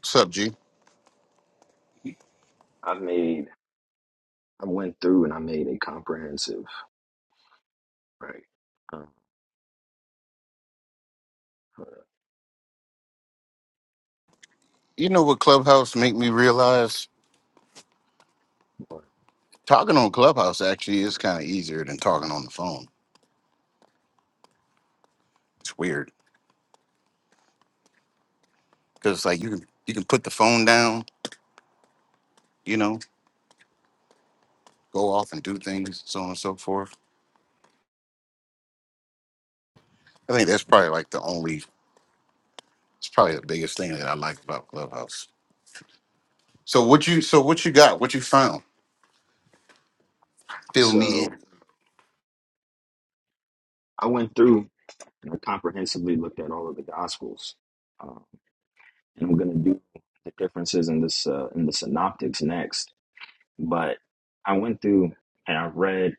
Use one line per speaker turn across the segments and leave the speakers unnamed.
What's up, G?
I made, I went through and I made a comprehensive, right? Um,
You know what Clubhouse make me realize?
what-
Talking on Clubhouse actually is kind of easier than talking on the phone. It's weird because like you can you can put the phone down, you know, go off and do things, so on and so forth. I think that's probably like the only. It's probably the biggest thing that I like about Clubhouse. So what you so what you got? What you found? Fill me in.
so I went through and I comprehensively looked at all of the Gospels, um, and I'm going to do the differences in this uh, in the Synoptics next. But I went through and I read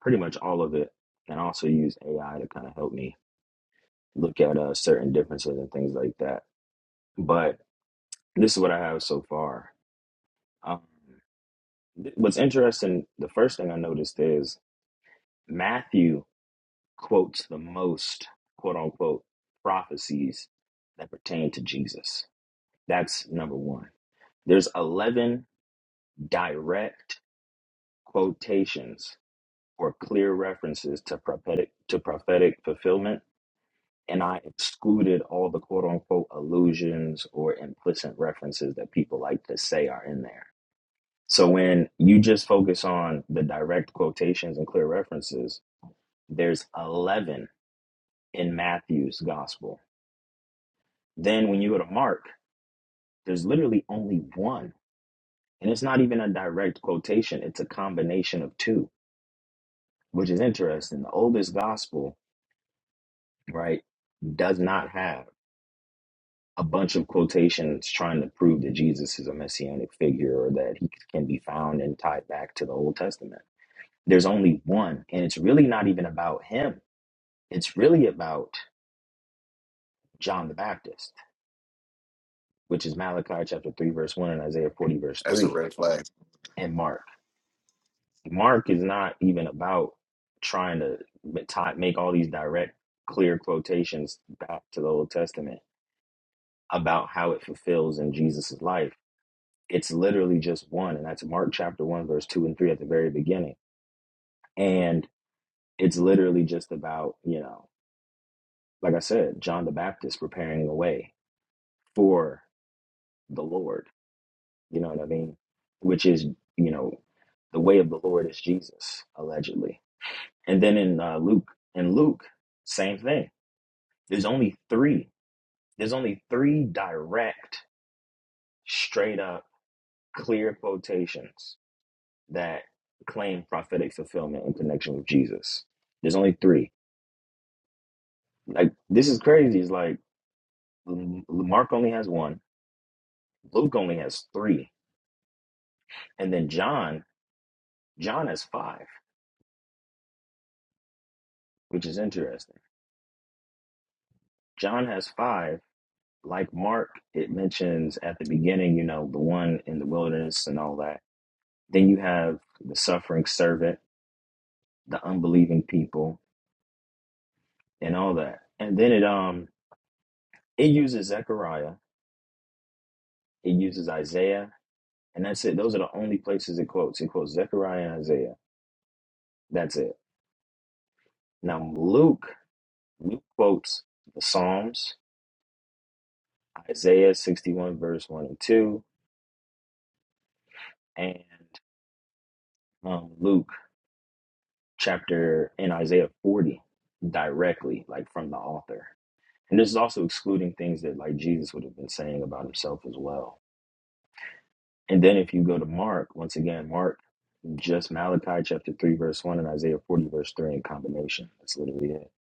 pretty much all of it, and I also used AI to kind of help me look at uh, certain differences and things like that. But this is what I have so far. Um, th- what's interesting, the first thing I noticed is Matthew quotes the most quote unquote prophecies that pertain to Jesus. That's number one. There's 11 direct quotations or clear references to prophetic to prophetic fulfillment and I excluded all the quote unquote allusions or implicit references that people like to say are in there. So when you just focus on the direct quotations and clear references, there's 11 in Matthew's gospel Then when you go to Mark, there's literally only one. And it's not even a direct quotation, it's a combination of two, which is interesting. The oldest gospel, right, does not have a bunch of quotations trying to prove that Jesus is a messianic figure or that he can be found and tied back to the Old Testament. There's only one, and it's really not even about him. It's really about John the Baptist, which is Malachi chapter 3, verse 1, and Isaiah 40, verse
That's a
3,
red flag.
and Mark. Mark is not even about trying to ma- ti- make all these direct, clear quotations back to the Old Testament about how it fulfills in Jesus' life. It's literally just one, and that's Mark chapter 1, verse 2 and 3 at the very beginning. And it's literally just about, you know, like I said, John the Baptist preparing the way for the Lord, you know what I mean? Which is, you know, the way of the Lord is Jesus, allegedly. And then in uh, Luke, in Luke, same thing There's only three. There's only three direct, straight up, clear quotations that claim prophetic fulfillment in connection with Jesus. There's only three. Like this is crazy. It's like M- Mark only has one, Luke only has three, and then John, John has five, which is interesting. John has five. Like Mark, it mentions at the beginning, you know, the one in the wilderness and all that. Then you have the suffering servant, the unbelieving people, and all that. And then it um it uses Zechariah, it uses Isaiah, and that's it. Those are the only places it quotes. It quotes Zechariah and Isaiah. That's it. Now Luke, Luke quotes the Psalms, Isaiah 61 verse 1 and 2, and um, Luke chapter in Isaiah 40 directly, like from the author. And this is also excluding things that like Jesus would have been saying about himself as well. And then if you go to Mark, once again, Mark just Malachi chapter 3, verse 1, and Isaiah 40, verse 3 in combination. That's literally it.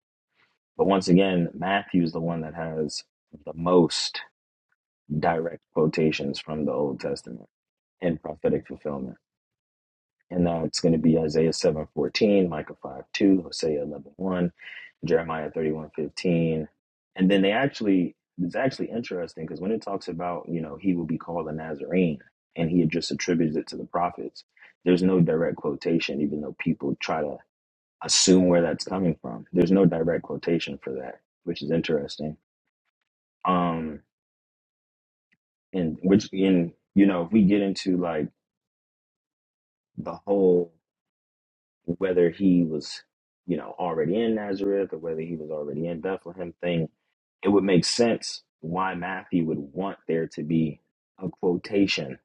But once again, Matthew is the one that has the most direct quotations from the Old Testament in prophetic fulfillment. And that's going to be Isaiah 7 14, Micah 5 2, Hosea eleven one, Jeremiah 31 15, And then they actually, it's actually interesting because when it talks about, you know, he will be called a Nazarene and he had just attributes it to the prophets, there's no direct quotation, even though people try to assume where that's coming from. There's no direct quotation for that, which is interesting. Um, and which in you know, if we get into like the whole whether he was, you know, already in Nazareth or whether he was already in Bethlehem thing, it would make sense why Matthew would want there to be a quotation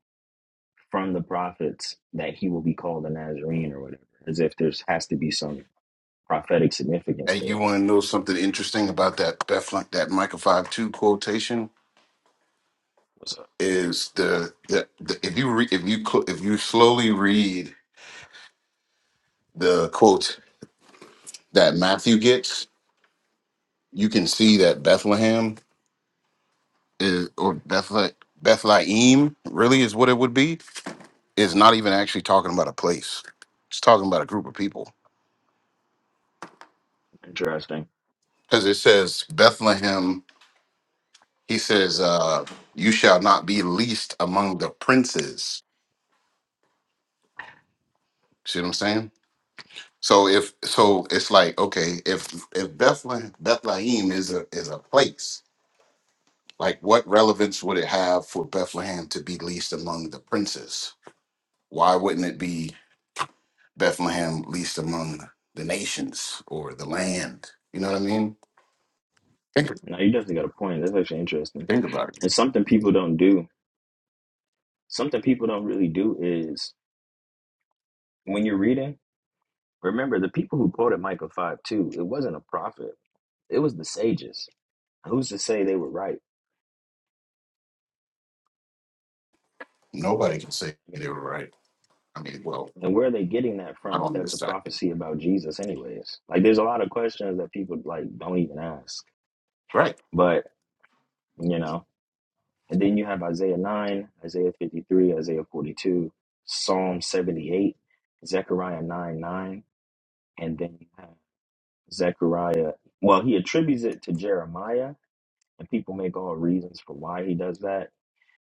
from the prophets that he will be called a Nazarene or whatever, as if there's has to be some prophetic significance
And
to
you
that.
want to know something interesting about that Beth that Michael Five Two quotation
What's up?
is the, the, the if you re, if you cl- if you slowly read the quote that Matthew gets, you can see that Bethlehem is, or Bethlehem, Bethlehem really is what it would be, is not even actually talking about a place. It's talking about a group of people.
Interesting.
Because it says Bethlehem, he says, uh, you shall not be least among the princes. See what I'm saying? So if so it's like, okay, if if Bethlehem Bethlehem is a is a place, like what relevance would it have for Bethlehem to be least among the princes? Why wouldn't it be Bethlehem least among the nations or the land? You know what I mean? Think,
No, you definitely got a point. That's actually interesting.
think about it.
And something people don't do, something people don't really do is when you're reading, remember the people who quoted Micah 5 2, it wasn't a prophet, it was the sages. Who's to say they were right?
Nobody can say
I mean,
they were
like,
right. I mean, well,
and where are they getting that
not
from that
on
that's
this
a
side.
prophecy about Jesus, anyways? Like, there's a lot of questions that people like don't even ask,
Right.
but you know, and then you have Isaiah 9, Isaiah 53, Isaiah 42, Psalm 78, Zechariah 9 9. and then you have Zechariah. Well, he attributes it to Jeremiah, and people make all reasons for why he does that.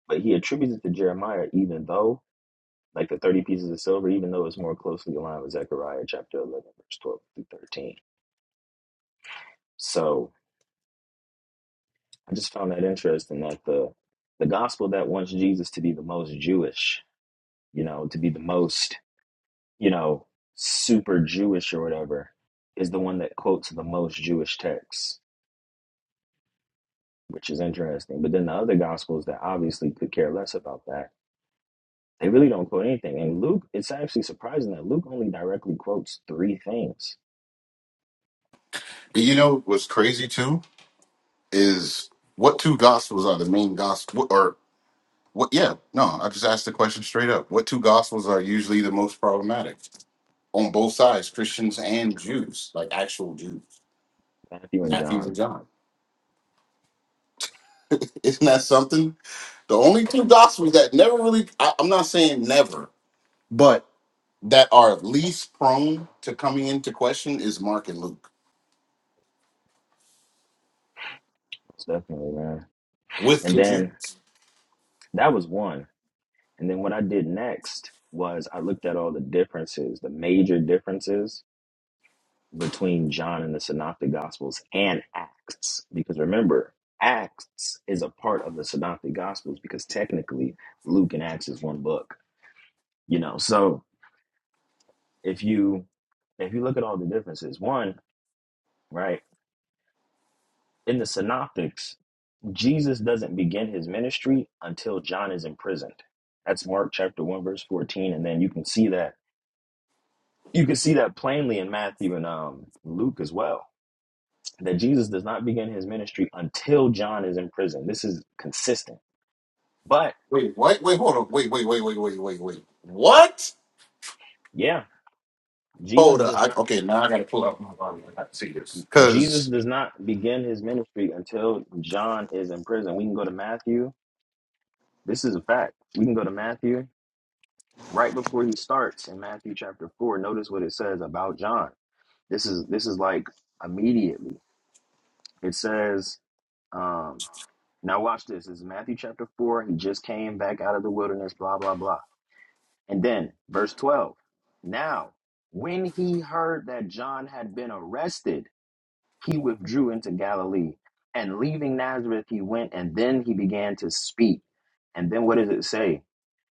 But he attributes it to Jeremiah, even though, like the 30 pieces of silver, even though it's more closely aligned with Zechariah chapter 11, verse 12 through 13. So I just found that interesting that the the gospel that wants Jesus to be the most Jewish, you know, to be the most, you know, super Jewish or whatever, is the one that quotes the most Jewish texts which is interesting. But then the other gospels that obviously could care less about that, they really don't quote anything. And Luke, it's actually surprising that Luke only directly quotes three things.
And you know what's crazy too is what two gospels are the main gospel or what yeah, no, I just asked the question straight up. What two gospels are usually the most problematic on both sides, Christians
John,
and Jews, like actual Jews,
Matthew, and
Matthew
John.
and John. Isn't that something? The only
Yeah,
two gospels that never really, I, I'm not saying never, but that are least prone to coming into question is Mark and Luke
most definitely, man.
with
And
the
then
Jews.
that was one. And then what I did next was I looked at all the differences, the major differences between John and the Synoptic Gospels and Acts. Because remember, Acts is a part of the Synoptic Gospels because technically Luke and Acts is one book, you know. So if you if you look at all the differences, one, right, in the Synoptics, Jesus doesn't begin his ministry until John is imprisoned. That's Mark chapter 1 verse 14 and then you can see that you can see that plainly in Matthew and um Luke as well that Jesus does not begin his ministry until John is in prison. This is consistent. But
Wait, wait, Wait, hold on. Wait, wait, wait, wait, wait, wait, wait. What?
yeah, Jesus
Hold up.
does
I,
not
okay, now I gotta pull up my Bible. I gotta see this.
Jesus
Because.
does not begin his ministry until John is in prison. We can go to Matthew. This is a fact. We can go to Matthew right before he starts in Matthew chapter 4. Notice what it says about John. This is this is like immediately. It says um now watch this. This is Matthew chapter 4. He just came back out of the wilderness blah blah blah. And then, verse 12 Now, when he heard that John had been arrested, he withdrew into Galilee. And leaving Nazareth, he went, and then he began to speak. And then what does it say?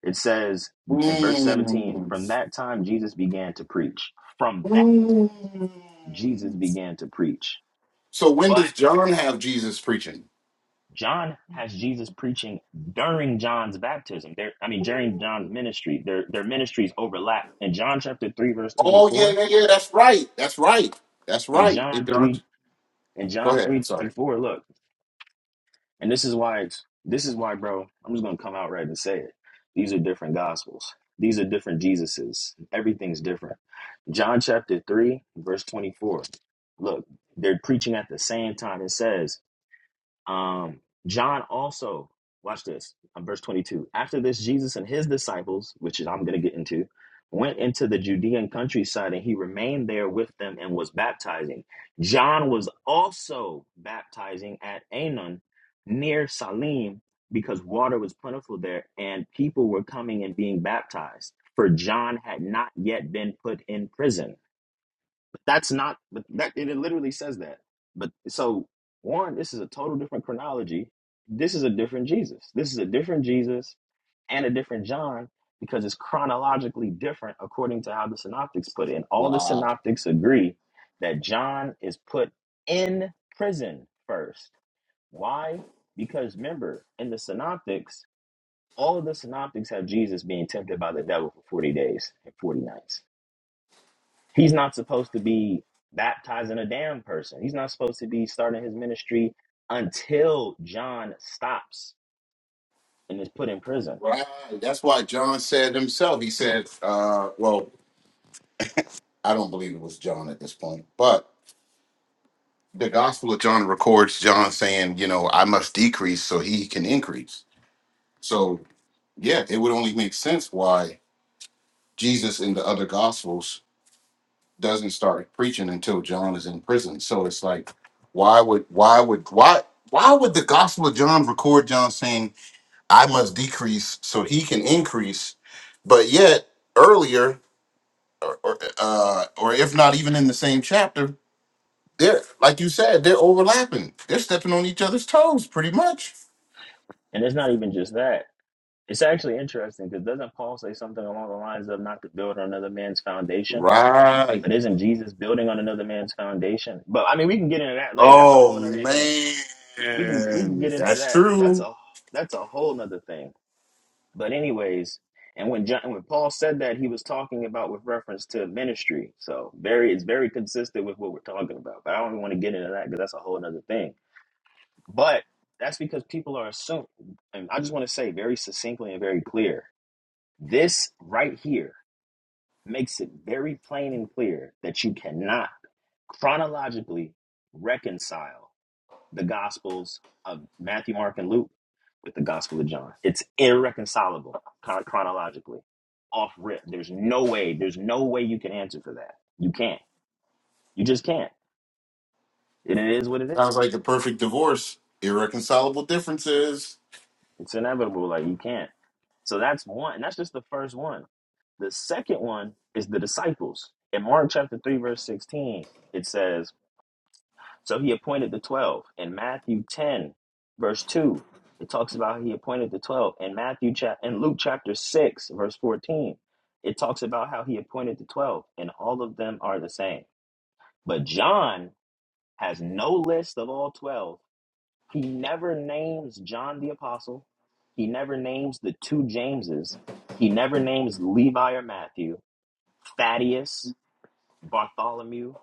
It says in verse 17,
Mm,
From that time, Jesus began to preach. From that time, Jesus
mm.
began to preach.
So when
But
does John have Jesus preaching?
John has Jesus preaching during John's baptism. There, I mean, during John's ministry, their their ministries overlap. In John chapter three, verse twenty
Oh, yeah,
four,
yeah, yeah. That's right. That's right. That's
in
right. It
John three
don't.
in
Go
John
ahead.
three
I'm
twenty
sorry.
four. Look, and this is why it's this is why, bro. I'm just gonna come out right and say it. These are different gospels. These are different Jesuses. Everything's different. John chapter three verse twenty four. Look, they're preaching at the same time. It says um, John also, watch this, uh, verse 22. After this, Jesus and his disciples, which is I'm going to get into, went into the Judean countryside and he remained there with them and was baptizing. John was also baptizing at Anon near Salim because water was plentiful there and people were coming and being baptized, for John had not yet been put in prison. But that's not. But that it literally says that. But so one, this is a total different chronology. This is a different Jesus. This is a different Jesus and a different John because it's chronologically different according to how the synoptics put it. And all the
Wow.
synoptics agree that John is put in prison first. Why? Because remember, in the synoptics, all of the synoptics have Jesus being tempted by the devil for 40 days and 40 nights He's not supposed to be baptizing a damn person. He's not supposed to be starting his ministry until John stops and is put in prison.
Right. That's why John said himself, he said, uh, well, I don't believe it was John at this point, but the Gospel of John records John saying, you know, I must decrease so he can increase. So, yeah, it would only make sense why Jesus in the other Gospels doesn't start preaching until John is in prison. So it's like, why would, why would, why, why would the Gospel of John record John saying, I must decrease so he can increase? But yet, earlier or or, uh, or if not even in the same chapter, they're like you said, they're overlapping. They're stepping on each other's toes, pretty much.
And it's not even just that. It's actually interesting because doesn't Paul say something along the lines of not to build on another man's foundation?
Right.
But isn't Jesus building on another man's foundation? But I mean, we can get into that later. That's a
Oh
whole other thing.
man,
We can we can get into
that's
that. That's
true.
a that's a whole nother thing. But anyways, and when John, when Paul said that, he was talking about with reference to ministry. So very, it's very consistent with what we're talking about. But I don't want to get into that because that's a whole other thing. But that's because people are assuming, and I just want to say very succinctly and very clear. This right here makes it very plain and clear that you cannot chronologically reconcile the Gospels of Matthew, Mark, and Luke with the Gospel of John. It's irreconcilable chron- chronologically, off rip. There's no way. There's no way you can answer for that. You can't. You just can't. And it is what it
Sounds
is.
like the perfect divorce. Irreconcilable differences.
It's inevitable. Like you can't. So that's one. And that's just the first one. The second one is the disciples. In Mark chapter three, verse sixteen, it says So he appointed the 12. In Matthew 10, verse 2, it talks about he appointed the 12. In Matthew chap in Luke chapter 6, verse 14, it talks about how he appointed the 12, and all of them are the same. But John has no list of all 12. He never names John the apostle. He never names the two Jameses. He never names Levi or Matthew, Thaddeus, Bartholomew,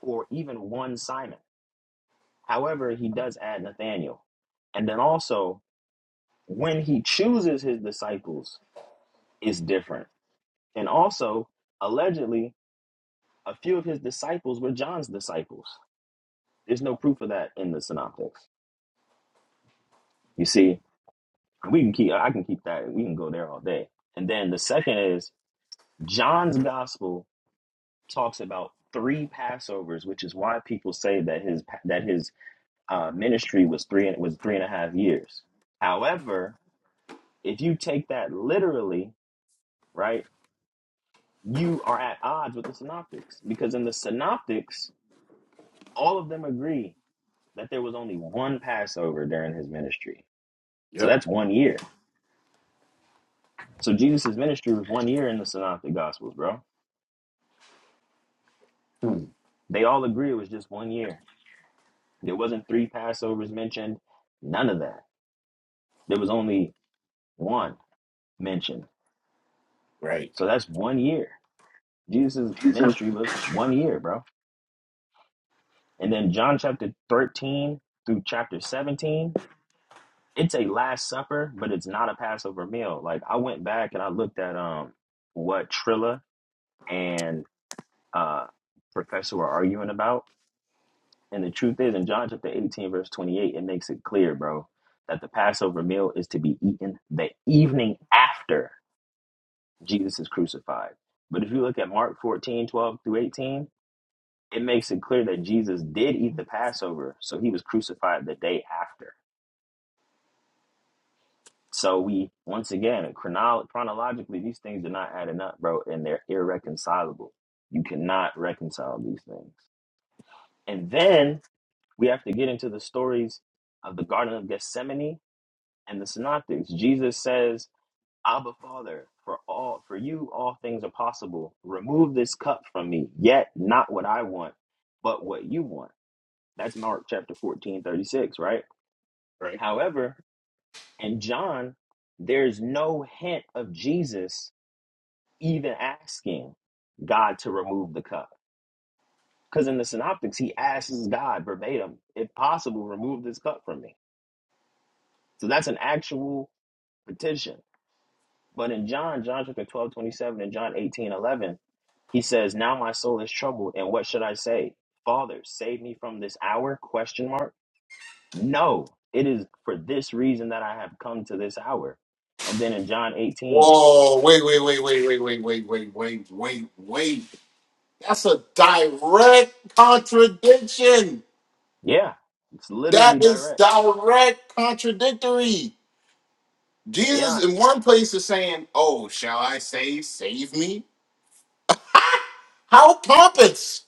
or even one Simon. However, he does add Nathaniel. And then also, when he chooses his disciples, is different. And also, allegedly, a few of his disciples were John's disciples. There's no proof of that in the synoptics. You see, we can keep I can keep that we can go there all day. And then the second is John's gospel talks about three Passovers, which is why people say that his that his uh, ministry was three was three and a half years. However, if you take that literally, right? You are at odds with the synoptics because in the synoptics, all of them agree that there was only one Passover during his ministry. So
Yep.
that's one year. So Jesus' ministry was one year in the synoptic gospels, bro.
Hmm.
They all agree it was just one year. There wasn't three Passovers mentioned, none of that. There was only one mentioned.
Right.
So that's one year. Jesus' ministry was one year, bro. And then John chapter 13 through chapter 17, it's a last supper, but it's not a Passover meal. Like I went back and I looked at um what Trilla and uh Professor were arguing about. And the truth is in John chapter 18, verse 28, it makes it clear, bro, that the Passover meal is to be eaten the evening after Jesus is crucified. But if you look at Mark 14 12 through 18, it makes it clear that Jesus did eat the Passover, so he was crucified the day after. So we once again chronolo- chronologically these things are not adding up, bro, and they're irreconcilable. You cannot reconcile these things. And then we have to get into the stories of the Garden of Gethsemane and the Synoptics. Jesus says, "Abba, Father, for all for you all things are possible. Remove this cup from me. Yet not what I want, but what you want." That's Mark chapter 14 36, right?
Right.
However, in John, there's no hint of Jesus even asking God to remove the cup. Because in the synoptics, he asks God verbatim, if possible, remove this cup from me. So that's an actual petition. But in John, John chapter 12 27 and John 18 11, he says, Now my soul is troubled, and what should I say? Father, save me from this hour? Question mark. No, it is for this reason that I have come to this hour. And then in John 18,
Whoa! Wait! Wait! Wait! Wait! Wait! Wait! Wait! Wait! Wait! Wait! Wait! That's a direct contradiction.
yeah, it's literally
That is
direct.
direct contradictory.
Yeah,
Jesus in one place is saying, Oh, shall I save, save me? How pompous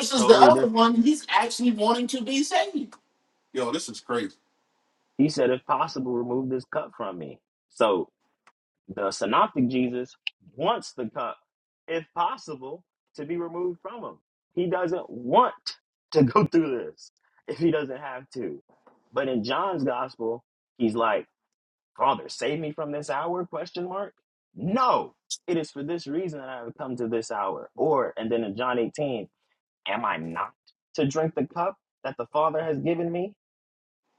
it's
the
totally different.
other one, he's actually wanting to be saved. Yo, this is crazy.
He said, if possible, remove this cup from me. So the synoptic Jesus wants the cup, if possible, to be removed from him. He doesn't want to go through this if he doesn't have to. But in John's gospel, he's like, Father, save me from this hour? Question mark. No, it is for this reason that I have come to this hour. Or, and then in John 18, am I not to drink the cup that the Father has given me?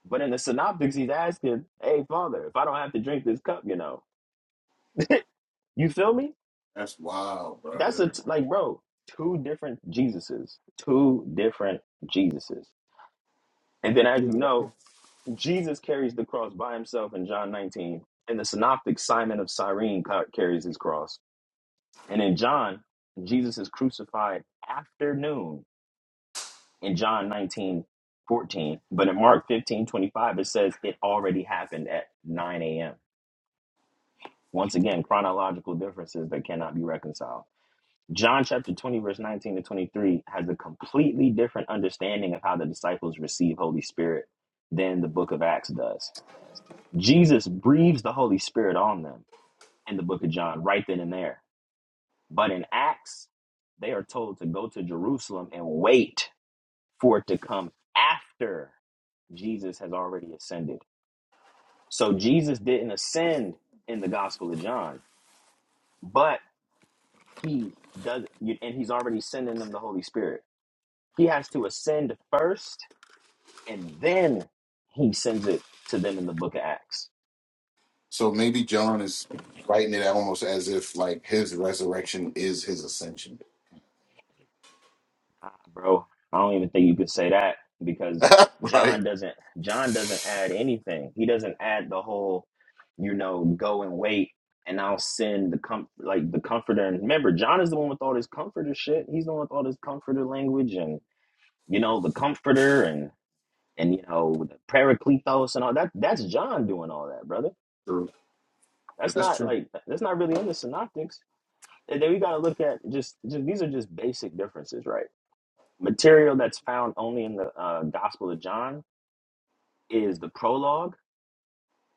But in the synoptics, he's asking, "Hey, Father, if I don't have to drink this cup, you know, you feel me?"
That's wild,
That's a
brother.
t- like, bro, two different Jesuses, two different Jesuses. And then, as you know, Jesus carries the cross by himself in John 19, and the synoptic Simon of Cyrene ca- carries his cross. And in John, Jesus is crucified after noon in John 19:14. But in Mark 15:25, it says it already happened at 9 a.m. Once again, chronological differences that cannot be reconciled. John chapter 20, verse 19 to 23 has a completely different understanding of how the disciples receive Holy Spirit than the book of Acts does. Jesus breathes the Holy Spirit on them in the book of John right then and there. But in Acts, they are told to go to Jerusalem and wait for it to come after Jesus has already ascended. So Jesus didn't ascend in the Gospel of John. But He does, you- and he's already sending them the Holy Spirit. He has to ascend first, and then he sends it to them in the Book of Acts.
So maybe John is writing it almost as if like his resurrection is his ascension.
Ah, bro, I don't even think you could say that because
right?
John doesn't. John doesn't add anything. He doesn't add the whole, you know, go and wait, and I'll send the com like the comforter. And remember, John is the one with all this comforter shit. He's the one with all this comforter language and you know the comforter and you know the Paracletos and all that. That's John doing all that, brother.
True.
That's
That's
not
true.
like that's not really in the Synoptics. And then we got to look at just, just these are just basic differences, right? Material that's found only in the uh, Gospel of John is the prologue,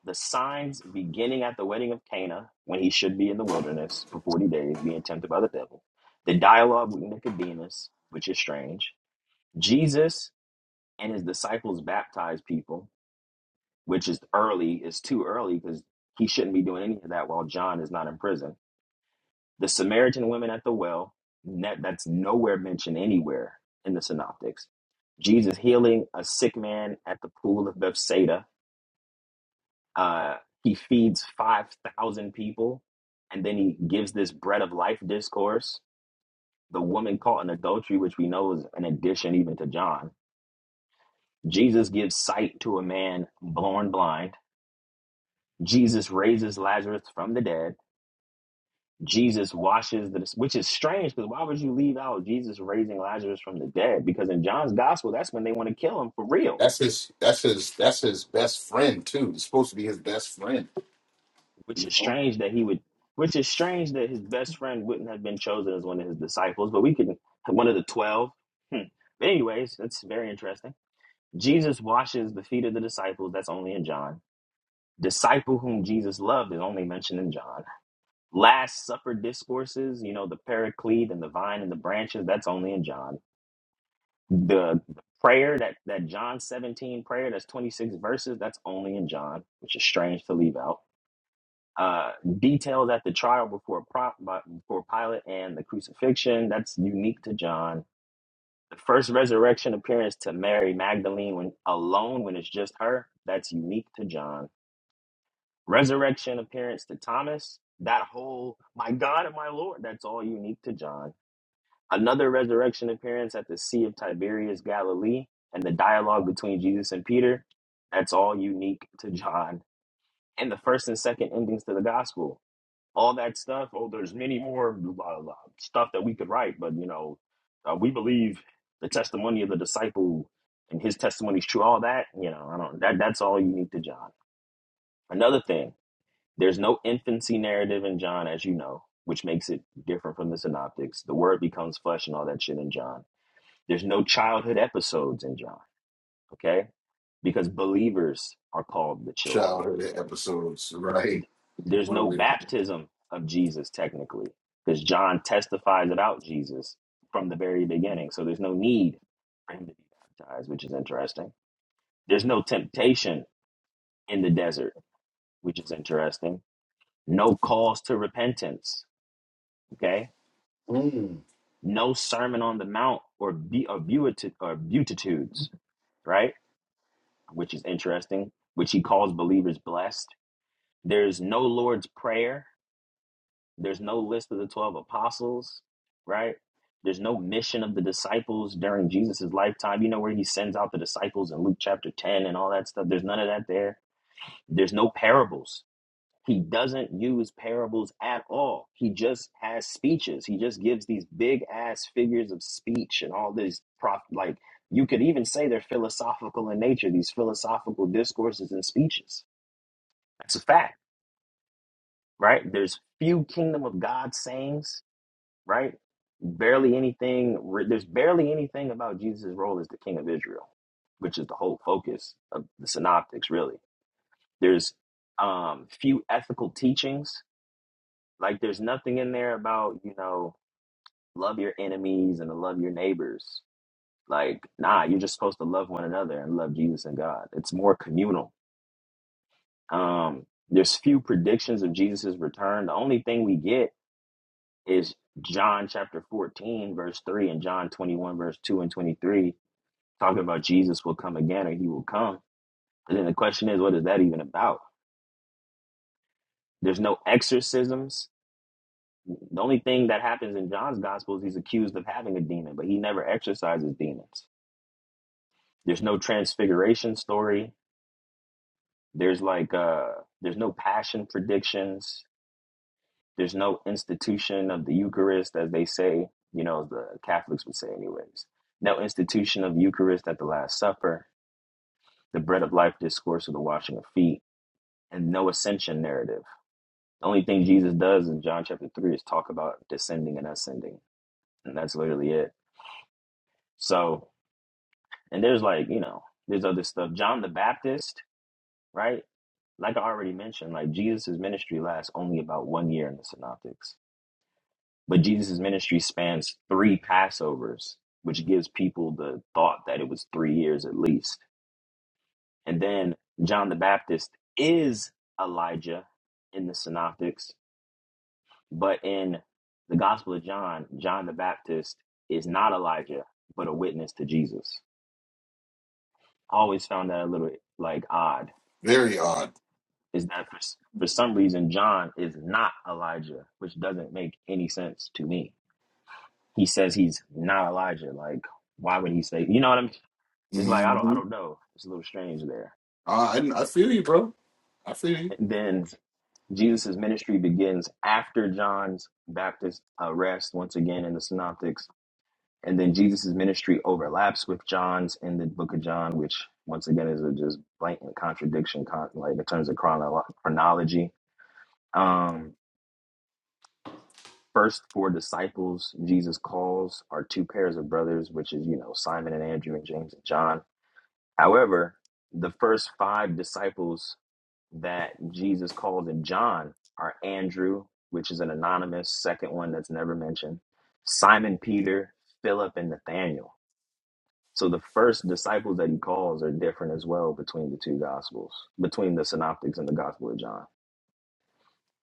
the signs beginning at the wedding of Cana when he should be in the wilderness for forty days, being tempted by the devil, the dialogue with Nicodemus, which is strange, Jesus and his disciples baptize people, which is early, is too early because he shouldn't be doing any of that while John is not in prison. The Samaritan women at the well, that, that's nowhere mentioned anywhere in the synoptics. Jesus healing a sick man at the pool of Bethsaida. Uh, he feeds 5,000 people and then he gives this bread of life discourse. The woman caught in adultery, which we know is an addition even to John. Jesus gives sight to a man born blind. Jesus raises Lazarus from the dead. Jesus washes the, which is strange because why would you leave out Jesus raising Lazarus from the dead? Because in John's gospel, that's when they want to kill him for real,
That's his that's his that's his best friend too. It's supposed to be his best friend,
which
you
is
know.
strange that he would, which is strange that his best friend wouldn't have been chosen as one of his disciples, but we can, one of the 12. Hmm. But anyways, that's very interesting. Jesus washes the feet of the disciples. That's only in John. Disciple whom Jesus loved is only mentioned in John. Last Supper discourses, you know, the paraclete and the vine and the branches, that's only in John The prayer that that John 17 prayer that's 26 verses that's only in John, which is strange to leave out. Uh, details at the trial before Pro- by- before Pilate and the crucifixion that's unique to John. The first resurrection appearance to Mary Magdalene when alone when it's just her that's unique to John. Resurrection appearance to Thomas. That whole my God and my Lord that's all unique to John another resurrection appearance at the Sea of Tiberias, Galilee, and the dialogue between Jesus and Peter. That's all unique to John. And the first and second endings to the gospel. All that stuff. Oh, there's many more blah, blah, blah, stuff that we could write, but you know, uh, we believe the testimony of the disciple and his testimony is true. All that, you know, I don't. That that's all unique to John. Another thing, there's no infancy narrative in John, as you know, which makes it different from the synoptics. The word becomes flesh and all that shit in John there's no childhood episodes in John, okay? Because believers are called the children.
Childhood episodes, right?
There's
What a
no
way to
baptism of Jesus, technically, because John testifies about Jesus from the very beginning. So there's no need for him to be baptized, which is interesting. There's no temptation in the desert, which is interesting. No calls to repentance, okay?
Mm.
No sermon on the mount or, be, or, beati- or beatitudes, right? Which is interesting, which he calls believers blessed There's no Lord's Prayer. There's no list of the 12 apostles, right? There's no mission of the disciples during Jesus's lifetime. You know, where he sends out the disciples in Luke chapter 10 and all that stuff. There's none of that there. There's no parables. He doesn't use parables at all. He just has speeches. He just gives these big ass figures of speech and all these prof like you could even say they're philosophical in nature, these philosophical discourses and speeches. That's a fact right? There's few kingdom of God sayings, right? Barely anything. re- There's barely anything about Jesus' role as the King of Israel, which is the whole focus of the Synoptics, really. There's um, few ethical teachings. Like there's nothing in there about you know love your enemies and to love your neighbors. Like nah, you're just supposed to love one another and love Jesus and God. It's more communal. Um, there's few predictions of Jesus' return. The only thing we get is John chapter 14, verse 3, and John 21, verse 2 and 23, talking about Jesus will come again or he will come. And then the question is, what is that even about? There's no exorcisms. The only thing that happens in John's gospel is he's accused of having a demon, but he never exorcises demons. There's no transfiguration story. There's like uh there's no passion predictions. There's no institution of the Eucharist, as they say, you know, the Catholics would say, anyways. No institution of Eucharist at the Last Supper, the bread of life discourse or the washing of feet, and no ascension narrative. The only thing Jesus does in John chapter 3 is talk about descending and ascending. And that's literally it. So, and there's like, you know, there's other stuff. John the Baptist, right? Like I already mentioned, like Jesus' ministry lasts only about one year in the Synoptics But Jesus' ministry spans three Passovers, which gives people the thought that it was three years at least. And then John the Baptist is Elijah in the Synoptics, but in the Gospel of John, John the Baptist is not Elijah, but a witness to Jesus. I always found that a little like odd,
Very odd.
is that for, s- for some reason John is not Elijah, which doesn't make any sense to me. He says he's not Elijah. Like, why would he say, you know what I'm It's like I don't I
hmm
don't know. It's a little strange there.
Uh, I, I feel you, bro. I feel you.
And then Jesus' ministry begins after John's Baptist arrest once again in the synoptics. And then Jesus' ministry overlaps with John's in the book of John, which once again is a just blatant contradiction con- like in terms of chronolo- chronology. Um first four disciples Jesus calls are two pairs of brothers, which is, you know, Simon and Andrew and James and John. However, the first five disciples that Jesus calls in John are Andrew, which is an anonymous second one that's never mentioned, Simon Peter, Philip, and Nathaniel. So the first disciples that he calls are different as well between the two gospels, between the synoptics and the gospel of John.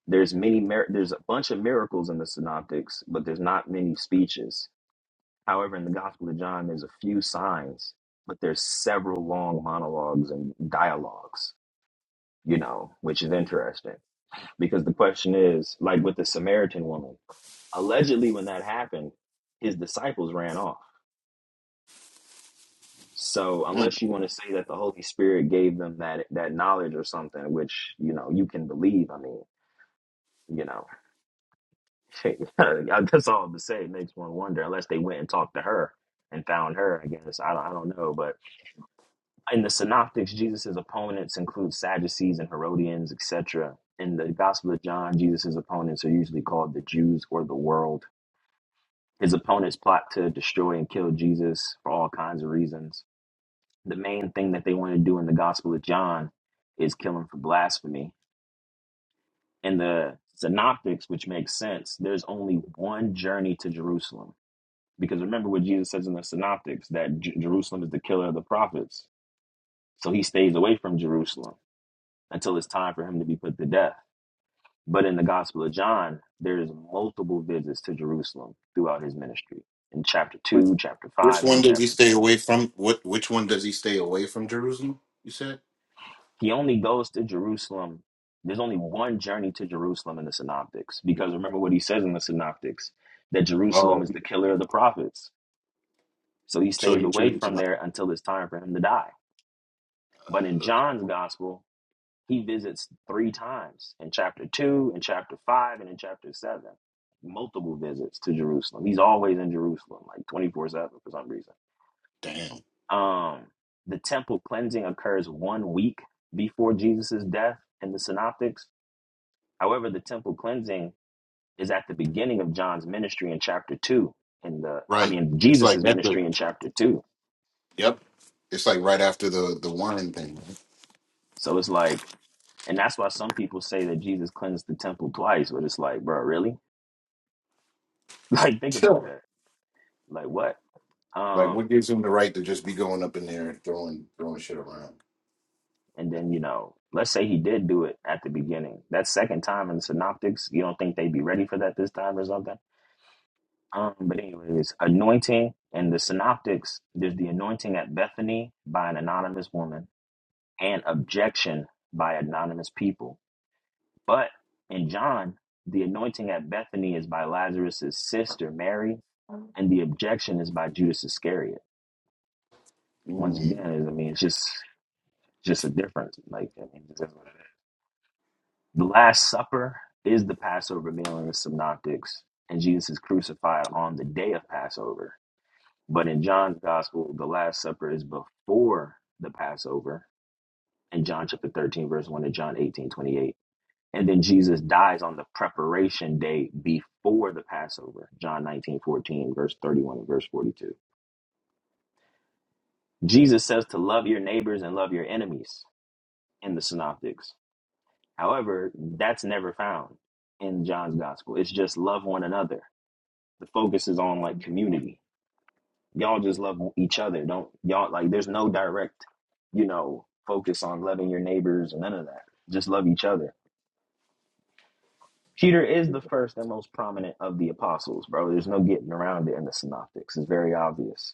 There's many mir- there's a bunch of miracles in the synoptics, but there's not many speeches. However, in the gospel of John there's a few signs, but there's several long monologues and dialogues, you know, which is interesting Because the question is, like with the Samaritan woman, allegedly when that happened, his disciples ran off. So
Mm.
unless you want to say that the Holy Spirit gave them that that knowledge or something, which you know you can believe, I mean, you know, that's all to say. It makes one wonder. Unless they went and talked to her and found her, I guess I don't, I don't know. But in the Synoptics, Jesus's opponents include Sadducees and Herodians, etc. In the Gospel of John, Jesus's opponents are usually called the Jews or the world His opponents plot to destroy and kill Jesus for all kinds of reasons. The main thing that they want to do in the Gospel of John is kill him for blasphemy. In the Synoptics, which makes sense, there's only one journey to Jerusalem. Because remember what Jesus says in the Synoptics that J- Jerusalem is the killer of the prophets. So he stays away from Jerusalem until it's time for him to be put to death. But in the Gospel of John, there's multiple visits to Jerusalem throughout his ministry in chapter
Which
2, chapter
which
5, and
one does he
chapter 10.
stay away from? What which one does he stay away from Jerusalem? You said.
He only goes to Jerusalem. There's only one journey to Jerusalem in the Synoptics because remember what he says in the Synoptics that Jerusalem
Oh,
is the killer of the prophets. So he
so
stays
he
away
chooses
from
not.
there until it's time for him to die. But in
Uh,
John's gospel, he visits three times in chapter 2, in chapter 5, and in chapter 7. Multiple visits to Jerusalem. He's always in Jerusalem, like 24 7 for some reason.
damn.
Um, the temple cleansing occurs one week before Jesus' death in the Synoptics However, the temple cleansing is at the beginning of John's ministry in chapter two. In the, I
Right.
mean,
It's like
Jesus's
that's the.
ministry in chapter two.
Yep. It's like right after the the wine thing. Right?
So it's like, and that's why some people say that Jesus cleansed the temple twice. But it's like, bro, really? Like, think about
Sure.
that. Like, what?
Like
Um,
what gives him the right to just be going up in there and throwing throwing shit around?
and then you know, let's say he did do it at the beginning. That second time in the Synoptics, you don't think they'd be ready for that this time or something? Um, but anyways, anointing in the synoptics, there's the anointing at Bethany by an anonymous woman and objection by anonymous people. But in John, the anointing at Bethany is by Lazarus's sister Mary, and the objection is by Judas Iscariot. Once again,
Mm.
I mean, it's just just a difference. Like I mean, it's just the Last Supper is the Passover meal in the Synoptics, and Jesus is crucified on the day of Passover. But in John's Gospel, the Last Supper is before the Passover in John chapter 13, verse 1 to John 18 28. And then Jesus dies on the preparation day before the Passover, John 19 14 verse 31 and verse 42. Jesus says to love your neighbors and love your enemies in the synoptics. However, that's never found in John's gospel. It's just love one another. The focus is on like community. Y'all just love each other. Don't y'all like there's no direct, you know, focus on loving your neighbors and none of that. Just love each other Peter is the first and most prominent of the apostles, bro. There's no getting around it in the synoptics. It's very obvious,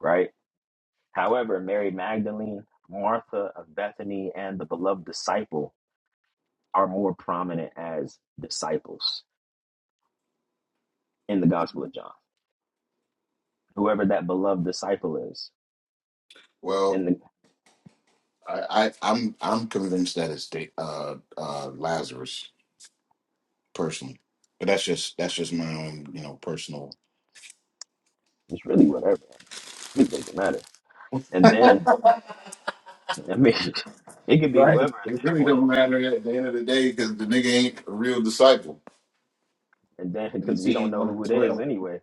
right? However, Mary Magdalene, Martha of Bethany, and the beloved disciple are more prominent as disciples in the Gospel of John. Whoever that beloved disciple is,
Well,
and the,
I, I I'm I'm convinced that it's da- uh uh Lazarus. personally. But that's just that's just my own, you know, personal.
it's really whatever. It doesn't matter. And then, I mean, it could be
Right.
whoever at
It
this
really
point,
don't matter at the end of the day because the nigga ain't a real disciple.
and then
And
because we
he
don't
ain't
know
one of the
who it is
twelve.
anyway.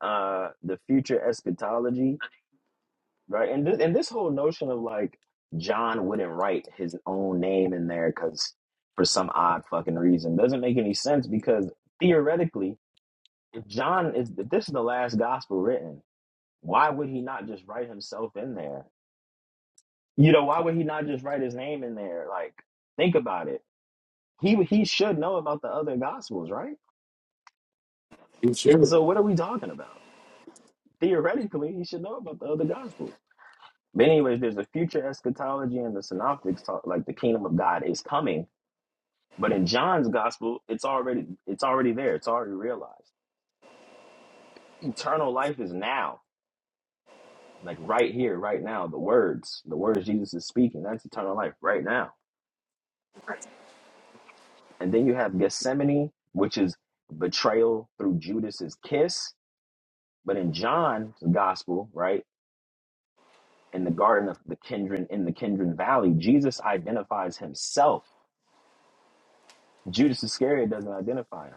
Uh, the future eschatology right? And this and this whole notion of like John wouldn't write his own name in there because for some odd fucking reason doesn't make any sense because theoretically, if John is if this is the last gospel written, why would he not just write himself in there? You know, why would he not just write his name in there? Like, think about it. He he should know about the other gospels, right?
He should.
So what are we talking about? Theoretically, he should know about the other gospels. But anyways, there's a future eschatology and the synoptics talk like the kingdom of God is coming. But in John's gospel, it's already it's already there. It's already realized. Eternal life is now. Like right here, right now, the words, the words Jesus is speaking, that's eternal life right now. And then you have Gethsemane, which is betrayal through Judas's kiss. But in John's gospel, right, in the garden of the Kindred in the Kindred Valley, Jesus identifies himself. Judas Iscariot doesn't identify him.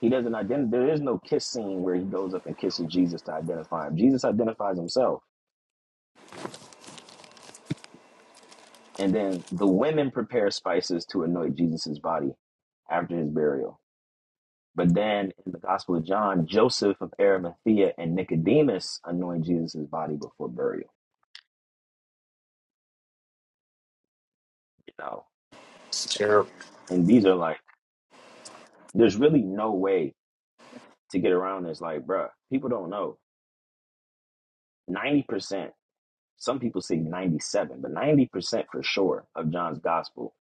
He doesn't identify. There is no kiss scene where he goes up and kisses Jesus to identify him. Jesus identifies himself, and then the women prepare spices to anoint Jesus's body after his burial. But then in the Gospel of John, Joseph of Arimathea and Nicodemus anoint Jesus's body before burial. You know,
It's terrible.
and these are like, there's really no way to get around this. Like, bruh, people don't know. Ninety percent, some people say ninety-seven, but ninety percent for sure of John's Gospel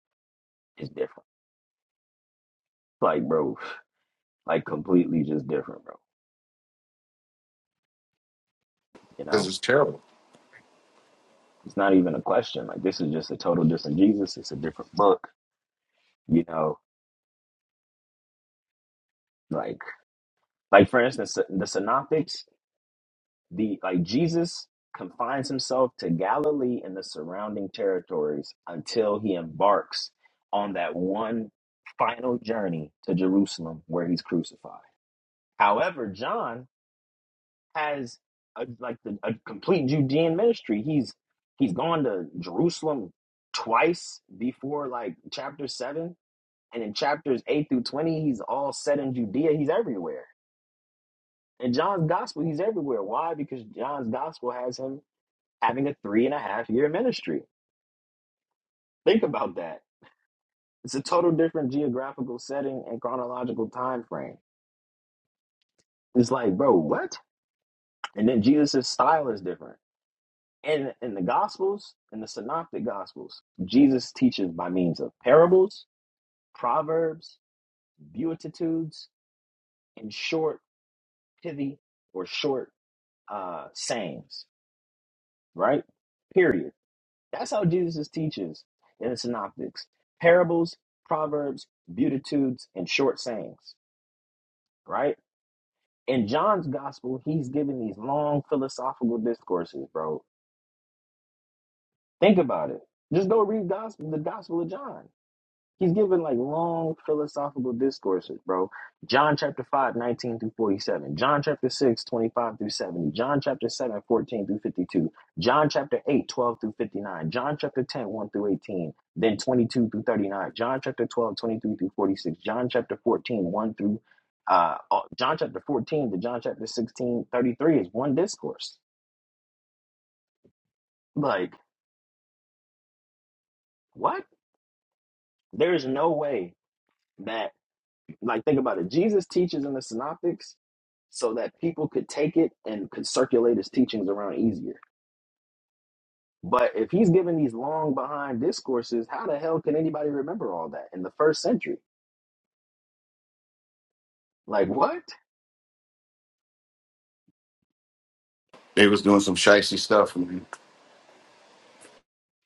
is different. Like, bro. Like completely just different, bro. You
Because
know,
it's terrible.
it's not even a question. Like this is just a total different Jesus. It's a different book. You know, like like for instance, the synoptics, the like Jesus confines himself to Galilee and the surrounding territories until he embarks on that one final journey to Jerusalem where he's crucified. However, John has a, like the, a complete Judean ministry. He's he's gone to Jerusalem twice before like chapter seven, and in chapters eight through twenty, he's all set in Judea. He's everywhere. In John's gospel, he's everywhere. Why? Because John's gospel has him having a three and a half year ministry. Think about that. It's a total different geographical setting and chronological time frame. It's like, bro, what? And then Jesus' style is different. And in the Gospels, in the Synoptic Gospels, Jesus teaches by means of parables, proverbs, beatitudes, and short pithy or short uh, sayings, right? Period. That's how Jesus teaches in the Synoptics parables, proverbs, beatitudes, and short sayings, right? In John's Gospel, he's giving these long philosophical discourses, bro. Think about it. Just go read gospel, the Gospel of John. He's giving like long philosophical discourses, bro. John chapter 5 19 through 47. John chapter 6 25 through 70. John chapter 7 14 through 52. John chapter 8 12 through 59. John chapter ten one through 18. Then 22 through 39. John chapter 12 23 through 46. John chapter fourteen one through, uh, uh, John chapter 14 to John chapter 16 33 is one discourse. Like, what? There is no way that Like, think about it. Jesus teaches in the Synoptics so that people could take it and could circulate his teachings around easier. But if he's giving these long behind discourses, how the hell can anybody remember all that in the first century? Like, what?
They was doing some shicey stuff. man.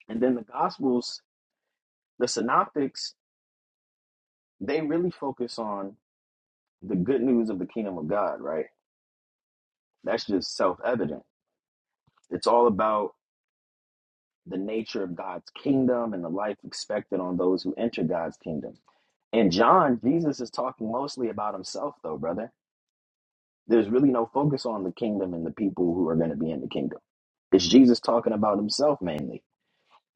And then the Gospels, the Synoptics, they really focus on the good news of the kingdom of God, right? That's just self evident. It's all about the nature of God's kingdom and the life expected on those who enter God's kingdom. In John, Jesus is talking mostly about himself, though, brother. There's really no focus on the kingdom and the people who are going to be in the kingdom. It's Jesus talking about himself mainly.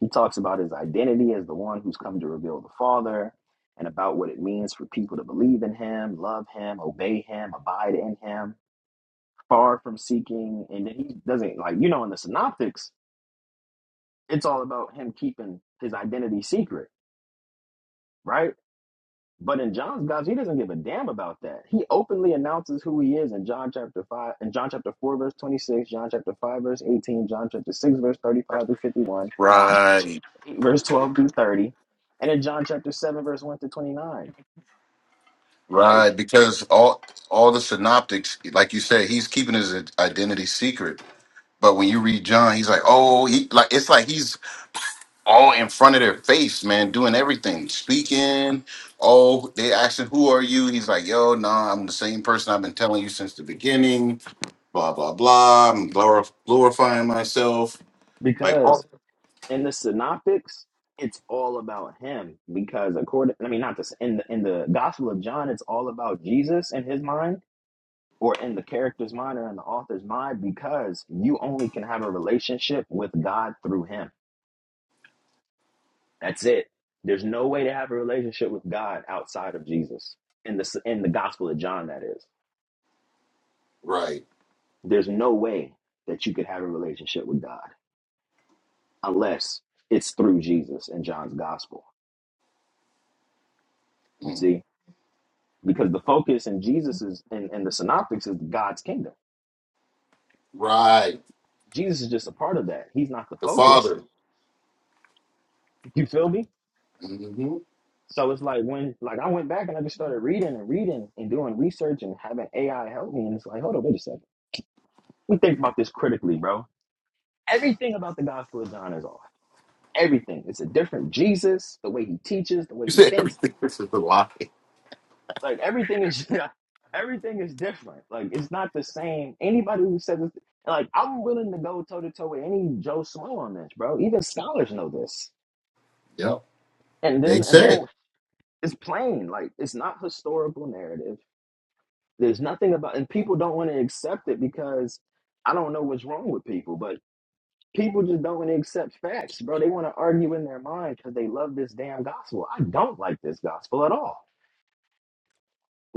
He talks about his identity as the one who's come to reveal the Father and about what it means for people to believe in him, love him, obey him, abide in him, far from seeking. And then he doesn't, like, you know, in the synoptics, it's all about him keeping his identity secret, right? But in John's gospel, he doesn't give a damn about that. He openly announces who he is in John chapter five, in John chapter four, verse twenty-six, John chapter five, verse eighteen, John chapter six, verse thirty-five through fifty-one, John
Right.
eight, verse twelve through thirty, and in John chapter seven, verse one to twenty-nine. Like
Right. Because all all the synoptics, like you said, he's keeping his identity secret. But when you read John, he's like, oh, he like it's like he's all in front of their face, man, doing everything, speaking. Oh, they asking, "Who are you?" He's like, "Yo, nah, I'm the same person I've been telling you since the beginning." Blah blah blah. I'm glor- glorifying myself. Like, oh,
because in the synoptics, it's all about him. Because according, I mean, not this in the in the Gospel of John, it's all about Jesus in his mind or in the character's mind or in the author's mind because you only can have a relationship with God through him. That's it. There's no way to have a relationship with God outside of Jesus. In the in the Gospel of John that is.
right,
There's no way that you could have a relationship with God unless it's through Jesus in John's gospel. You
Mm,
see? Because the focus in Jesus is in, in the synoptics is God's kingdom.
right.
Jesus is just a part of that. He's not the
The
focus.
Father.
You feel me?
hmm
So it's like when like I went back and I just started reading and reading and doing research and having AI help me, and it's like, hold on, wait a second. We think about this critically, bro. Everything about the Gospel of John is off. Everything. It's a different Jesus, the way he teaches, the way
You
he
said
thinks.
everything. This is a lie.
Like everything is everything is different. Like it's not the same. Anybody who says this, like I'm willing to go toe to toe with any Joe Smo on this, bro. Even scholars know this.
Yep.
And then
They
and then
said
it's plain. Like it's not historical narrative There's nothing about, and people don't want to accept it because I don't know what's wrong with people, but people just don't want to accept facts, bro. They want to argue in their mind because they love this damn gospel. I don't like this gospel at all.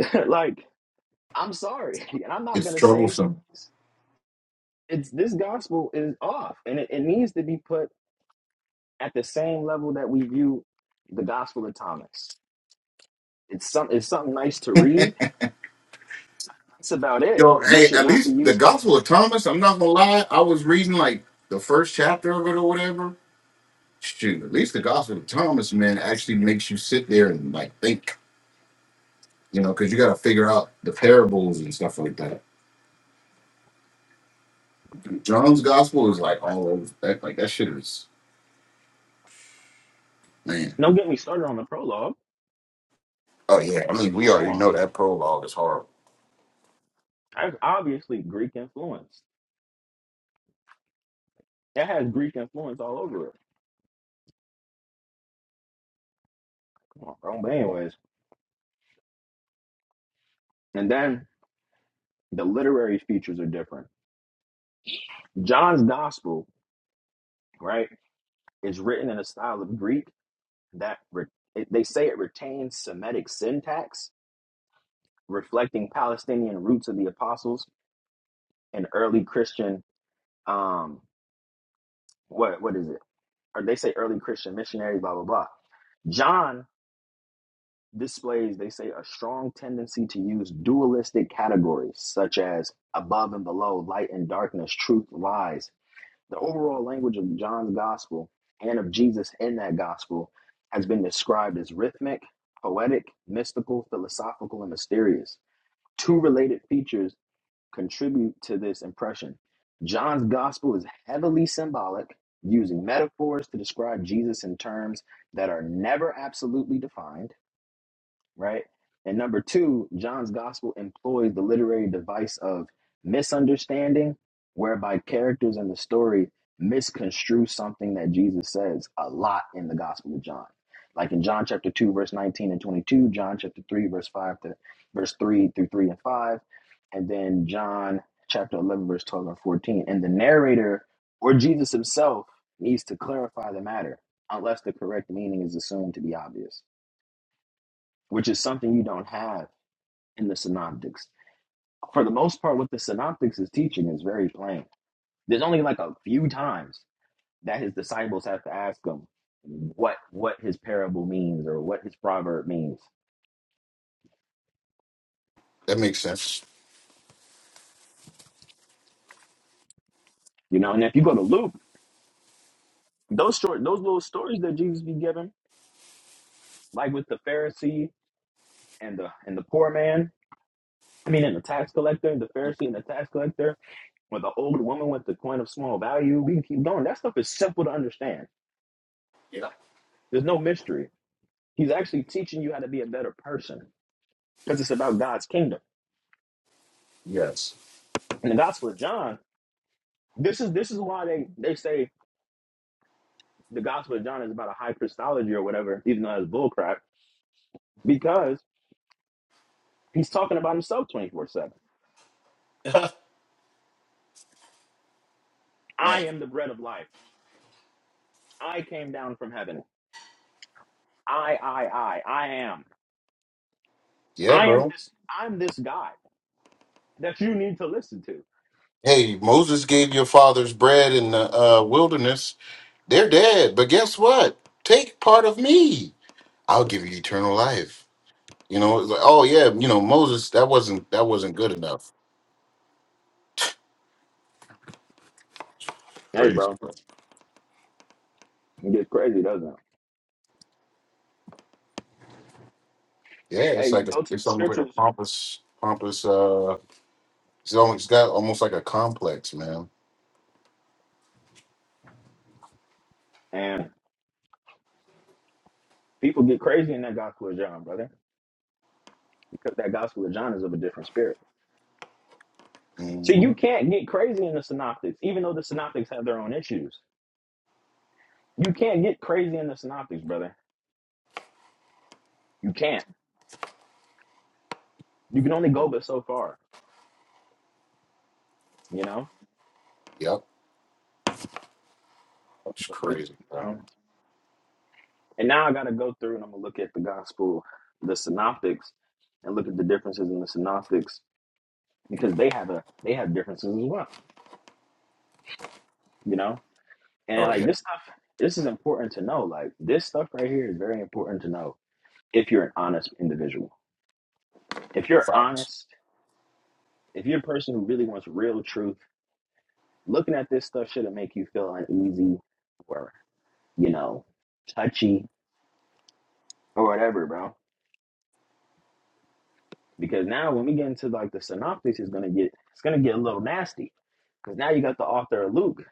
like, I'm sorry, and I'm not
it's
gonna say
troublesome.
it's this gospel is off, and it, it needs to be put at the same level that we view the gospel of Thomas. It's some, it's something nice to read. That's about it.
Yo,
You
hey,
should
at
not be
least the
used.
Gospel of Thomas. I'm not gonna lie. I was reading like the first chapter of it or whatever shoot, at least the Gospel of Thomas, man, actually makes you sit there and like think, you know, because you got to figure out the parables and stuff like that. John's Gospel is like all over that, like that shit is, man.
Don't get me started on the prologue.
Oh yeah, I mean, we
Come
already
on,
know
bro.
that prologue is horrible.
That's obviously Greek influence. That has Greek influence all over it. Come on, bro. But anyways, and then the literary features are different. John's Gospel, right, is written in a style of Greek that re- it, they say it retains Semitic syntax, reflecting Palestinian roots of the apostles and early Christian. Um, what what is it? Or they say early Christian missionaries, blah blah blah. John displays, they say, a strong tendency to use dualistic categories such as above and below, light and darkness, truth, lies. The overall language of John's gospel and of Jesus in that gospel has been described as rhythmic, poetic, mystical, philosophical, and mysterious. Two related features contribute to this impression. John's gospel is heavily symbolic, using metaphors to describe Jesus in terms that are never absolutely defined right? And number two, John's gospel employs the literary device of misunderstanding, whereby characters in the story misconstrue something that Jesus says a lot in the gospel of John. Like in John chapter 2, verse 19 and 22, John chapter 3, verse 5 to verse 3 through 3 and 5, and then John chapter 11, verse 12 and 14. And the narrator or Jesus himself needs to clarify the matter unless the correct meaning is assumed to be obvious which is something you don't have in the synoptics. For the most part, what the synoptics is teaching is very plain. There's only like a few times that his disciples have to ask him what what his parable means or what his proverb means.
That makes sense.
You know, and if you go to Luke, those short those little stories that Jesus be giving, like with the Pharisee and the and the poor man, I mean and the tax collector, the Pharisee and the tax collector, or the old woman with the coin of small value, we can keep going. That stuff is simple to understand.
Yeah.
There's no mystery He's actually teaching you how to be a better person because it's about God's kingdom.
Yes.
In the Gospel of John, this is this is why they, they say the Gospel of John is about a high Christology or whatever, even though that's bullcrap, because he's talking about himself 24 7.
man.
I am the bread of life. I came down from heaven. I, I, I, I am.
Yeah,
I am
bro.
this, I'm this guy that you need to listen to.
Hey, Moses gave your fathers bread in the uh, wilderness. They're dead, but guess what? Take part of me. I'll give you eternal life. You know, it's like, oh yeah, you know, Moses, that wasn't that wasn't good enough.
Hey,
Praise.
bro,
God.
it gets crazy, doesn't it?
Yeah,
Hey,
it's
you
like a,
go to the
it's almost like a
scriptures
pompous, pompous. uh It's almost it's got almost like a complex, man.
and people get crazy in that Gospel of John, brother, because that Gospel of John is of a different spirit. So
hmm
you can't get crazy in the synoptics, even though the synoptics have their own issues. You can't get crazy in the synoptics, brother. You can't. You can only go but so far, you know?
Yep, it's
But with,
crazy,
you
bro.
know? And now I got to go through and I'm going to look at the gospel, the synoptics, and look at the differences in the synoptics because they have a they have differences as well, you know? And
Oh
like
yeah,
this stuff, this is important to know. Like this stuff right here is very important to know if you're an honest individual. If you're
facts.
honest, if you're a person who really wants real truth Looking at this stuff shouldn't make you feel uneasy or, you know, touchy or whatever, bro. Because now when we get into like the synoptics, it's gonna get it's gonna get a little nasty. Because now you got the author of Luke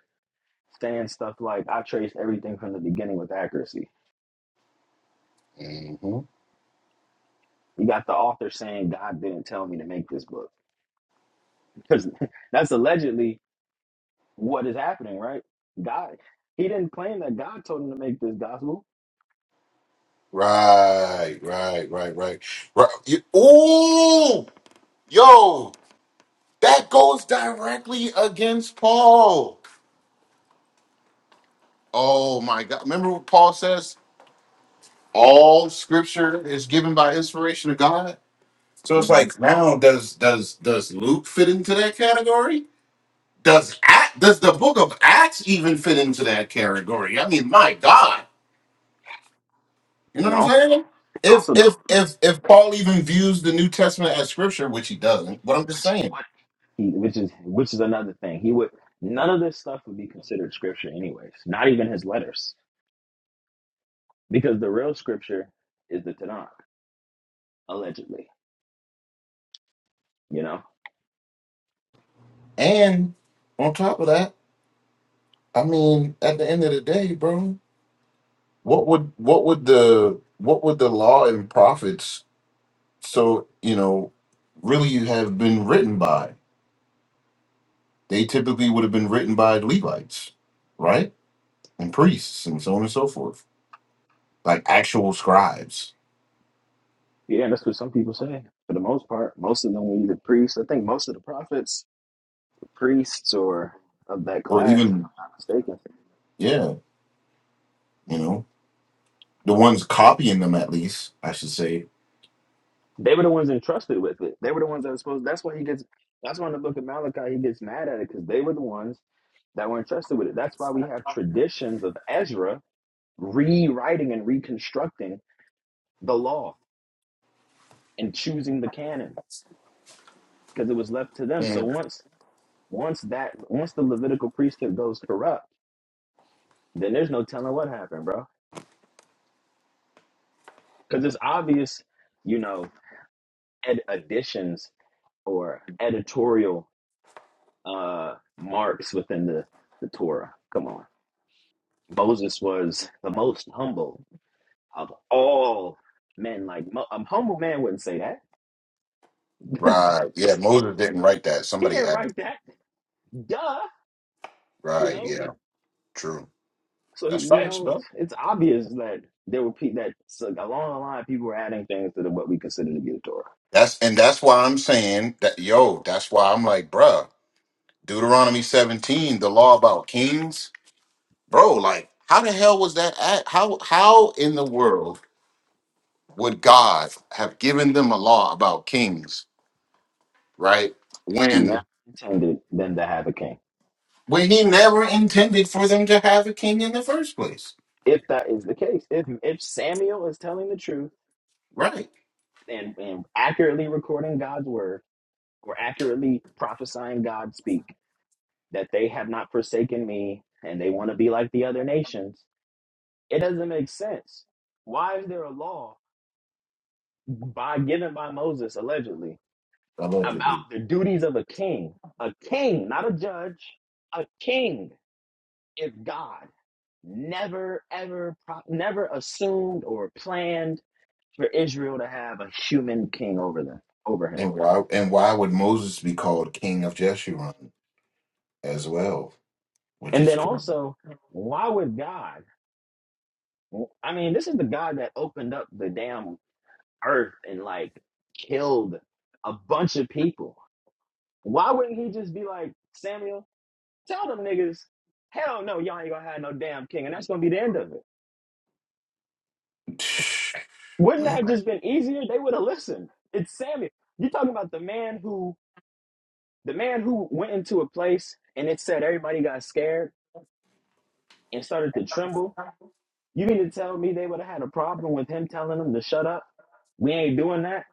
saying stuff like, I traced everything from the beginning with accuracy.
hmm
You got the author saying, God didn't tell me to make this book. Because that's allegedly what is happening, right? God, he didn't claim that God told him to make this gospel.
Right, right, right, right, right. You, ooh, yo, that goes directly against Paul. Oh my God! Remember what Paul says? All Scripture is given by inspiration of God. So it's
hmm
like now does does does Luke fit into that category? Does Act does the book of Acts even fit into that category? I mean, my God. You know
And
what I'm
also,
saying? If
also the
if if if Paul even views the New Testament as scripture, which he doesn't, but I'm just
which
saying.
he would he which is which is another thing he would none of this stuff would be considered scripture anyways not even his letters because the real scripture is the tanakh allegedly you know
And on top of that, I mean, at the end of the day, bro, what would what would the what would the law and prophets so you know really have been written by? They typically would have been written by Levites, right? And priests and so on and so forth, like actual scribes
yeah that's what some people say for the most part most of them were either priests i think most of the prophets were priests or of that
or
class if
even,
i'm not mistaken
yeah, you know, the ones copying them at least, I should say.
they were the ones entrusted with it they were the ones that were supposed that's why he gets that's why in the book of malachi he gets mad at it because they were the ones that were entrusted with it that's why we have traditions of ezra rewriting and reconstructing the law and choosing the canon because it was left to them. So
Mm.
once once that once the Levitical priesthood goes corrupt, then there's no telling what happened, bro. Because it's obvious, you know, ed- additions or editorial uh, marks within the the Torah. Come on, Moses was the most humble of all men. Like Mo- a humble man wouldn't say that.
Right. Yeah,
he
Moses didn't write that.
he
Somebody
didn't
added.
write that. Duh. You
Right.
know,
Yeah. True.
So
That's
you
facts,
know, it's,
bro.
obvious that there were people that so along the line people were adding things to the, what we consider to be the Torah.
That's and that's why I'm saying that. Yo, that's why I'm like, bruh, Deuteronomy 17, the law about kings, bro. Like, how the hell was that? At, how how in the world? would God have given them a law about kings, right?
If he never
When
intended them to have a king,
when he never intended for them to have a king in the first place,
if that is the case, if if Samuel is telling the truth
right?
and and accurately recording God's word or accurately prophesying God speak that they have not forsaken me and they want to be like the other nations, it doesn't make sense. Why is there a law by given by Moses allegedly?
Allegedly.
about the duties of a king. A king, not a judge. A king is God. Never, ever, pro- never assumed or planned for Israel to have a human king over them, over him.
And why and why would Moses be called king of Jeshurun as well? Which
And
is
then
correct.
also, why would God? I mean, this is the God that opened up the damn earth and like killed a bunch of people. Why wouldn't he just be like Samuel? Tell them niggas, hell no, y'all ain't gonna have no damn king, and that's gonna be the end of it. Wouldn't that
Man.
have just been easier? They would have listened. It's Samuel. You're talking about the man who the man who went into a place and it said everybody got scared and started to tremble. You mean to tell me they would have had a problem with him telling them to shut up? We ain't doing that.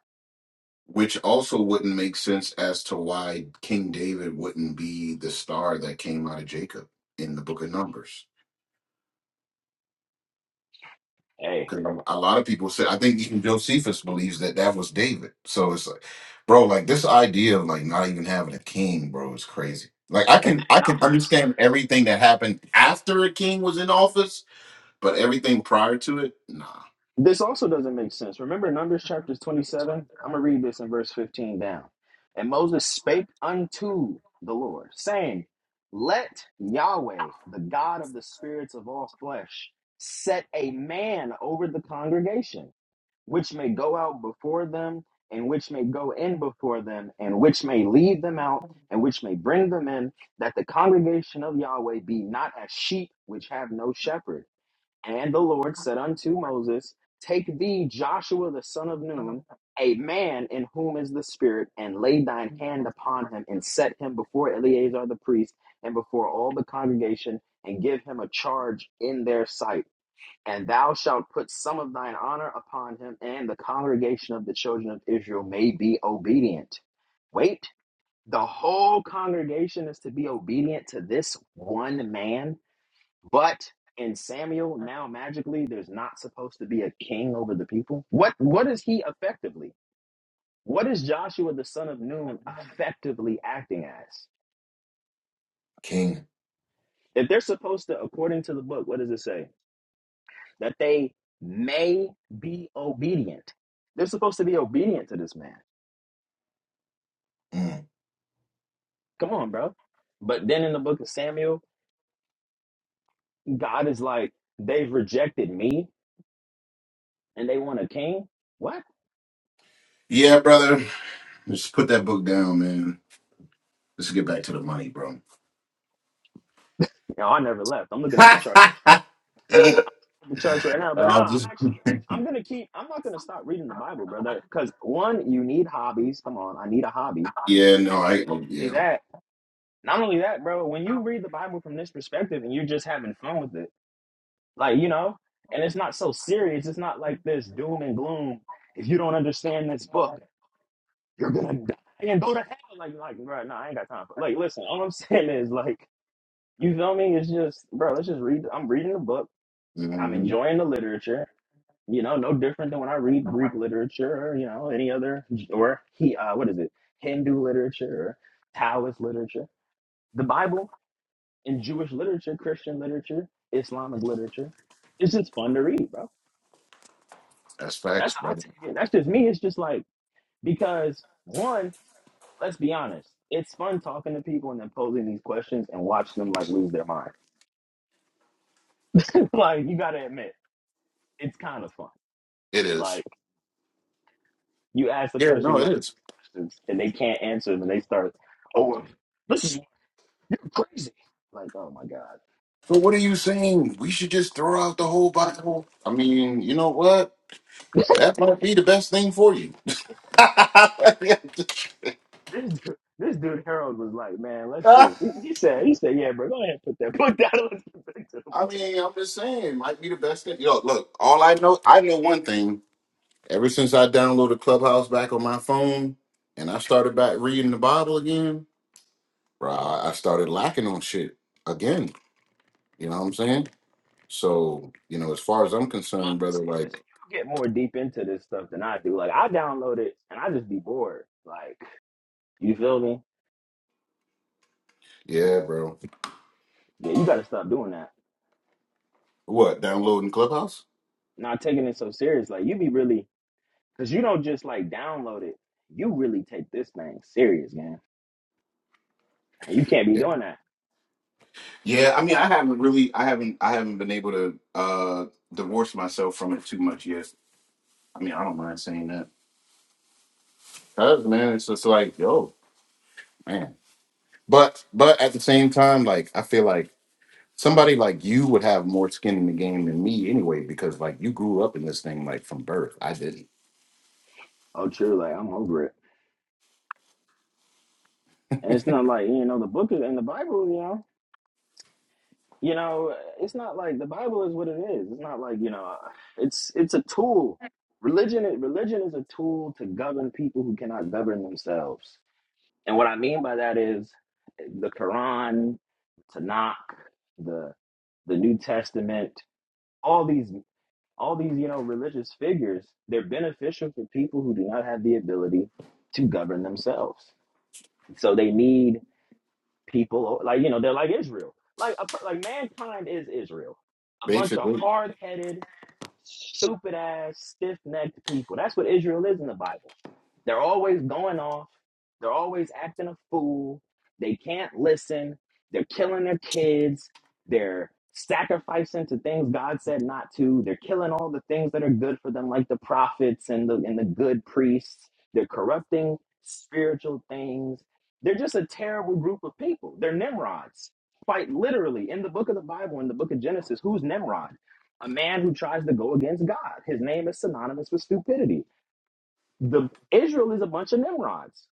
Which also wouldn't make sense as to why King David wouldn't be the star that came out of Jacob in the book of Numbers
Hey,
Because a lot of people say, I think even Josephus believes that that was David. So it's like, bro, like this idea of like not even having a king, bro, is crazy. Like I
and
can
then
I can
numbers.
understand everything that happened after a king was in office, but everything prior to it, nah.
This also doesn't make sense. Remember Numbers chapter 27? I'm going to read this in verse 15 down. And Moses spake unto the Lord, saying, Let Yahweh, the God of the spirits of all flesh, set a man over the congregation, which may go out before them, and which may go in before them, and which may lead them out, and which may bring them in, that the congregation of Yahweh be not as sheep which have no shepherd and the Lord said unto Moses, Take thee Joshua the son of Nun, a man in whom is the Spirit, and lay thine hand upon him, and set him before Eleazar the priest, and before all the congregation, and give him a charge in their sight. And thou shalt put some of thine honor upon him, and the congregation of the children of Israel may be obedient. Wait, the whole congregation is to be obedient to this one man? But in Samuel, now magically, there's not supposed to be a king over the people. What what is he effectively? What is Joshua the son of Nun effectively acting as?
King.
If they're supposed to, according to the book, what does it say? That they may be obedient. They're supposed to be obedient to this man.
Mm.
Come on, bro. But then in the book of Samuel, God is like, they've rejected me and they want a king. What?
Yeah, brother. Just put that book down, man. Let's get back to the money, bro.
No, I never left. I'm looking at the chart. the church right now. But no,
I'll
I'm
just
actually I'm gonna keep I'm not gonna stop reading the Bible, brother. Cause one, you need hobbies. Come on, I need a hobby.
yeah, no, I oh,
Not only
yeah,
that, not only that, bro, when you read the Bible from this perspective and you're just having fun with it, like you know, and it's not so serious, it's not like this doom and gloom. If you don't understand this book, you're gonna die and go to hell. Like like bro, no, I ain't got time for like listen, all I'm saying is like you feel me? It's just, bro. Let's just read. I'm reading the book. I'm
hmm
enjoying the literature. you know, no different than when I read Greek literature, or, you know, any other, or he, uh, what is it, Hindu literature, or Taoist literature. The Bible and Jewish literature, Christian literature, Islamic literature, it's just fun to read, bro.
that's
That's
facts,
how I
brother.
take it. That's just me. It's just like, because one, let's be honest, it's fun talking to people and then posing these questions and watch them like lose their mind. like, you gotta admit, it's kind of fun.
It is.
Like, You ask the
Yeah,
person
no, it
like
is.
these questions and they can't answer them and they start, oh, well, this is crazy. Like, oh my God.
So what are you saying? We should just throw out the whole Bible? I mean, you know what? That might be the best thing for you. I mean,
This dude, this dude Harold was like, man, let's just. He, he said, he said, yeah, bro, go ahead, put that, put down. Let's get back to the
I'm
point.
just saying, might be the best thing. Yo, look, all I know, I know one thing. Ever since I downloaded Clubhouse back on my phone, and I started back reading the Bible again, bro, I I started lacking on shit again. You know what I'm saying? So, you know, as far as I'm concerned,
I'll
brother,
say this:
like,
you get more deep into this stuff than I do. Like, I download it and I just be bored. Like, you feel me?
yeah, bro.
Yeah, you got to stop doing that.
What, downloading Clubhouse?
Not taking it so serious. Like, you be really, cause you don't just like download it. You really take this thing serious, man. You can't be
Yeah.
doing that.
Yeah, I mean, I haven't really, I haven't, I haven't been able to uh divorce myself from it too much yet. I mean, I don't mind saying that. Cause man, it's just like, yo, man. But but at the same time, like I feel like somebody like you would have more skin in the game than me anyway, because like you grew up in this thing like from birth. I didn't.
Oh, true. Like I'm over it. And it's not like you know the book is, and the Bible. You know, you know, it's not like the Bible is what it is. It's not like you know, it's it's a tool. Religion, is- religion is a tool to govern people who cannot govern themselves. And what I mean by that is the Quran, Tanakh, the the New Testament, all these all these you know religious figures. They're beneficial for people who do not have the ability to govern themselves. So they need people like you know they're like Israel. Like a, per- like mankind is Israel. A bunch of
Basically.
hard-headed, stupid ass, stiff-necked people. That's what Israel is in the Bible. They're always going off. They're always acting a fool. They can't listen. They're killing their kids. They're sacrificing to things God said not to. They're killing all the things that are good for them, like the prophets and the and the good priests. They're corrupting spiritual things they're just a terrible group of people. They're Nimrods. Quite literally, in the book of the Bible, in the book of Genesis, who's Nimrod? A man who tries to go against God. His name is synonymous with stupidity. The Israel is a bunch of Nimrods.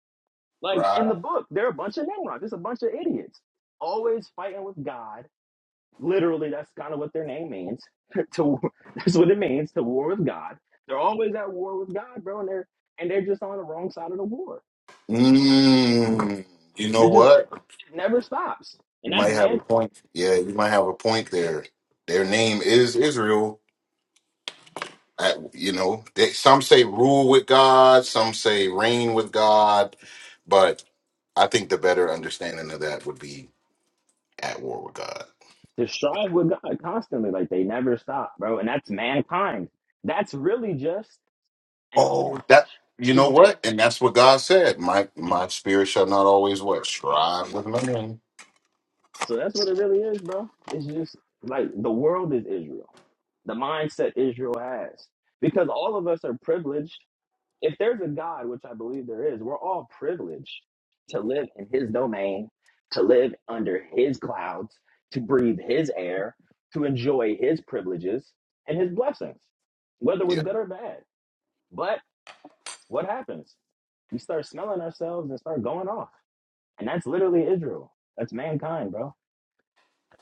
Like in the
Right.
book, they're a bunch of Nimrods. It's a bunch of idiots. Always fighting with God. Literally, that's kind of what their name means. to that's what it means to war with God. They're always at war with God, bro, and they're and they're just on the wrong side of the war.
Mm, you know
They're just
what?
it never stops.
You
And that's
might have
man
a point. Yeah, you might have a point there. Their name is Israel. At, you know, they, some say rule with God, some say reign with God, but I think the better understanding of that would be at war with God.
to strive with God constantly. Like they never stop, bro. And that's mankind. That's really just an ode
Oh, that you
to
know
man.
what? And that's what God said. My my spirit shall not always what strive with man.
So that's what it really is, bro. It's just like the world is Israel. The mindset Israel has. Because all of us are privileged. If there's a God, which I believe there is, we're all privileged to live in his domain, to live under his clouds, to breathe his air, to enjoy his privileges and his blessings, whether we're
Yeah.
good or bad. But what happens? We start smelling ourselves and start going off. And that's literally Israel. That's mankind, bro.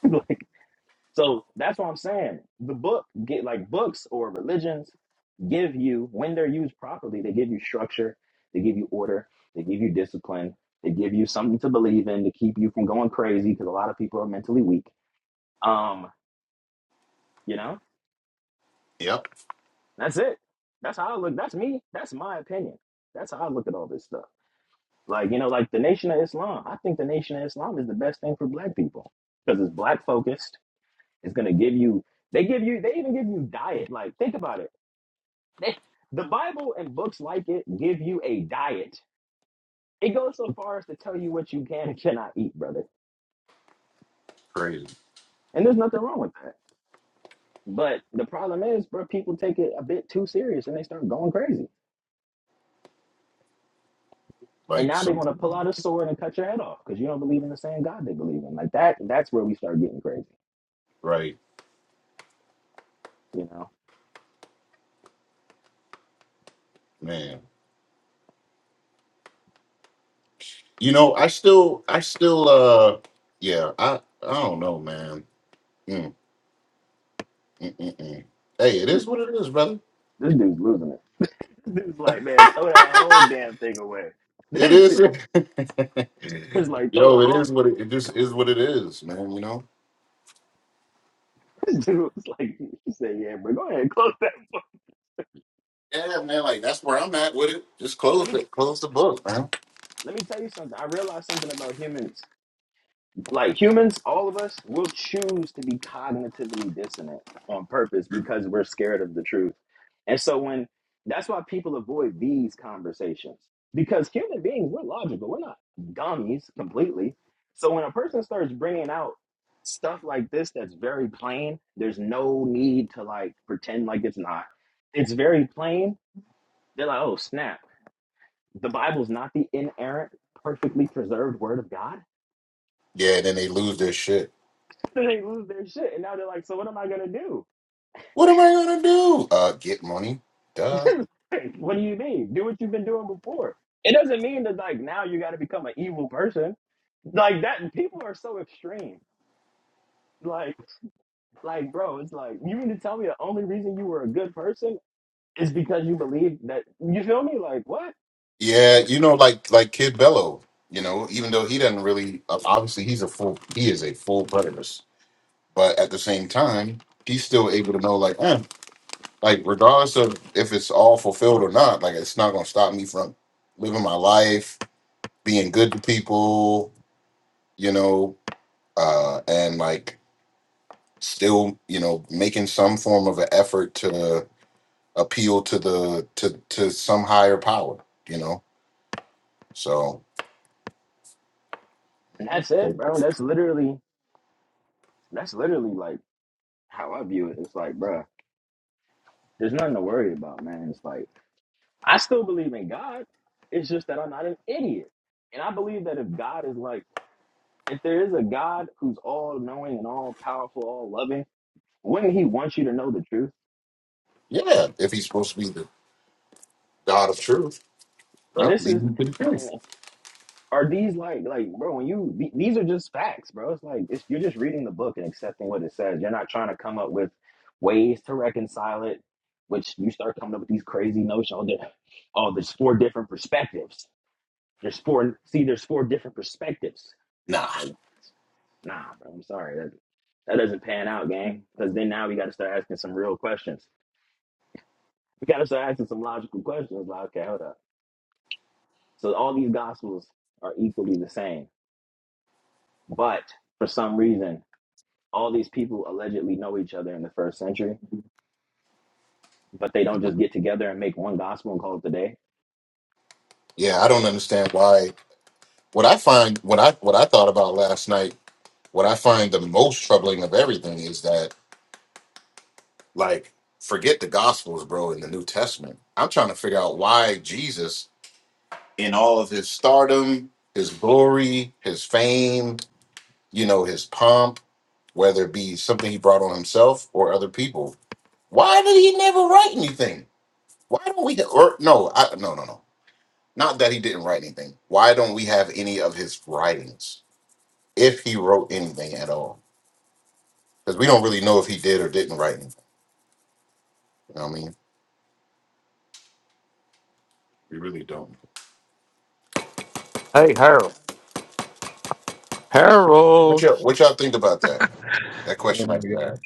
like so that's what I'm saying. The book get like books or religions give you when they're used properly, they give you structure, they give you order, they give you discipline, they give you something to believe in to keep you from going crazy because a lot of people are mentally weak. Um, you know?
Yep.
That's it. That's how I look. That's me. That's my opinion. That's how I look at all this stuff. Like, you know, like the Nation of Islam. I think the Nation of Islam is the best thing for black people because it's black focused. It's going to give you, they give you, they even give you diet. Like, think about it. They, the Bible and books like it give you a diet. It goes so far as to tell you what you can and cannot eat, brother.
Crazy.
And there's nothing wrong with that. But the problem is, bro, people take it a bit too serious and they start going crazy. And
Like
now they want to pull
something.
out a sword and cut your head off because you don't believe in the same God they believe in. Like that, that's where we start getting crazy,
Right,
you know?
man. You know, I still, I still, uh, yeah. I I don't know, man. Mm, mm, mm, mm. Hey, it
this
is what it is, brother.
this dude's losing it. Dude's like, man, throw that whole damn thing away.
It
it's
is.
like, throw
Yo,
the
it
whole
is what it, it
thing
just is what
away.
it is, man. You know.
Dude was like, he said, yeah, but go ahead, and close that book.
Yeah, man. Like that's where I'm at with it. Just
And let
close
me tell
it. Close the book, man.
let me tell you something. I realized something about humans. Like humans, all of us will choose to be cognitively dissonant on purpose because we're scared of the truth. And so when that's why people avoid these conversations because human beings, we're logical. We're not dummies completely. So when a person starts bringing out stuff like this that's very plain, there's no need to like pretend like it's not. It's very plain. They're like, oh, snap. The Bible's not the inerrant, perfectly preserved word of God
Yeah. Then they lose their shit.
then they lose their shit, and now they're like, "So what am I gonna do?
What am I gonna do? Uh, get money. Duh.
Like, what do you mean? Do what you've been doing before." It doesn't mean that like now you got to become an evil person. Like that, people are so extreme. Like, like, bro, it's like you mean to tell me the only reason you were a good person is because you believe that you feel me? Like what?
Yeah, you know, like like Kid Bello. You know, even though he doesn't really, uh, obviously, he's a full. He is a full preterist, but at the same time, he's still able to know, like, eh. like regardless of if it's all fulfilled or not, like it's not gonna stop me from living my life, being good to people, you know, uh, and like still, you know, making some form of an effort to appeal to the to to some higher power, you know. So, you
And
know,
that's it,
so,
bro. That's literally, that's literally like how I view it. It's like, bro, there's nothing to worry about, man. It's like. I still believe in God. It's just that I'm not an idiot. And I believe that if God is like, if there is a God who's all knowing and all powerful, all loving, wouldn't he want you to know the truth?
yeah, if he's supposed to be the God of truth,
And
well,
this
lead
is,
him to the
I
truth.
mean, are these like, like, bro, when you, th- these are just facts, bro. It's like, it's, you're just reading the book and accepting what it says. You're not trying to come up with ways to reconcile it, which you start coming up with these crazy notions. Oh, there- oh, there's four different perspectives. There's four, see, there's four different perspectives
Nah,
Like, nah, bro, I'm sorry. That that doesn't pan out, gang. Because then now we got to start asking some real questions. We got to start asking some logical questions. Like, okay, hold up. So all these gospels are equally the same, but for some reason, all these people allegedly know each other in the first century, but they don't just get together and make one gospel and call it the day.
yeah, I don't understand why. What I find, what I what I thought about last night what I find the most troubling of everything is that, like, forget the Gospels, bro, in the New Testament. I'm trying to figure out why Jesus, in all of his stardom, his glory, his fame, you know, his pomp, whether it be something he brought on himself or other people, why did he never write anything? Why don't we, or no, I, no, no, no. Not that he didn't write anything. Why don't we have any of his writings if he wrote anything at all? Because we don't really know if he did or didn't write anything. You know what I mean? We really don't.
Hey, Harold.
What
Harold,
y'all, what y'all think about that? That
Well,
question
there
I
we
just
go.
asked.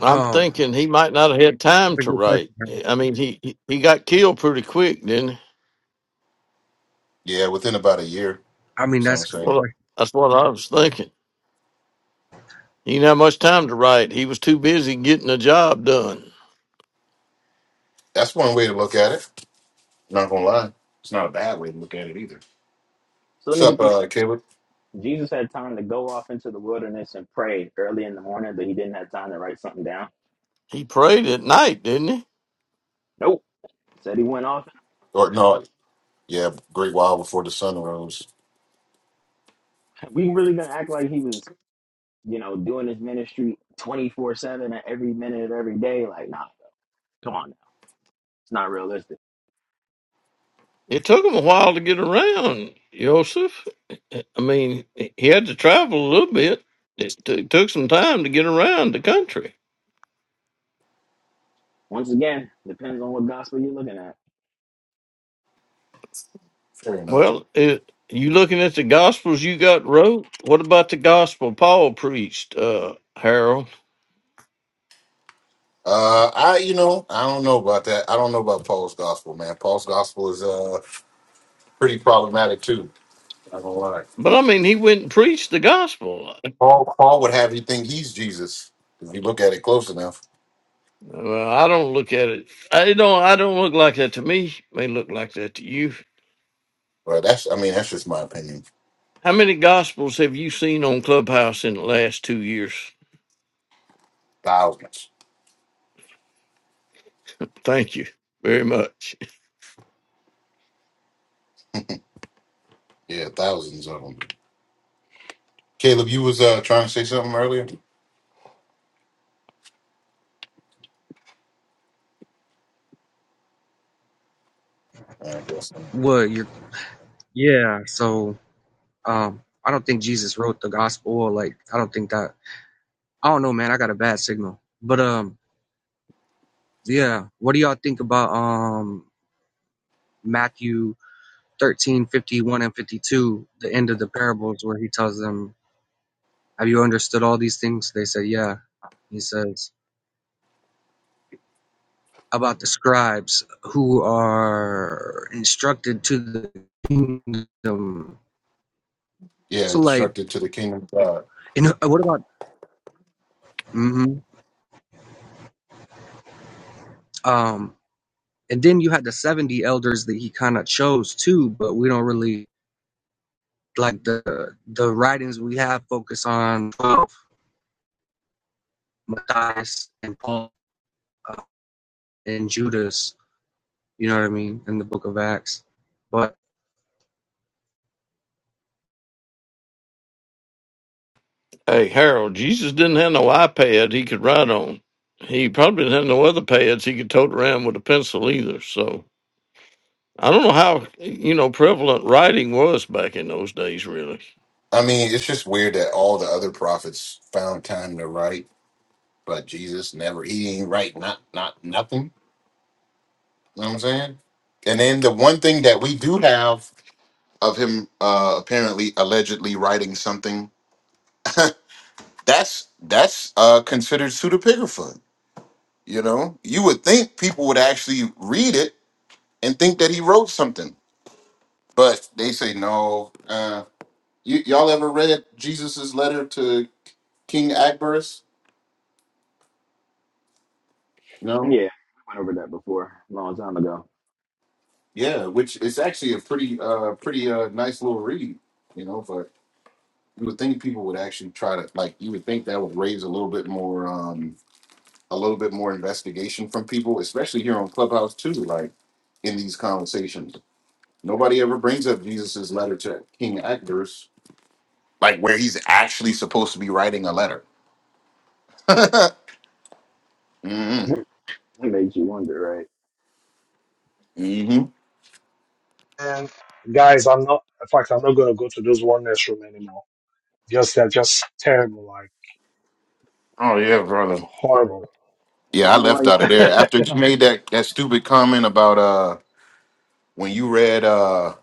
I'm
Um,
thinking he might not have had time
that's a
to
good
write.
question.
I mean, he he he got killed pretty quick, didn't he?
Yeah, within about a year,
I mean,
some
that's a
That's
good
say.
what,
question.
that's what I was thinking. He didn't have much time to write. He was too busy getting the job done.
That's one way to look at it. Not gonna lie. It's not a bad way to look at it either.
So let
What's
me get
up,
this
uh,
straight.
Caleb?
Jesus had time to go off into the wilderness and pray early in the morning, but he didn't have time to write something down.
He prayed at night, didn't he?
Nope. Said he went off.
Or no, yeah, great while before the sun rose.
We really gonna act like he was you know, doing this ministry 24 7 at every minute of every day. Like, nah, bro, come on now. It's not realistic.
It took him a while to get around, Joseph. I mean, he had to travel a little bit. It t- took some time to get around the country.
Once again, depends on what gospel you're looking at.
Fair enough.
Well, it, you looking at the gospels you got wrote? What about the gospel Paul preached, uh, Harold?
Uh, I, you know, I don't know about that. I don't know about Paul's gospel, man. Paul's gospel is uh pretty problematic too. Not gonna lie.
But I mean, he went and preached the gospel.
Paul, Paul would have you think he's Jesus if you look at it close enough.
Well, I don't look at it. I don't. I don't look like that to me. May look like that to you.
But that's, I mean, that's just my opinion.
How many gospels have you seen on Clubhouse in the last two years?
Thousands.
Thank you very much.
Yeah, thousands of them. Caleb, you was uh, trying to say something earlier. I guess. not.
What you're, yeah. So, um, I don't think Jesus wrote the gospel. Or like, I don't think that. I don't know, man. I got a bad signal. But um, yeah. What do y'all think about um Matthew thirteen fifty one and fifty two, the end of the parables where he tells them, "Have you understood all these things?" They say, "Yeah." He says about the scribes who are instructed to the kingdom.
Yeah,
So, like
instructed to the kingdom of God.
And uh, what about? hmm Um, and then you had the seventy elders that he kind of chose too, but we don't really like the the writings we have focus on twelve, Matthias and Paul uh, and Judas. You know what I mean in the Book of Acts, but
Hey, Harold, Jesus didn't have no iPad he could write on. He probably didn't have no other pads he could tote around with a pencil either. So I don't know how you know prevalent writing was back in those days, really.
I mean, it's just weird that all the other prophets found time to write, but Jesus never. He didn't write not not nothing. You know what I'm saying? And then the one thing that we do have of him uh apparently allegedly writing something that's that's uh considered pseudepigrapha. You know, you would think people would actually read it and think that he wrote something But they say no. Uh, you, y'all ever read Jesus's letter to King Agabus?
Yeah,
No.
we went over that before a long time ago.
Yeah, which is actually a pretty, uh, pretty uh, nice little read. You know, but you would think people would actually try to like. You would think that would raise a little bit more, um, a little bit more investigation from people, especially here on Clubhouse too. Like in these conversations, nobody ever brings up Jesus's letter to King Agabus, like where he's actually supposed to be writing a letter. Mm-hmm.
it makes you wonder, right?
mm-hmm.
And guys, I'm not. In fact, I'm not gonna go to this oneness room anymore. Just they're just terrible, like
Oh yeah, brother.
horrible.
I
Yeah, I
don't know why
left
you
out of there after
Uh,
you made that that stupid comment about uh when you read uh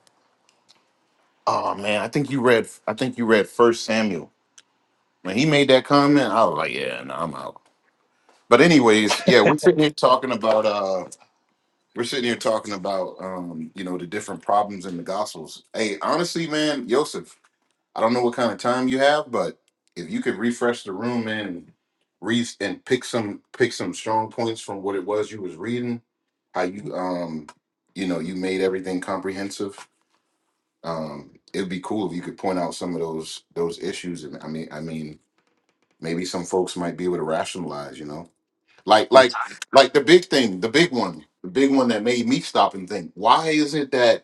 oh man I think you read I think you read First Samuel when he made that comment I was like yeah no I'm out but anyways yeah we're sitting here talking about uh we're sitting here talking about um you know the different problems in the Gospels hey honestly man Joseph I don't know what kind of time you have, but if you could refresh the room and read and pick some pick some strong points from what it was you was reading, how you um you know you made everything comprehensive. Um, it'd be cool if you could point out some of those those issues, and I mean I mean maybe some folks might be able to rationalize, you know, like
in
like
time.
like the big thing, the big one, the big one that made me stop and think, why is it that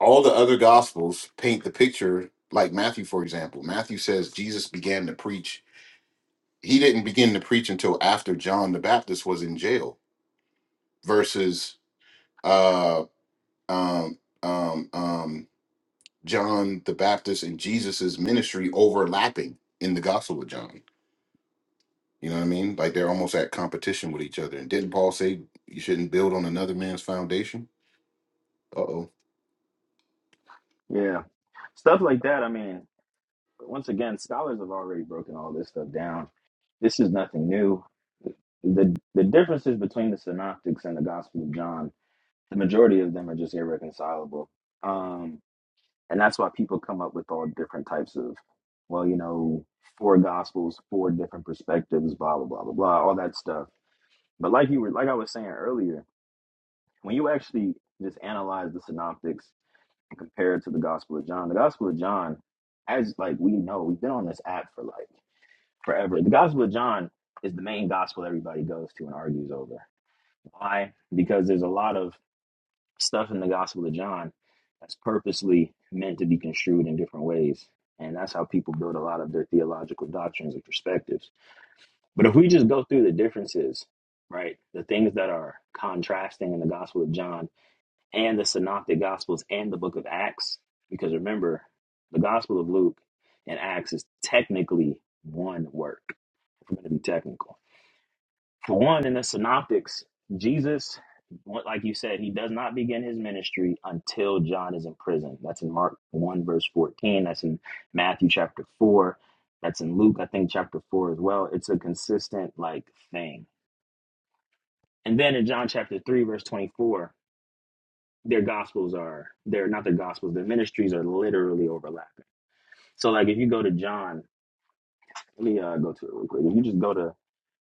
all the other gospels paint the picture like matthew for example matthew says jesus began to preach he didn't begin to preach until after john the baptist was in jail versus uh um um um john the baptist and jesus's ministry overlapping in the gospel of john you know what i mean like they're almost at competition with each other and didn't paul say you shouldn't build on another man's foundation uh-oh
Yeah. Stuff like that. I mean, once again, scholars have already broken all this stuff down. This is nothing new. The the differences between the synoptics and the Gospel of John, the majority of them are just irreconcilable. Um and that's why people come up with all different types of well you know four gospels four different perspectives blah blah blah blah blah all that stuff but like you were like i was saying earlier when you actually just analyze the synoptics and compare it to the gospel of john the gospel of john as like we know we've been on this app for like forever the gospel of john is the main gospel everybody goes to and argues over why because there's a lot of stuff in the Gospel of John that's purposely meant to be construed in different ways. And that's how people build a lot of their theological doctrines and perspectives. But if we just go through the differences, right, the things that are contrasting in the Gospel of John and the Synoptic Gospels and the book of Acts, because remember, the Gospel of Luke and Acts is technically one work. If we're going to be technical for one, in the synoptics, Jesus, like you said, he does not begin his ministry until John is in prison. That's in Mark 1, verse 14. That's in Matthew chapter 4. That's in Luke, I think, chapter 4 as well. It's a consistent, like, thing. And then in John chapter 3, verse 24, their gospels are, they're not their gospels, their ministries are literally overlapping. So, like, if you go to John, let me uh, go to it real quick. If you just go to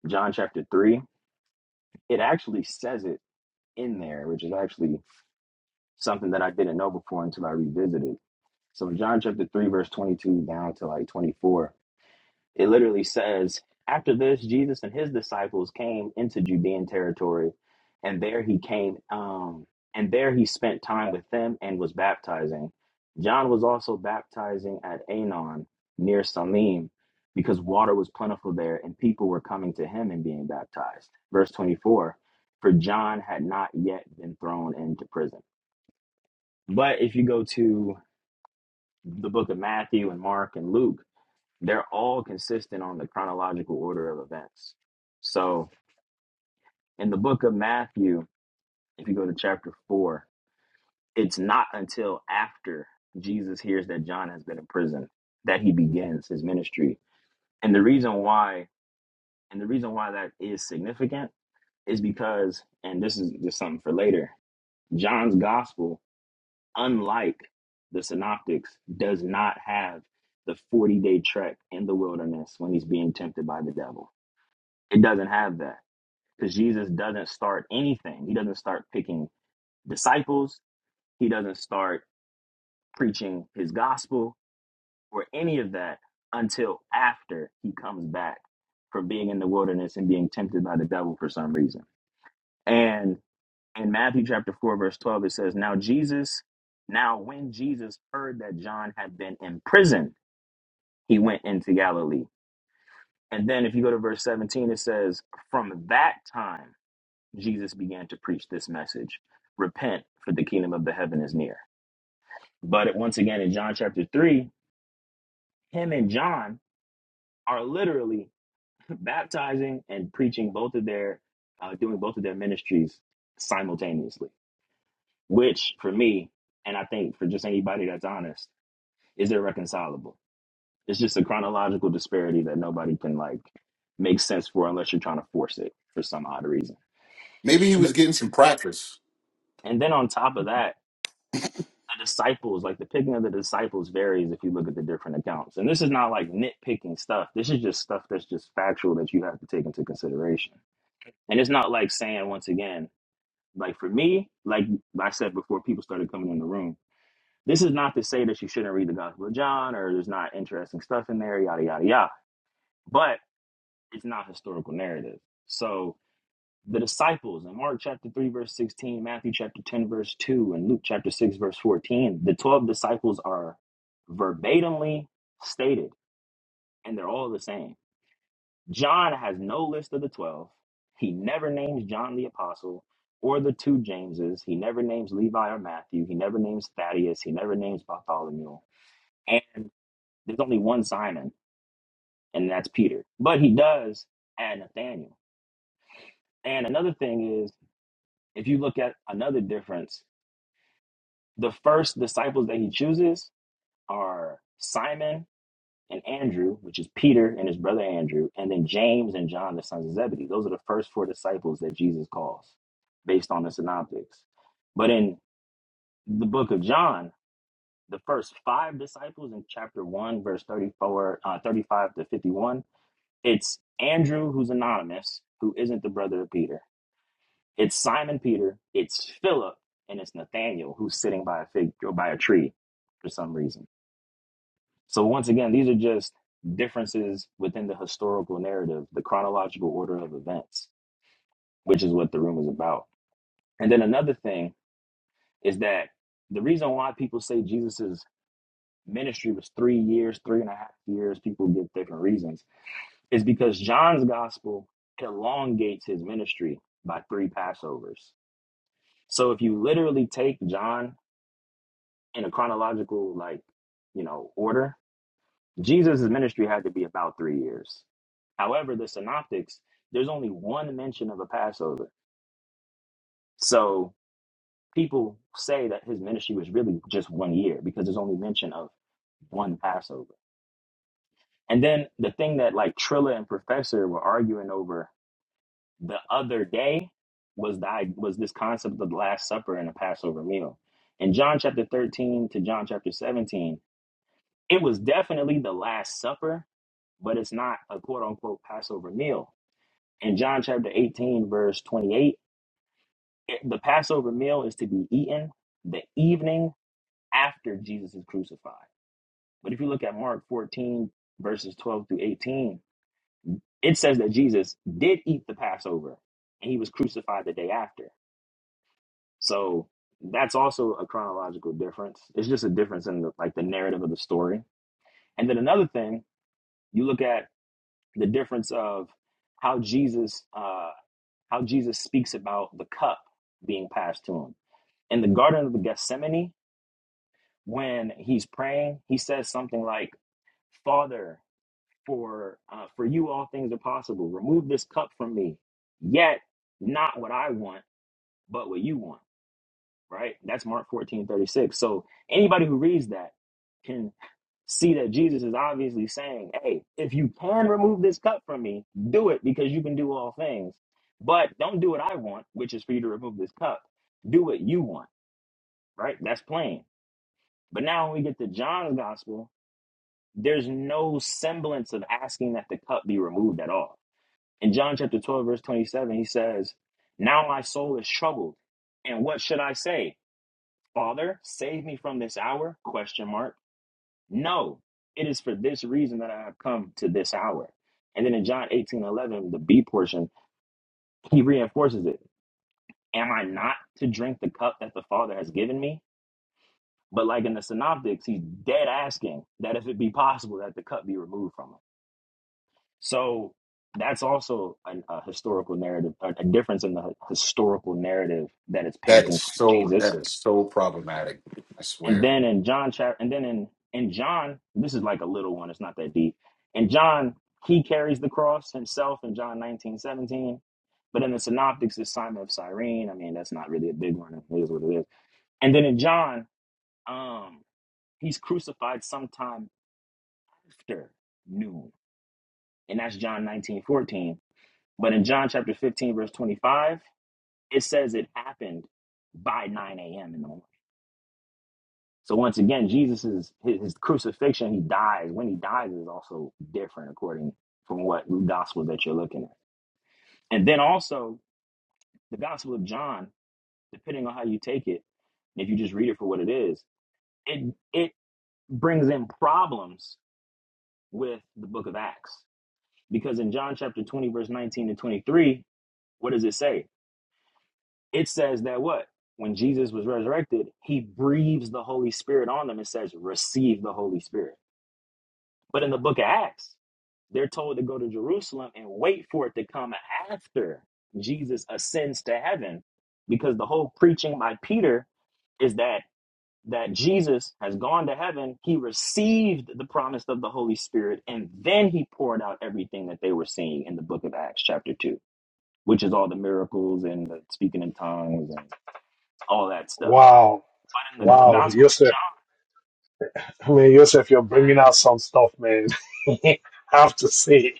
John chapter 3, it actually says it in there, which is actually something that I didn't know before until I revisited. So in John chapter 3, verse 22 down to like 24, it literally says, After this, Jesus and his disciples came into Judean territory, and there he came, um, and there he spent time with them and was baptizing. John was also baptizing at Anon near Salim because water was plentiful there and people were coming to him and being baptized. Verse 24, for John had not yet been thrown into prison. But if you go to the book of Matthew and Mark and Luke, they're all consistent on the chronological order of events. So in the book of Matthew, if you go to chapter four, it's not until after Jesus hears that John has been in prison that he begins his ministry. And the reason why, and the reason why that is significant is because, and this is just something for later, John's gospel unlike the synoptics, does not have the 40 day trek in the wilderness when he's being tempted by the devil. It doesn't have that because Jesus doesn't start anything. He doesn't start picking disciples, he doesn't start preaching his gospel or any of that until after he comes back from being in the wilderness and being tempted by the devil for some reason. And in Matthew chapter 4, verse 12, it says, Now Jesus, now when Jesus heard that John had been imprisoned, he went into Galilee. And then if you go to verse 17, it says, From that time, Jesus began to preach this message Repent, for the kingdom of the heaven is near. But once again, in John chapter 3, him and John are literally baptizing and preaching both of their, uh, doing both of their ministries simultaneously, which for me, and I think for just anybody that's honest, is irreconcilable. It's just a chronological disparity that nobody can like make sense for unless you're trying to force it for some odd reason.
maybe he
And then,
was getting some practice
and then on top of that, the disciples, like the picking of the disciples varies if you look at the different accounts. And this is not like nitpicking stuff. This is just stuff that's just factual that you have to take into consideration. And it's not like saying once again, like for me, like like I said before people started coming in the room, this is not to say that you shouldn't read the Gospel of John or there's not interesting stuff in there, yada yada yada. But It's not historical narrative. So the disciples in Mark chapter 3, verse 16, Matthew chapter 10, verse 2, and Luke chapter 6, verse 14, the 12 disciples are verbatimly stated, and they're all the same. John has no list of the 12. He never names John the apostle or the two Jameses. He never names Levi or Matthew. He never names Thaddeus. He never names Bartholomew. And there's only one Simon, and that's Peter. But he does add Nathaniel. And another thing is, If you look at another difference, the first disciples that he chooses are Simon and Andrew, which is Peter and his brother Andrew, and then James and John, the sons of Zebedee. Those are the first four disciples that Jesus calls based on the synoptics. But in the book of John, the first five disciples in chapter 1, verse 34, uh, 35 to 51, it's Andrew, who's anonymous, who isn't the brother of Peter. It's Simon Peter, it's Philip, and it's Nathaniel who's sitting by a fig or by a tree for some reason. So once again, these are just differences within the historical narrative, the chronological order of events, which is what the room is about. And then another thing is that the reason why people say Jesus's ministry was three years, three and a half years, people give different reasons, is because John's gospel elongates his ministry by three Passovers. So if you literally take John in a chronological like you know order jesus' ministry had to be about three years however the synoptics there's only one mention of a passover so people say that his ministry was really just one year because there's only mention of one passover and then the thing that like trilla and professor were arguing over the other day was the i- was this concept of the last supper and the passover meal in john chapter 13 to john chapter 17 It was definitely the Last Supper, but it's not a quote unquote Passover meal. In John chapter 18, verse 28, it- the Passover meal is to be eaten the evening after Jesus is crucified. But if you look at Mark 14, verses 12 through 18, it says that Jesus did eat the Passover and he was crucified the day after. So that's also a chronological difference. It's just a difference in the, like the narrative of the story. And then another thing, you look at the difference of how Jesus uh, how Jesus speaks about the cup being passed to him. In the Garden of Gethsemane, when he's praying, he says something like, "Father, for uh, for you all things are possible. Remove this cup from me. Yet not what I want, but what you want." right? That's Mark 14 36. So anybody who reads that can see that Jesus is obviously saying, hey, if you can remove this cup from me, do it because you can do all things. But don't do what I want, which is for you to remove this cup. Do what you want, right? That's plain. But now when we get to John's gospel, there's no semblance of asking that the cup be removed at all. In John chapter 12, verse 27, he says, Now my soul is troubled. And what should I say? Father, save me from this hour? Question mark. No, it is for this reason that I have come to this hour. And then in John 18 11, the B portion, he reinforces it. Am I not to drink the cup that the Father has given me? But like in the synoptics, he's dead asking that if it be possible that the cup be removed from him. So that's also an, a historical narrative, a, a difference in the historical narrative that it's
that is
painting for
so that
Jesus
is so problematic i
And
swear
then in John chapter, and then in in John, this is like a little one. It's not that deep. In John, he carries the cross himself in John 19 17. But in the Synoptics, it's Simon of Cyrene. I mean, that's not really a big one. It is what it is. And then in John, um, he's crucified sometime after noon, and that's John 19 14. But in John chapter 15, verse 25, it says it happened by 9 a.m. in the morning. So once again, Jesus is his, his crucifixion. He dies. When he dies is also different according from what gospel that you're looking at. And then also the Gospel of John, depending on how you take it, if you just read it for what it is, it it brings in problems with the Book of Acts because in John chapter 20, verse 19 to 23, what does it say? It says that what when Jesus was resurrected, he breathes the Holy Spirit on them and says, "Receive the Holy Spirit." But in the book of Acts, they're told to go to Jerusalem and wait for it to come after Jesus ascends to heaven because the whole preaching by Peter is that that Jesus has gone to heaven, he received the promise of the Holy Spirit and then he poured out everything that they were seeing in the book of Acts chapter 2, which is all the miracles and the speaking in tongues and all that stuff.
Wow,
But in the
wow,
gospel of
Yosef.
John,
I mean, Yosef, you're bringing out some stuff, man. I have to say.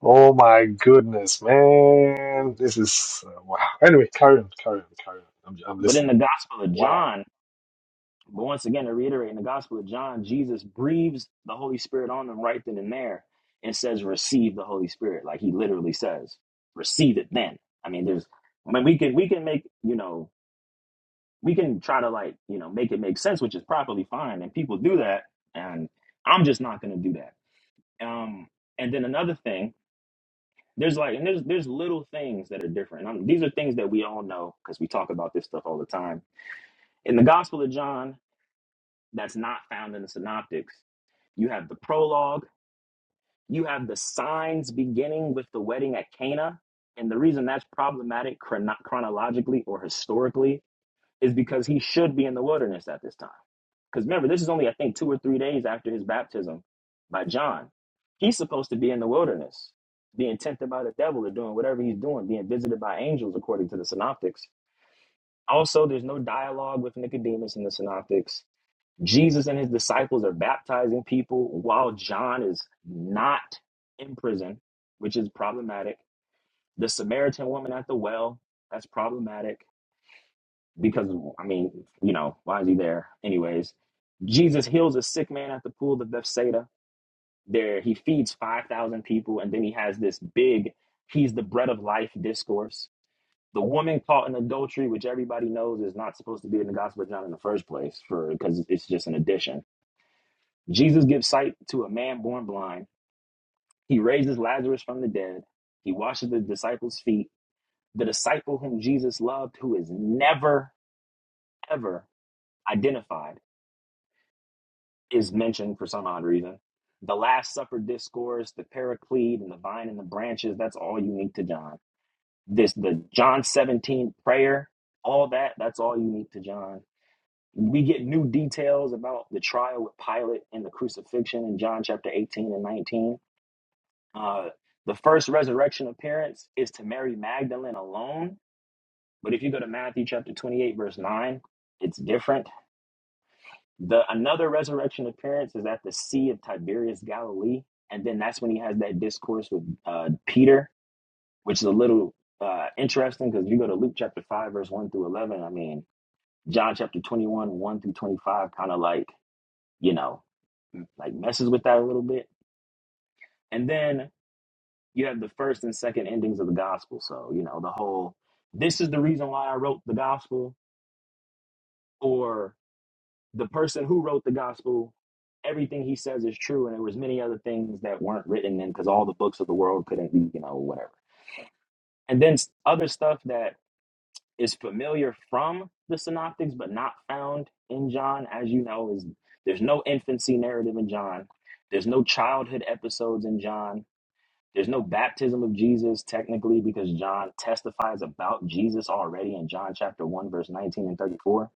Oh my goodness, man. This is uh, wow. Anyway, carry on, carry on, carry on. I'm, I'm
but in
listening.
the gospel of
Wow.
John But once again, to reiterate in the Gospel of John, Jesus breathes the Holy Spirit on them right then and there and says, Receive the Holy Spirit. Like he literally says, Receive it then. I mean, there's I mean we can we can make, you know, we can try to like, you know, make it make sense, which is properly fine. And people do that. And I'm just not gonna do that. Um, and then another thing, there's like and there's there's little things that are different. And I'm, these are things that we all know because we talk about this stuff all the time. In the Gospel of John, that's not found in the synoptics. You have the prologue, you have the signs beginning with the wedding at Cana. And the reason that's problematic chrono- chronologically or historically is because he should be in the wilderness at this time. Because remember, this is only, I think, two or three days after his baptism by John. He's supposed to be in the wilderness, being tempted by the devil or doing whatever he's doing, being visited by angels, according to the synoptics. Also, there's no dialogue with Nicodemus in the synoptics Jesus and his disciples are baptizing people while John is not in prison, which is problematic. The Samaritan woman at the well, that's problematic because, I mean, you know, why is he there? Anyways, Jesus heals a sick man at the pool of Bethsaida. There, he feeds 5,000 people, and then he has this big, he's the bread of life discourse. The woman caught in adultery, which everybody knows is not supposed to be in the Gospel of John in the first place, for because it's just an addition Jesus gives sight to a man born blind. He raises Lazarus from the dead. He washes the disciples' feet. The disciple whom Jesus loved, who is never, ever identified, is mentioned for some odd reason. The Last Supper discourse, the Paraclete, and the vine and the branches, that's all unique to John. This, the John 17 prayer, all that, that's all unique to John. We get new details about the trial with Pilate and the crucifixion in John chapter 18 and 19 Uh, the first resurrection appearance is to Mary Magdalene alone, but if you go to Matthew chapter 28, verse 9, it's different. The another resurrection appearance is at the Sea of Tiberias, Galilee, and then that's when he has that discourse with uh, Peter, which is a little uh, interesting because you go to Luke chapter 5, verse 1 through 11. I mean, John chapter 21, 1 through 25, kind of like, you know, like messes with that a little bit. And then you have the first and second endings of the gospel. So, you know, the whole this is the reason why I wrote the gospel, or the person who wrote the gospel, everything he says is true, and there was many other things that weren't written in because all the books of the world couldn't be, you know, whatever. And then s- other stuff that is familiar from the synoptics but not found in John, as you know, is there's no infancy narrative in John. There's no childhood episodes in John There's no baptism of Jesus technically because John testifies about Jesus already in John chapter 1, verse 19 and 34.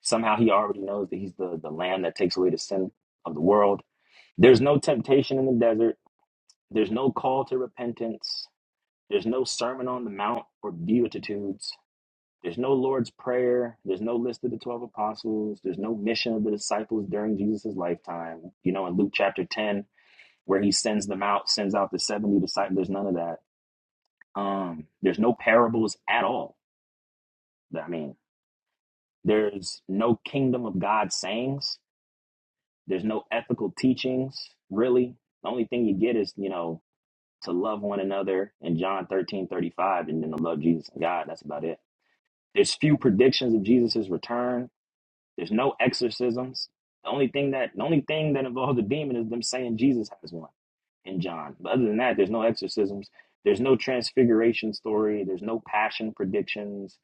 Somehow he already knows that he's the, the lamb that takes away the sin of the world. There's no temptation in the desert. There's no call to repentance. There's no sermon on the mount or beatitudes. There's no Lord's Prayer. There's no list of the 12 apostles. There's no mission of the disciples during Jesus' lifetime. You know, in Luke chapter 10, where he sends them out, sends out the 70 disciples, there's none of that Um, there's no parables at all. I mean, there's no kingdom of God sayings. There's no ethical teachings, really. The only thing you get is, you know, to love one another in John 13 35, and then to love Jesus and God. That's about it. There's few predictions of Jesus' return. There's no exorcisms. The only thing that the only thing that involves a demon is them saying Jesus has one in John. But other than that, there's no exorcisms. There's no transfiguration story. There's no passion predictions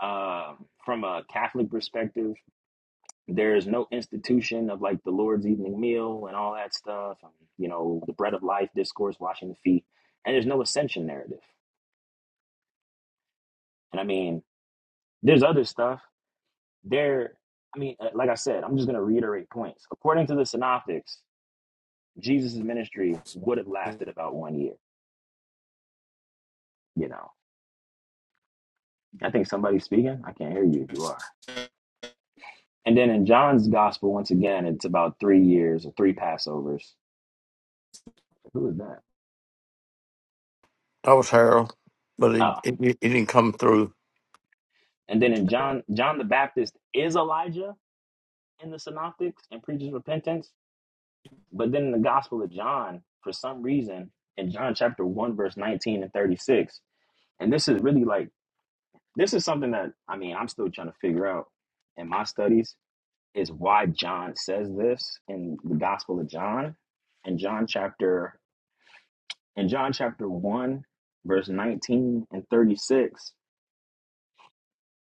uh, from a Catholic perspective, there is no institution of like the Lord's evening meal and all that stuff, and, you know, the bread of life discourse, washing the feet, and there's no ascension narrative. And I mean, there's other stuff there. I mean, uh, like I said, I'm just going to reiterate points. According to the synoptics, Jesus' ministry would have lasted about one year. You know, I think somebody's speaking. I can't hear you if you are. And then in John's gospel, once again, it's about three years or three Passovers. Who is that?
That was Harold, but
Oh.
he, he, he didn't come through.
And then in John, John the Baptist is Elijah in the Synoptics and preaches repentance. But then in the Gospel of John, for some reason, in John chapter 1, verse 19 and 36, and this is really like, this is something that, I mean, I'm still trying to figure out in my studies is why John says this in the Gospel of John. In John chapter, in John chapter 1, verse 19 and 36,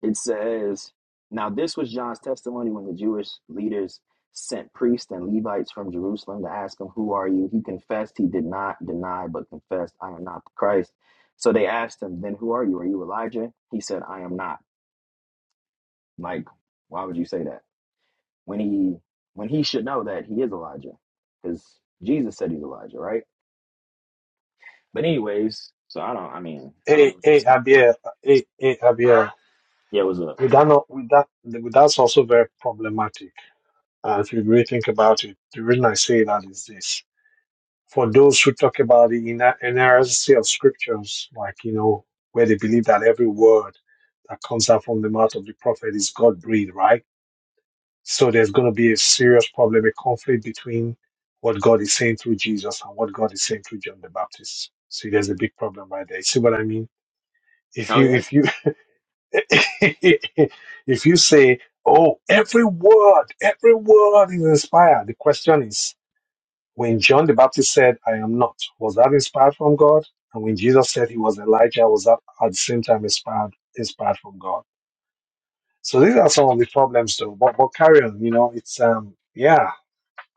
It says, Now this was John's testimony when the Jewish leaders sent priests and Levites from Jerusalem to ask him, 'Who are you? He confessed, he did not deny, but confessed, 'I am not the Christ. So they asked him, 'Then who are you? Are you Elijah? He said, 'I am not. Like, why would you say that? When he when he should know that he is Elijah. Because Jesus said he's Elijah, right? But anyways, so I don't I mean, I don't
Hey,
know if
hey,
that's
Abia. Hey, hey, Abia.
yeah, what's up?
With that, not, with that, with that's also very problematic. Uh, if you really think about it, the reason I say that is this. For those who talk about the ina- inerrancy of scriptures, like, you know, where they believe that every word that comes out from the mouth of the prophet is God breathed, right? So there's going to be a serious problem, a conflict between what God is saying through Jesus and what God is saying through John the Baptist. See, there's a big problem right there. You See what I mean? If
Oh
you,
yeah.
if you, if you say, oh, every word, every word is inspired, the question is, When John the Baptist said, I am not, was that inspired from God? And when Jesus said he was Elijah, was that at the same time inspired inspired from God? So these are some of the problems though. But, but carry on, you know, it's um yeah.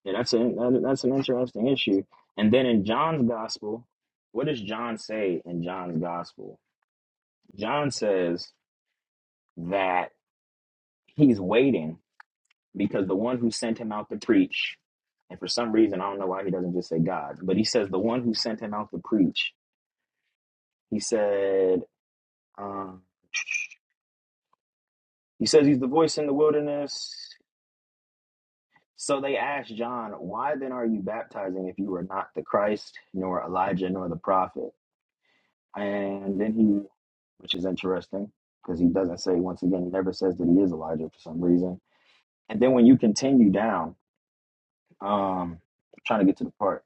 Yeah, that's an that's an interesting issue. And then in John's gospel, what does John say in John's gospel? John says that he's waiting because the one who sent him out to preach, and for some reason I don't know why he doesn't just say God, but he says the one who sent him out to preach. He said, um, he says he's the voice in the wilderness. So they asked John, Why then are you baptizing if you are not the Christ, nor Elijah, nor the prophet? And then he, which is interesting because he doesn't say, once again, he never says that he is Elijah for some reason. And then when you continue down, um, I'm trying to get to the part,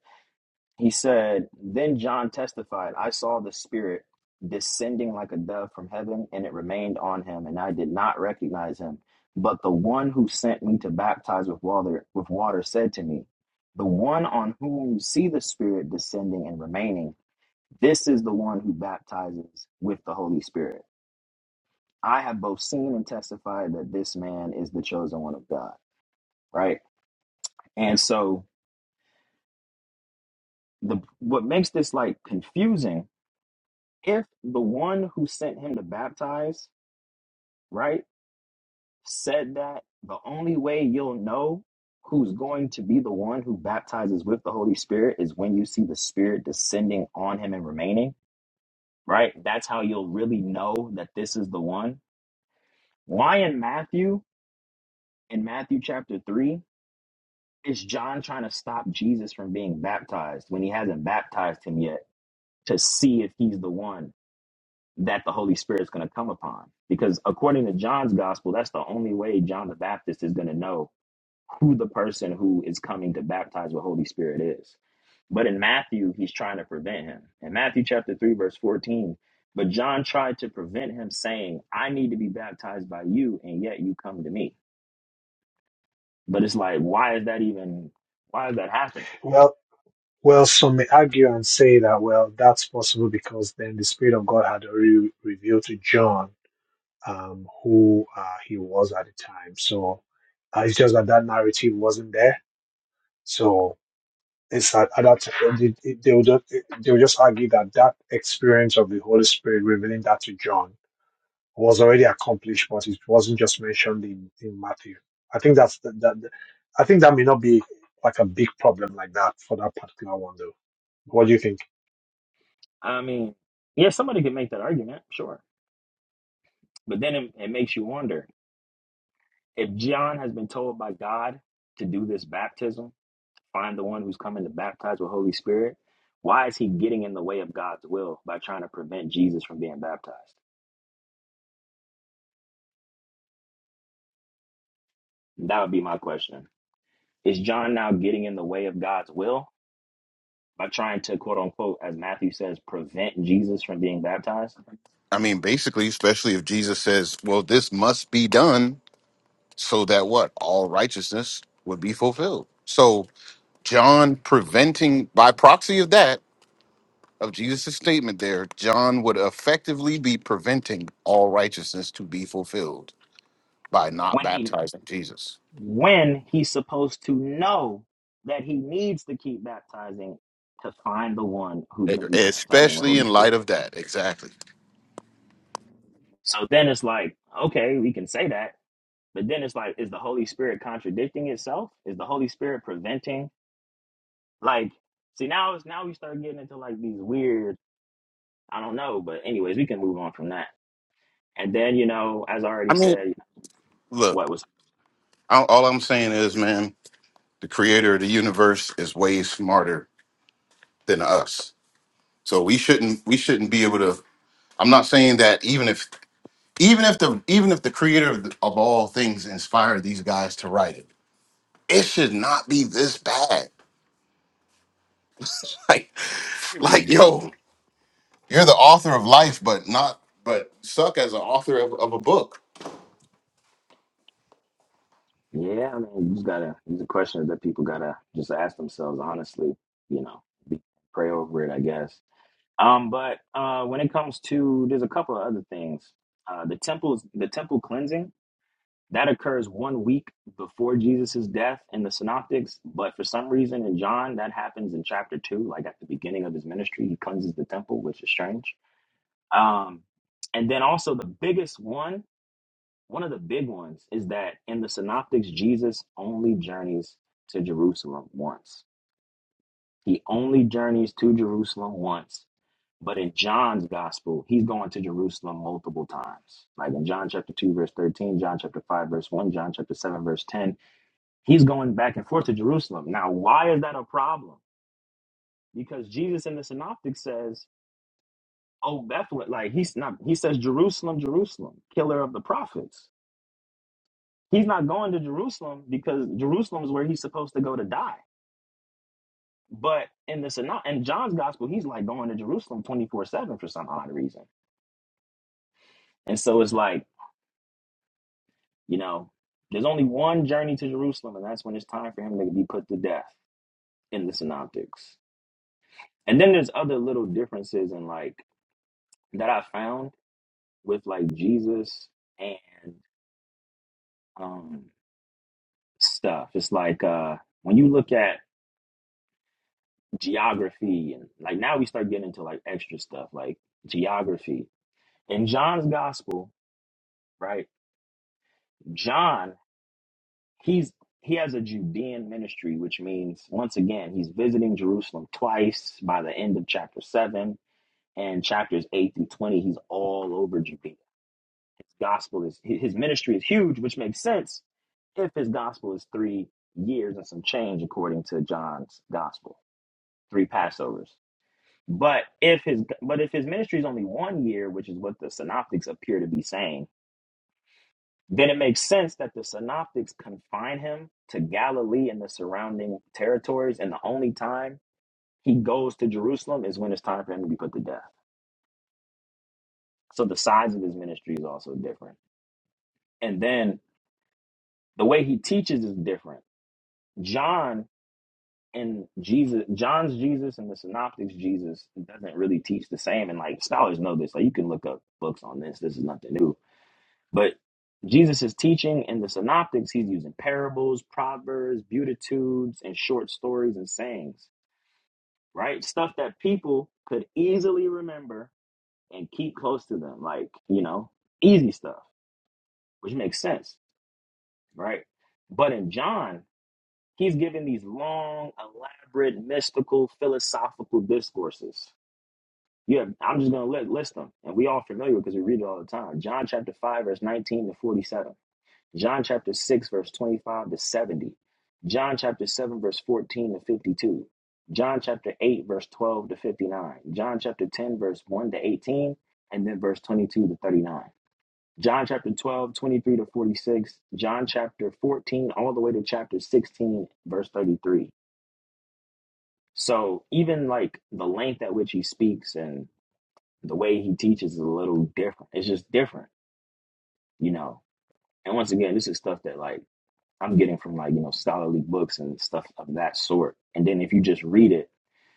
he said, Then John testified, I saw the Spirit descending like a dove from heaven, and it remained on him, and I did not recognize him. But the one who sent me to baptize with water, with water said to me, The one on whom you see the Spirit descending and remaining, this is the one who baptizes with the Holy Spirit. I have both seen and testified that this man is the chosen one of God, right? And so the what makes this like confusing, if the one who sent him to baptize, right, said that the only way you'll know who's going to be the one who baptizes with the Holy Spirit is when you see the Spirit descending on him and remaining, right? That's how you'll really know that this is the one. Why in Matthew, in Matthew chapter 3, is John trying to stop Jesus from being baptized when he hasn't baptized him yet to see if he's the one that the Holy Spirit's going to come upon? Because according to John's gospel, that's the only way John the Baptist is going to know who the person who is coming to baptize with Holy Spirit is. But in Matthew, he's trying to prevent him. In Matthew chapter 3, verse 14, but John tried to prevent him saying, I need to be baptized by you, and yet you come to me. But it's like, why is that even, why is that happening?
Well well some may argue and say that well that's possible because then the Spirit of God had already revealed to John um who uh, he was at the time. So uh, it's just that that narrative wasn't there. So It's that uh, that they, they they will just they will just argue that that experience of the Holy Spirit revealing that to John was already accomplished, but it wasn't just mentioned in, in Matthew. I think that's that, that. the- I think that may not be like a big problem like that for that particular one, though. What do you think?
I mean, yeah, somebody could make that argument, sure. But then it, it makes you wonder if John has been told by God to do this baptism, find the one who's coming to baptize with Holy Spirit, why is he getting in the way of God's will by trying to prevent Jesus from being baptized? That would be my question. Is John now getting in the way of God's will by trying to, quote unquote, as Matthew says, prevent Jesus from being baptized?
I mean, basically, especially if Jesus says, well, this must be done so that what? All righteousness would be fulfilled. So, John preventing, by proxy of that, of Jesus' statement there, John would effectively be preventing all righteousness to be fulfilled by not
when he?
baptizing Jesus,
when he's supposed to know that he needs to keep baptizing to find the one who's
E,
going to be baptizing with
especially
Holy
in light
Spirit.
of that. Exactly.
So then it's like, okay, we can say that, but then it's like, is the Holy Spirit contradicting itself? Is the Holy Spirit preventing? Like, see, now it's now we start getting into like these weird, I don't know, but anyways, we can move on from that. And then you know, as I
I
already
mean,
said,
look,
what was
I- all I'm saying is, man, the creator of the universe is way smarter than us. So we shouldn't we shouldn't be able to I'm not saying that even if even if the even if the creator of, of all things inspired these guys to write it, it should not be this bad. Like like yo, you're the author of life, but not but suck as an author of, of a book.
Yeah, I mean, you just gotta. It's a question that people gotta just ask themselves honestly. You know, be, pray over it, I guess. Um, but uh, when it comes to, there's a couple of other things. Uh, the temples, the temple cleansing that occurs one week before Jesus's death in the Synoptics, but for some reason in John that happens in chapter two, like at the beginning of his ministry, he cleanses the temple, which is strange. Um, and then also the biggest one one of the big ones is that in the Synoptics, Jesus only journeys to Jerusalem once. He only journeys to Jerusalem once. But in John's gospel, he's going to Jerusalem multiple times. Like in John chapter 2, verse 13, John chapter 5, verse 1, John chapter 7, verse 10, he's going back and forth to Jerusalem. Now, why is that a problem? Because Jesus in the synoptic says, Oh, Bethlehem, like he's not, he says, Jerusalem, Jerusalem, killer of the prophets. He's not going to Jerusalem because Jerusalem is where he's supposed to go to die. But in the Synod, in John's gospel, he's like going to Jerusalem 24 7 for some odd reason. And so it's like, you know, there's only one journey to Jerusalem, and that's when it's time for him to be put to death in the Synoptics. And then there's other little differences in like that I found with like Jesus and um stuff. It's like uh when you look at geography and like now we start getting into like extra stuff like geography in john's gospel right john he's he has a judean ministry which means once again he's visiting jerusalem twice by the end of chapter 7 and chapters 8 through 20 he's all over judea his gospel is his ministry is huge which makes sense if his gospel is three years and some change according to john's gospel three passovers But if his but if his ministry is only one year, which is what the synoptics appear to be saying, then it makes sense that the synoptics confine him to Galilee and the surrounding territories, and the only time he goes to Jerusalem is when it's time for him to be put to death. So the size of his ministry is also different. And then the way he teaches is different. John and Jesus, John's Jesus and the synoptics Jesus doesn't really teach the same. And like scholars know this. Like you can look up books on this. This is nothing new But Jesus is teaching in the synoptics, he's using parables, proverbs, beatitudes, and short stories and sayings, right? Stuff that people could easily remember and keep close to them, like, you know, easy stuff, which makes sense, right? But in John, he's giving these long, elaborate, mystical, philosophical discourses. You have, I'm just going to list them, and we all familiar because we read it all the time. John chapter 5, verse 19 to 47 John chapter 6, verse 25 to 70. John chapter 7, verse 14 to 52. John chapter 8, verse 12 to 59. John chapter 10, verse 1 to 18. And then verse 22 to 39. John chapter 12 23 to 46. John chapter 14, all the way to chapter 16, verse 33. So even like the length at which he speaks and the way he teaches is a little different. It's just different, you know. And once again, this is stuff that like I'm getting from like, you know, scholarly books and stuff of that sort. And then if you just read it,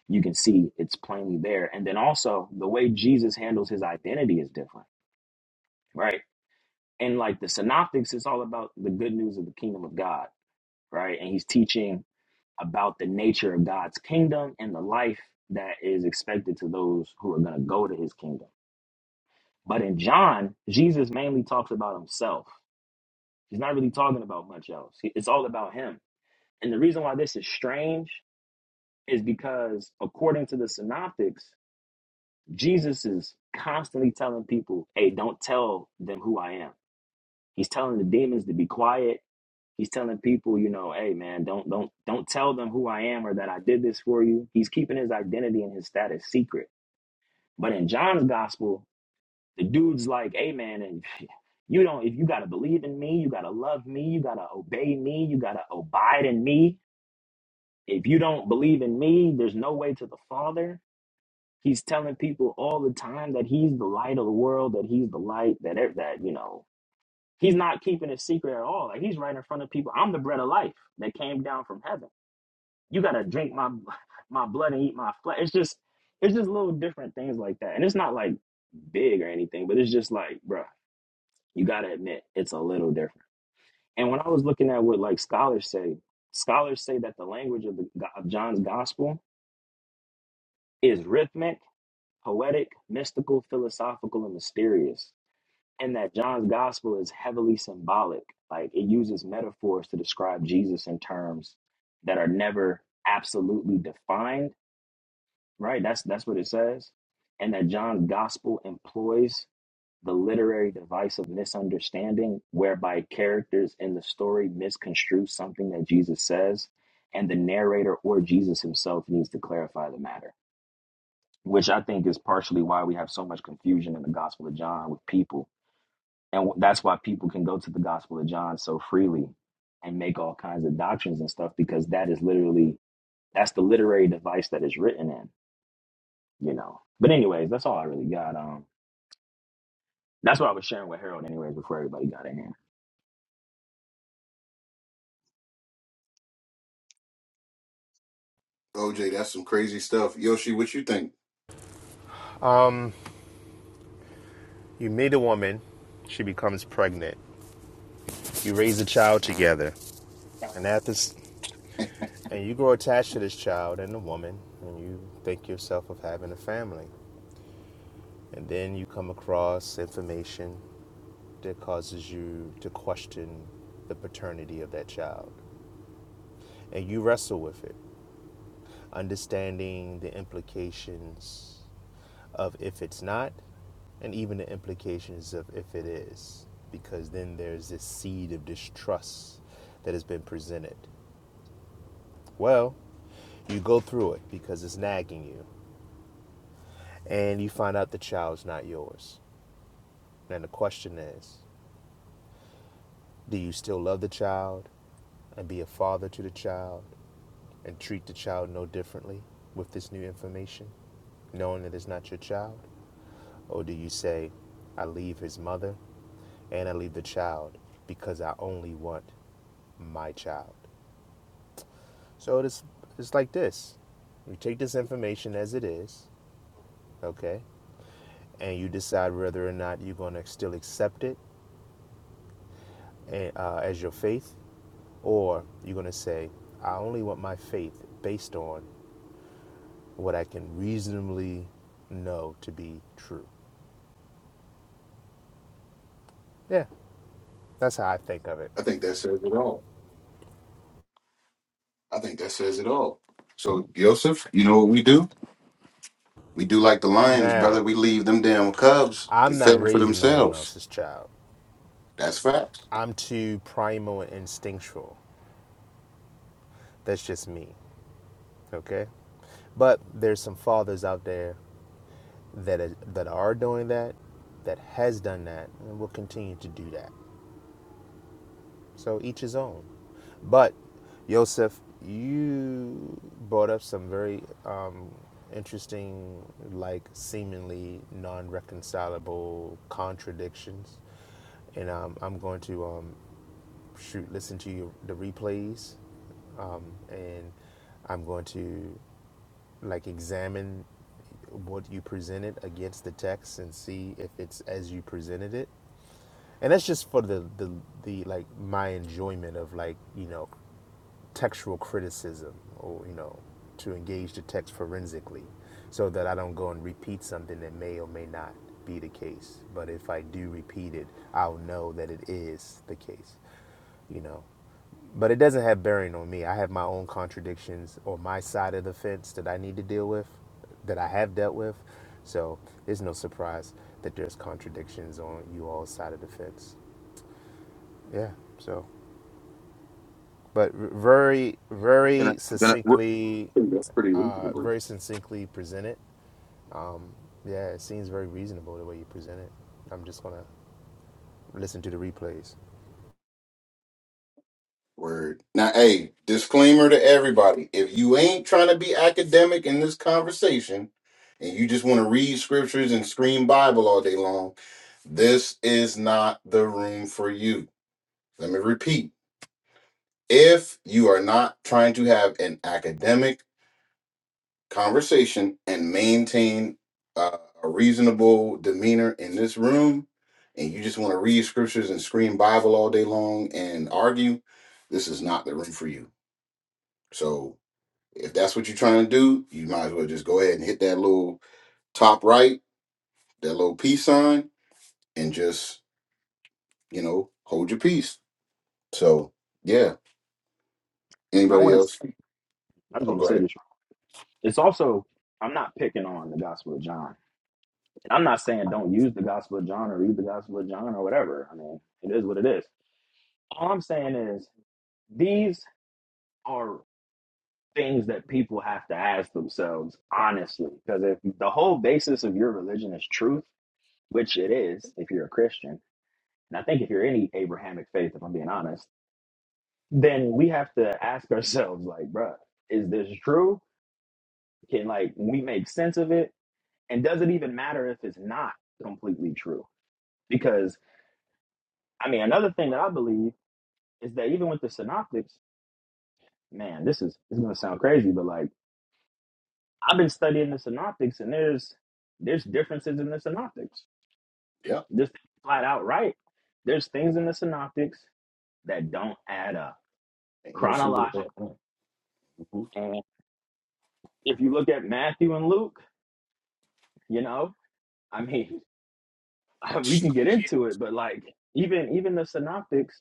you can see it's plainly there. And then also the way Jesus handles his identity is different, right? And like the synoptics, it's all about the good news of the kingdom of God, right? And he's teaching about the nature of God's kingdom and the life that is expected to those who are going to go to his kingdom. But in John, Jesus mainly talks about himself. He's not really talking about much else. He- It's all about him. And the reason why this is strange is because according to the synoptics jesus is constantly telling people hey don't tell them who i am he's telling the demons to be quiet he's telling people you know hey man don't don't don't tell them who i am or that i did this for you he's keeping his identity and his status secret but in john's gospel the dude's like hey man and you don't if you got to believe in me you got to love me you got to obey me you got to abide in me if you don't believe in me there's no way to the father He's telling people all the time that he's the light of the world, that he's the light, that ev- that you know, he's not keeping it secret at all. Like he's right in front of people. I'm the bread of life that came down from heaven. You gotta drink my my blood and eat my flesh. It's just it's just little different things like that, and it's not like big or anything, but it's just like, bruh, you gotta admit it's a little different. And when I was looking at what like scholars say, scholars say that the language of the of John's gospel is rhythmic, poetic, mystical, philosophical, and mysterious and that John's gospel is heavily symbolic. Like it uses metaphors to describe Jesus in terms that are never absolutely defined, right? That's that's what it says. And that John's gospel employs the literary device of misunderstanding whereby characters in the story misconstrue something that Jesus says and the narrator or Jesus himself needs to clarify the matter, which I think is partially why we have so much confusion in the gospel of John with people and that's why people can go to the gospel of john so freely and make all kinds of doctrines and stuff because that is literally that's the literary device that is written in you know but anyways that's all i really got um that's what i was sharing with harold anyways before everybody got in here
OJ, that's some crazy stuff. Yoshi, what you think?
You meet a woman, she becomes pregnant. You raise a child together, and after, and you grow attached to this child and the woman, and you think yourself of having a family. And then you come across information that causes you to question the paternity of that child, and you wrestle with it. understanding the implications of if it's not, and even the implications of if it is, because then there's this seed of distrust that has been presented. Well, you go through it because it's nagging you, and you find out the child's not yours. And the question is do you still love the child and be a father to the child and treat the child no differently with this new information, knowing that it's not your child? Or do you say, I leave his mother and I leave the child because I only want my child? So it's, it's like this you take this information as it is, okay, and you decide whether or not you're going to still accept it and, uh, as your faith, or you're going to say, I only want my faith based on what I can reasonably know to be true. Yeah, that's how I think of it.
I think that says it all. I think that says it all. So Yosef, you know what we do? We do like the lions,
Now,
brother. We leave them damn cubs to
I'm not
fend for
raising no one
themselves.
else's child.
That's facts.
I'm too primal and instinctual. That's just me, okay? But there's some fathers out there that is, that are doing that, that has done that, and will continue to do that. So each his own. But Joseph, you brought up some very um, interesting, like seemingly non-reconcilable contradictions and um, I'm going to um, shoot, listen to your, the replays, um, and I'm going to like examine what you presented against the text and see if it's as you presented it. And that's just for the the the like my enjoyment of like you know textual criticism or you know to engage the text forensically so that i don't go and repeat something that may or may not be the case but if i do repeat it i'll know that it is the case you know but it doesn't have bearing on me i have my own contradictions or my side of the fence that i need to deal with that i have dealt with so it's no surprise that there's contradictions on you all side of the fence yeah so but very
Can I,
very
can I, what-
succinctly
I think that's pretty
uh,
reasonable.
very succinctly presented yeah it seems very reasonable the way you present it i'm just gonna listen to the replays
Word. Now, hey, disclaimer to everybody. If you ain't trying to be academic in this conversation and you just want to read scriptures and scream Bible all day long, this is not the room for you. Let me repeat. If you are not trying to have an academic conversation and maintain uh, a reasonable demeanor in this room, and you just want to read scriptures and scream Bible all day long and argue, this is not the room for you. So If that's what you're trying to do, you might as well just go ahead and hit that little top right, that little peace sign, and just, you know, hold your peace. So, yeah.
and i
Anybody
want to
else?
i just
Oh,
want to
go
say
ahead.
this it's also i'm not picking on the gospel of john and i'm not saying don't use the gospel of john or read the gospel of john or whatever i mean it is what it is all i'm saying is these are things that people have to ask themselves honestly because if the whole basis of your religion is truth which it is if you're a christian and i think if you're any abrahamic faith if i'm being honest then we have to ask ourselves like bruh is this true can like we make sense of it and does it even matter if it's not completely true because i mean another thing that i believe is that even with the synoptics man this is this is going to sound crazy but like I've been studying the synoptics, and there's there's differences in the synoptics.
Yeah.
Just flat out right. There's things in the synoptics that don't add up
Ain't no secret
chronologically.
about that. Mhm.
And if you look at Matthew and Luke, you know, I mean, we can get into it, but like even even the synoptics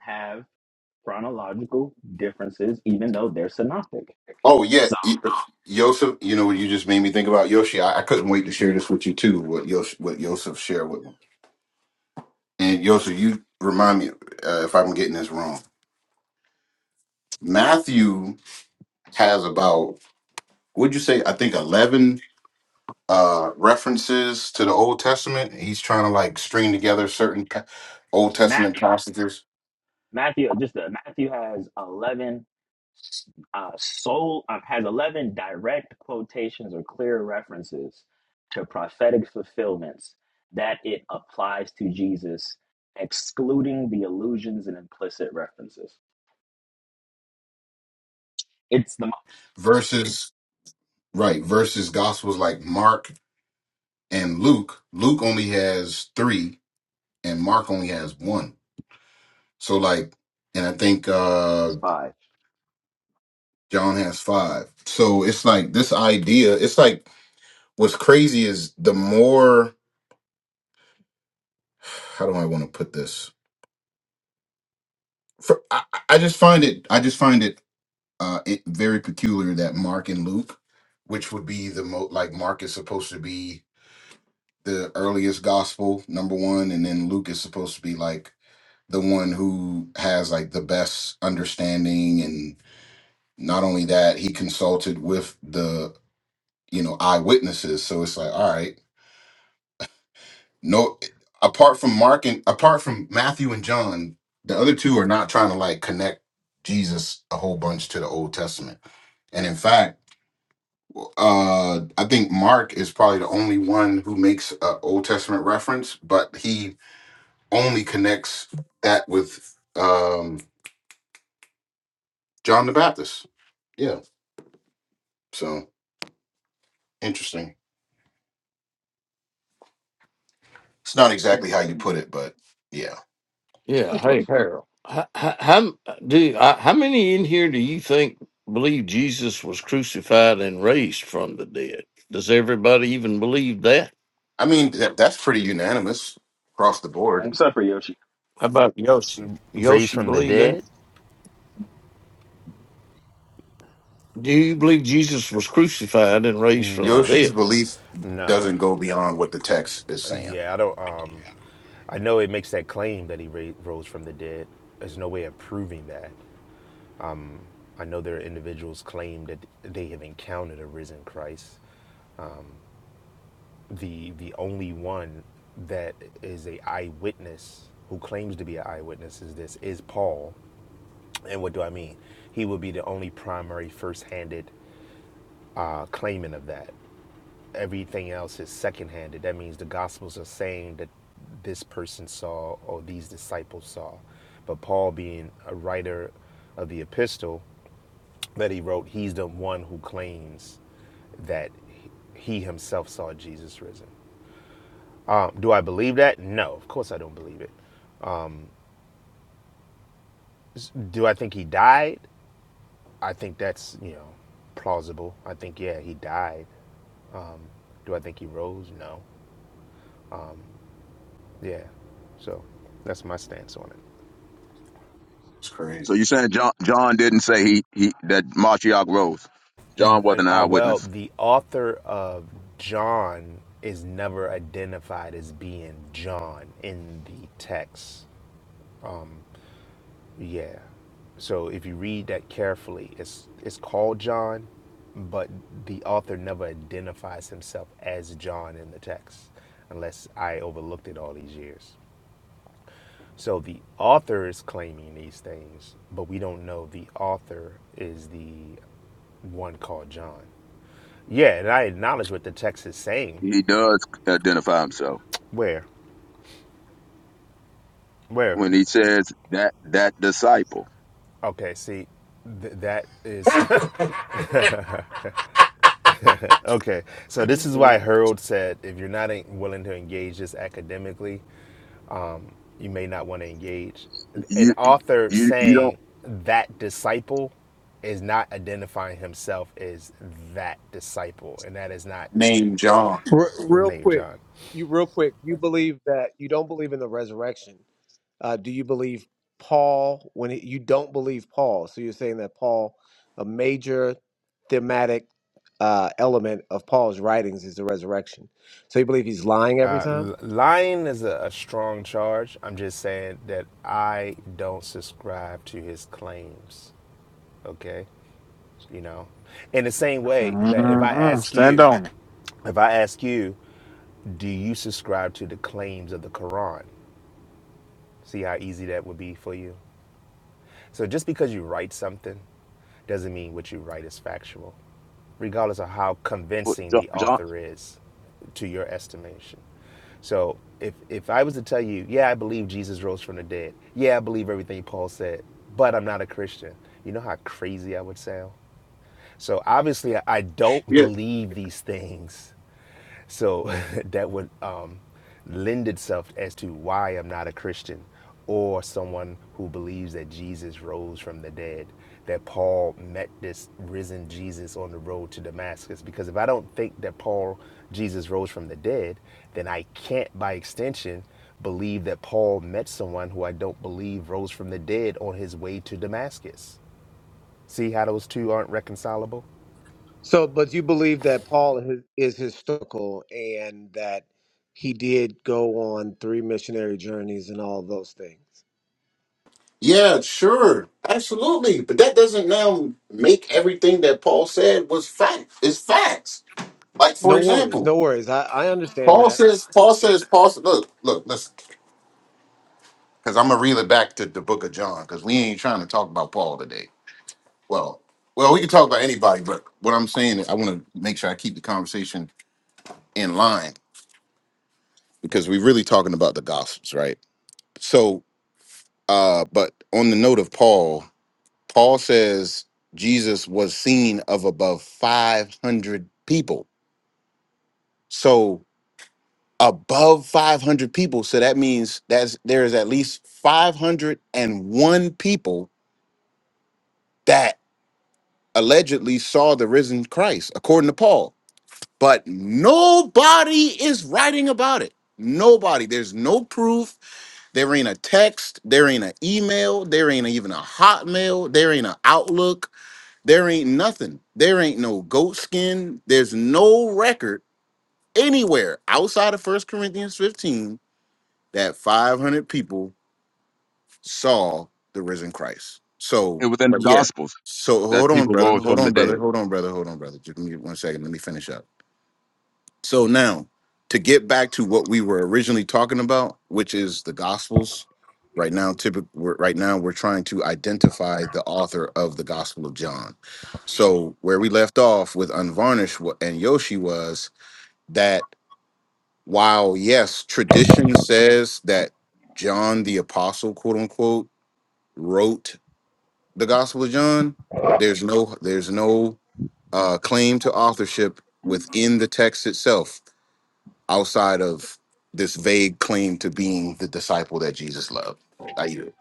have chronological differences, even though they're synoptic.
Oh, yeah.
So.
Y- uh, Yosef, you know what you just made me think about? Yoshi, I, I couldn't wait to share this with you too, what Yosef, what Yosef shared with me. And Yosef, you remind me uh, if I'm getting this wrong. Matthew has about, would you say, I think 11 uh references to the Old Testament. He's trying to like string together certain pa- Old Testament passages
Matthew, just the, Matthew has eleven uh, soul uh, has eleven direct quotations or clear references to prophetic fulfillments that it applies to Jesus, excluding the allusions and implicit references. It's the
versus right versus gospels like Mark and Luke. Luke only has 3 and Mark only has 1. So like and I think uh
It's five.
John has 5. So it's like this idea, it's like what's crazy is the more how do I want to put this? For, I, I I just find it. I just find it uh, it, very peculiar that Mark and Luke, which would be the most like Mark is supposed to be the earliest gospel number one, and then Luke is supposed to be like the one who has like the best understanding, and not only that, he consulted with the you know eyewitnesses. So it's like, all right, no, apart from Mark and apart from Matthew and John, the other two are not trying to like connect Jesus a whole bunch to the Old Testament, and in fact. uh i think mark is probably the only one who makes a old testament reference but he only connects that with um john the baptist yeah so interesting it's not exactly how you put it but yeah
Yeah.
It's close.
Hey, Harold. How, how do you- I, how many in here do you think believe Jesus was crucified and raised from the dead? Does everybody even believe that?
i mean that, that's pretty unanimous across the
I'm
board
sorry for Yoshi.
How about Yoshi?
raised
Yoshi
from the
believe that?
dead
Do you believe Jesus was crucified and raised from the
no
yoshi's
dead?
belief
no
doesn't go beyond what the text is saying
yeah i don't um i know it makes that claim that he ra- rose from the dead there's no way of proving that i know there are individuals claim that they have encountered a risen christ the the only one that is a eyewitness who claims to be an eyewitness is this is Paul. And what do I mean? He would be the only primary first-handed uh, claimant of that. Everything else is second-handed. That means the Gospels are saying that this person saw or these disciples saw. But Paul, being a writer of the epistle that he wrote, he's the one who claims that he himself saw Jesus risen. Um, do I believe that? No, of course I don't believe it. Do I think he died? I think that's you know plausible. I think yeah, he died. Um, do I think he rose? No. Yeah. So that's my stance on it.
it's
so
crazy
you're saying John John didn't say he, he that Martial rose. John wasn't an
Uh, uh, well,
eyewitness.
the author of John is never identified as being John in the text. Yeah. So if you read that carefully, it's it's called John, but the author never identifies himself as John in the text, unless I overlooked it all these years. So the author is claiming these things, but we don't know the author is the one called John. Yeah, and I acknowledge what the text is saying.
He does identify himself
Where? Where?
when he says that that disciple.
Okay, see, th- that is Okay, so this is why Harold said if you're not en- willing to engage this academically, you may not want to engage. An
You
author
you you don't
saying that disciple is not identifying himself as that disciple, and that is not
name john
Re- real
Nate
quick,
John.
you real quick. You believe that you don't believe in the resurrection. Uh, do you believe Paul? When it, you don't believe Paul, so you're saying that Paul, a major thematic uh, element of Paul's writings is the resurrection. So you believe he's lying every
Uh,
time?
l- lying is a, a strong charge. I'm just saying that I don't subscribe to his claims. Okay, you know, in the same way that if I
Mm-mm.
ask
Stand
you,
on it.
if I ask you Do you subscribe to the claims of the Quran? See how easy that would be for you? So just because you write something doesn't mean what you write is factual, regardless of how
put
convincing
John,
the
John
author is to your estimation. So if if I was to tell you, yeah, I believe Jesus rose from the dead. Yeah, I believe everything Paul said, but I'm not a Christian. You know how crazy I would sound? So obviously I don't believe these things So that would um, lend itself as to why I'm not a Christian or someone who believes that Jesus rose from the dead, that Paul met this risen Jesus on the road to Damascus. Because if I don't think that Paul, Jesus rose from the dead, then I can't, by extension, believe that Paul met someone who I don't believe rose from the dead on his way to Damascus. See how those two aren't reconcilable?
So, but you believe that Paul is, is historical and that he did go on three missionary journeys and all those things.
Yeah, sure. Absolutely. But that doesn't now make everything that Paul said was fact is facts. Like for
No worries,
example,
no worries. I, I understand
Paul
that.
says Paul says Paul says. look, look, listen. Because I'm gonna reel it back to the book of John, because we ain't trying to talk about Paul today. Well, well, we can talk about anybody, but what I'm saying is I want to make sure I keep the conversation in line because we're really talking about the gospels, right? So uh, but on the note of Paul, Paul says Jesus was seen of above 500 people. So above 500 people. So that means that there is at least 501 people that allegedly saw the risen Christ, according to Paul. But nobody is writing about it. Nobody. There's no proof. There ain't a text. There ain't an email. There ain't even a hotmail. There ain't an outlook There ain't nothing. There ain't no goat skin. There's no record anywhere outside of First Corinthians 15 that 500 people saw the risen Christ.
it
So,
within the
but yeah.
Gospels
So
that
hold on,
people
brother.
rose
Hold
from the
on, brother.
dead.
Hold on, brother. Hold on, brother. Just give me one second. Let me finish up. So now, to get back to what we were originally talking about, which is the Gospels, right now, typically, right now we're trying to identify the author of the Gospel of John. So where we left off with Unvarnished wa- and Yoshi was that while yes, tradition says that John the Apostle, quote unquote, wrote the Gospel of John, there's no there's no uh, claim to authorship within the text itself outside of this vague claim to being the disciple that Jesus loved. I yield.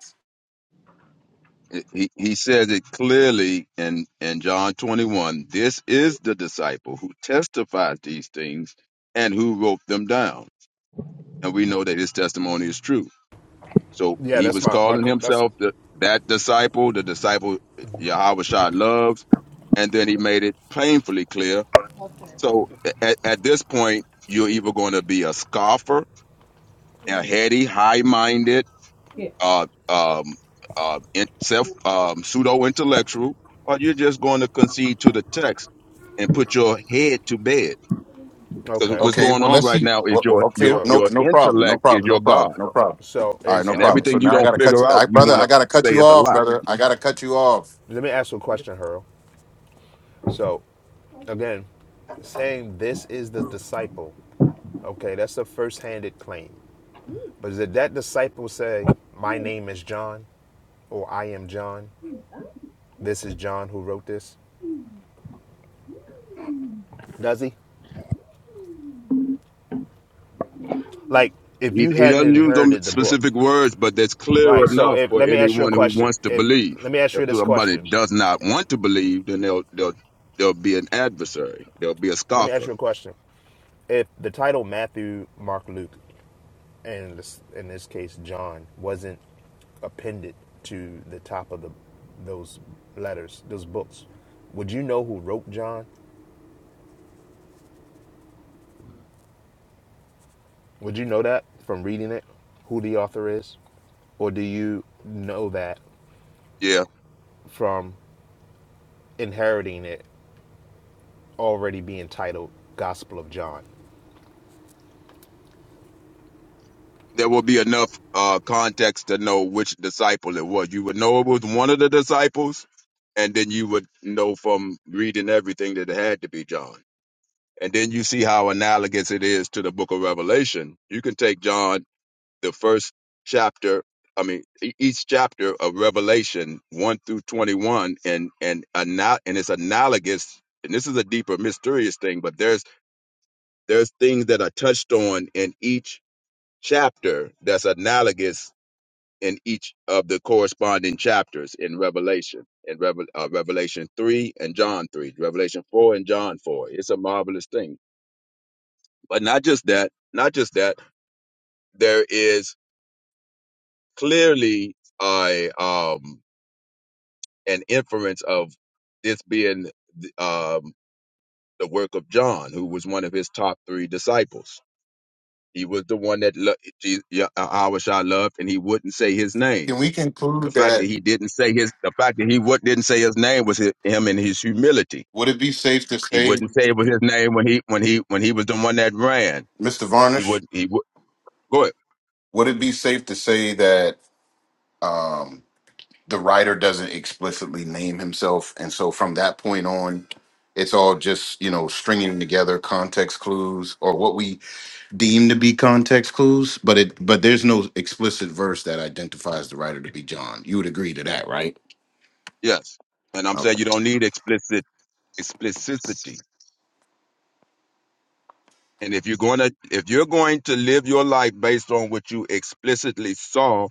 He he says it clearly in in John 21. This is the disciple who testifies these things and who wrote them down. And we know that his testimony is true. So
Yeah,
he
that's
was
my my
calling
that's
himself the, that disciple, the disciple Yahweh Shah loves, and then he made it painfully clear.
Okay. there.
So at, at this point, you're either going to be a scoffer, a heady, high-minded,
Yeah,
uh, um, uh, in, self um, pseudo-intellectual, or you're just going to concede to the text and put your head to bed. Because
okay.
what's
Okay,
going
well
on
let's
right
see.
now is
Well, well,
your
okay,
your
So
no,
your
no problem, no
intellect is
problem, no
your God,
problem, no problem.
So
All right,
is
no
and
um,
problem. So
everything you
now I
don't
gotta cut
figure
you,
out,
I,
you
brother.
want to
I gotta cut
say
you
is a
off,
lie.
brother. I gotta cut you off.
let me ask you a question, Hurl. So again, saying this is the disciple, okay, that's a first-handed claim. But did that disciple say, "My name is John," or "I am John"? This is John who wrote this. Does he? Like, if
He,
you
he
hadn't
doesn't use them
inherited the book,
specific words, but that's clear
right? So
enough
if
for
let me ask you a
anyone who
question.
wants to
If
believe.
let me ask
If
you this
somebody
question.
does not want to believe, then they'll they'll they'll be an adversary. They'll be a
Let me ask
scoffer.
you a question. If the title Matthew, Mark, Luke and in this case John wasn't appended to the top of the those letters, those books, would you know who wrote John? Would you know that from reading it, who the author is, or do you know that
Yeah,
from inheriting it already being titled Gospel of John?
there will be enough uh, context to know which disciple it was. You would know it was one of the disciples, and then you would know from reading everything that it had to be John. And then you see how analogous it is to the Book of Revelation. You can take John the first chapter i mean e- each chapter of revelation 1 through 21 and and ana- and it's analogous and this is a deeper mysterious thing but there's there's things that are touched on in each chapter that's analogous in each of the corresponding chapters in revelation in Revel, uh, revelation 3 and john 3 revelation 4 and john 4 it's a marvelous thing but not just that not just that there is clearly a um an inference of this being th- um, the work of John, who was one of his top three disciples. He was the one that lo- Je- Ya- Ahusha loved, and he wouldn't say his name.
Can we
The
conclude
fact that
that?
he didn't say his, the fact that he would, didn't say his name was his, him in his humility.
Would it be safe to
He
say,
wouldn't say it was his name when he when he when he was the one that ran.
Mister
He
Varnish?
would he would go ahead.
Would it be safe to say that um, the writer doesn't explicitly name himself, and so from that point on, it's all just you know stringing together context clues or what we deemed to be context clues, but it but there's no explicit verse that identifies the writer to be John. You would agree to that, right?
Yes, and I'm
Okay.
saying you don't need explicit explicitity. And if you're going to if you're going to live your life based on what you explicitly saw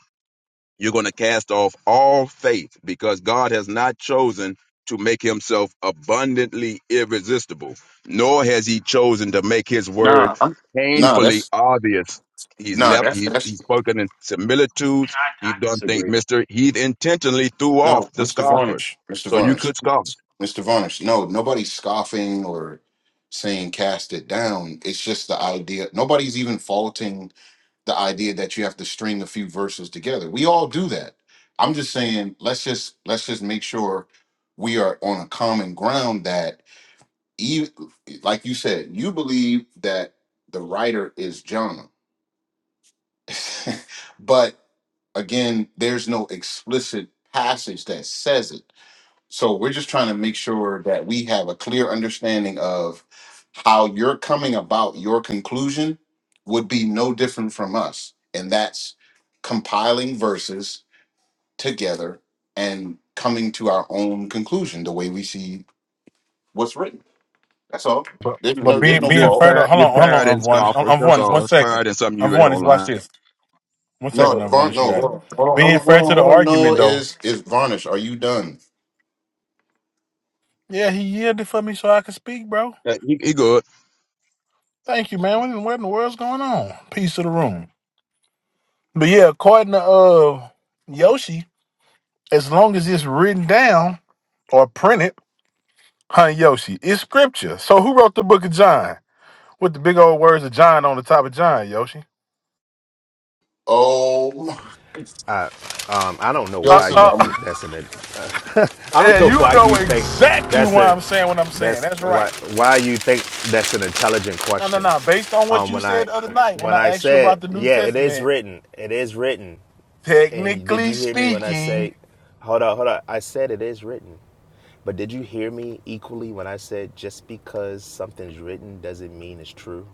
you're going to cast off all faith because God has not chosen to make himself abundantly irresistible, nor has he chosen to make his word
Nah, I'm, nah,
painfully
that's
obvious. He's
nah,
left,
that's
he, he's
that's
spoken in
I,
similitudes. He's
I
done things,
disagree.
mister. He intentionally threw
no,
off the
Mr.
scoffers.
Varnish, Mr.
So you
Varnish,
could scoff.
Mr. Varnish. No, nobody's scoffing or saying cast it down. It's just the idea. Nobody's even faulting the idea that you have to string a few verses together. We all do that. I'm just saying, let's just let's just make sure we are on a common ground that you like you said, you believe that the writer is John. but again, there's no explicit passage that says it. So we're just trying to make sure that we have a clear understanding of how you're coming about your conclusion would be no different from us. And that's compiling verses together and coming to our own conclusion the way we see what's written. That's all.
But
You,
There's
know,
but
no
you,
there's
being
you
no
being
just,
fault.
further,
par-
hold
you're
on, hold on,
parroting
Unvarnished, Un-
scoffers. That's
Unvarnished, one
all.
second,
Parroting something you read
Unvarnished, watch
online.
this, one second,
No, Varn.
Unvarnished, you
No,
got
hold
it.
on, hold
Being
on, hold
fair
on,
to the
hold on. No,
argument though,
is is varnish? Are you done?
yeah, he yielded for me so I could speak, bro.
Uh, He, he good.
Thank you, man. What in, what in the world's going on? Peace to the room. But yeah, according to uh Yoshi, as long as it's written down or printed, huh, Yoshi, it's scripture. So who wrote the book of John with the big old words of John on the top of John, Yoshi?
Oh, my-
Um, I don't know
Uh,
why
Joseph.
you
uh,
think
I'm,
that's an. ad- I
Yeah,
don't know
you
why
know
you think
exactly
that's
why
a.
I'm saying what I'm saying.
That's
That's
why
right.
why you think that's an intelligent
No, no,
question.
no. Based on what
Um,
you
when I
said the other night when
when
I
I
asked you
said
about the New
yeah, it is
Testament,
written. It is written. And did
technically
you hear me when I
speaking,
say, hold on, hold on? I said it is written. But did you hear me equally when I said just because something's written doesn't mean it's true?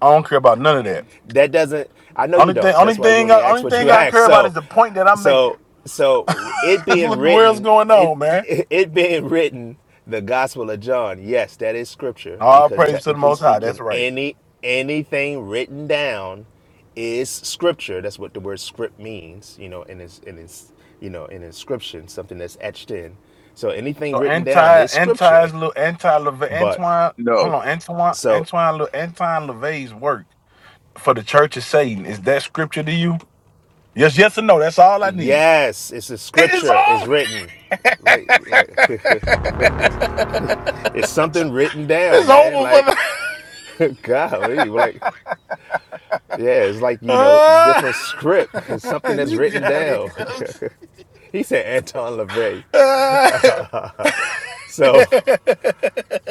I don't care about none of that.
that doesn't i know you
Only thing,
don't
only
that's why you
thing,
only ask
only
what you
thing I
ask
care about
so
is the point that I'm making.
so so it
That's
being
what the world's
written
going
it
on, man.
it being written the gospel of john yes that is scripture
All
because
praise to the
technically
Most High.
speaking
That's right.
any anything written down is scripture that's what the word script means you know in its in its you know in inscription something that's etched in so anything
So
written down
anti,
is
anti,
scripture
little anti Leve-
but
Antoine.
No.
Hold on, Antoine,
so
Antoine, Le- Antoine LaVey's work for the Church of Satan. Is that scripture to you? Yes, yes or no? That's all I need.
Yes, it's a
It's
scripture. It's
over.
written. Like like it's something written down,
It's
man.
over for the.
Like golly, well, like yeah, it's like, you know, different
Ah,
script. It's something that's
you
written
got it.
down. he said Anton LaVey.
Ah.
so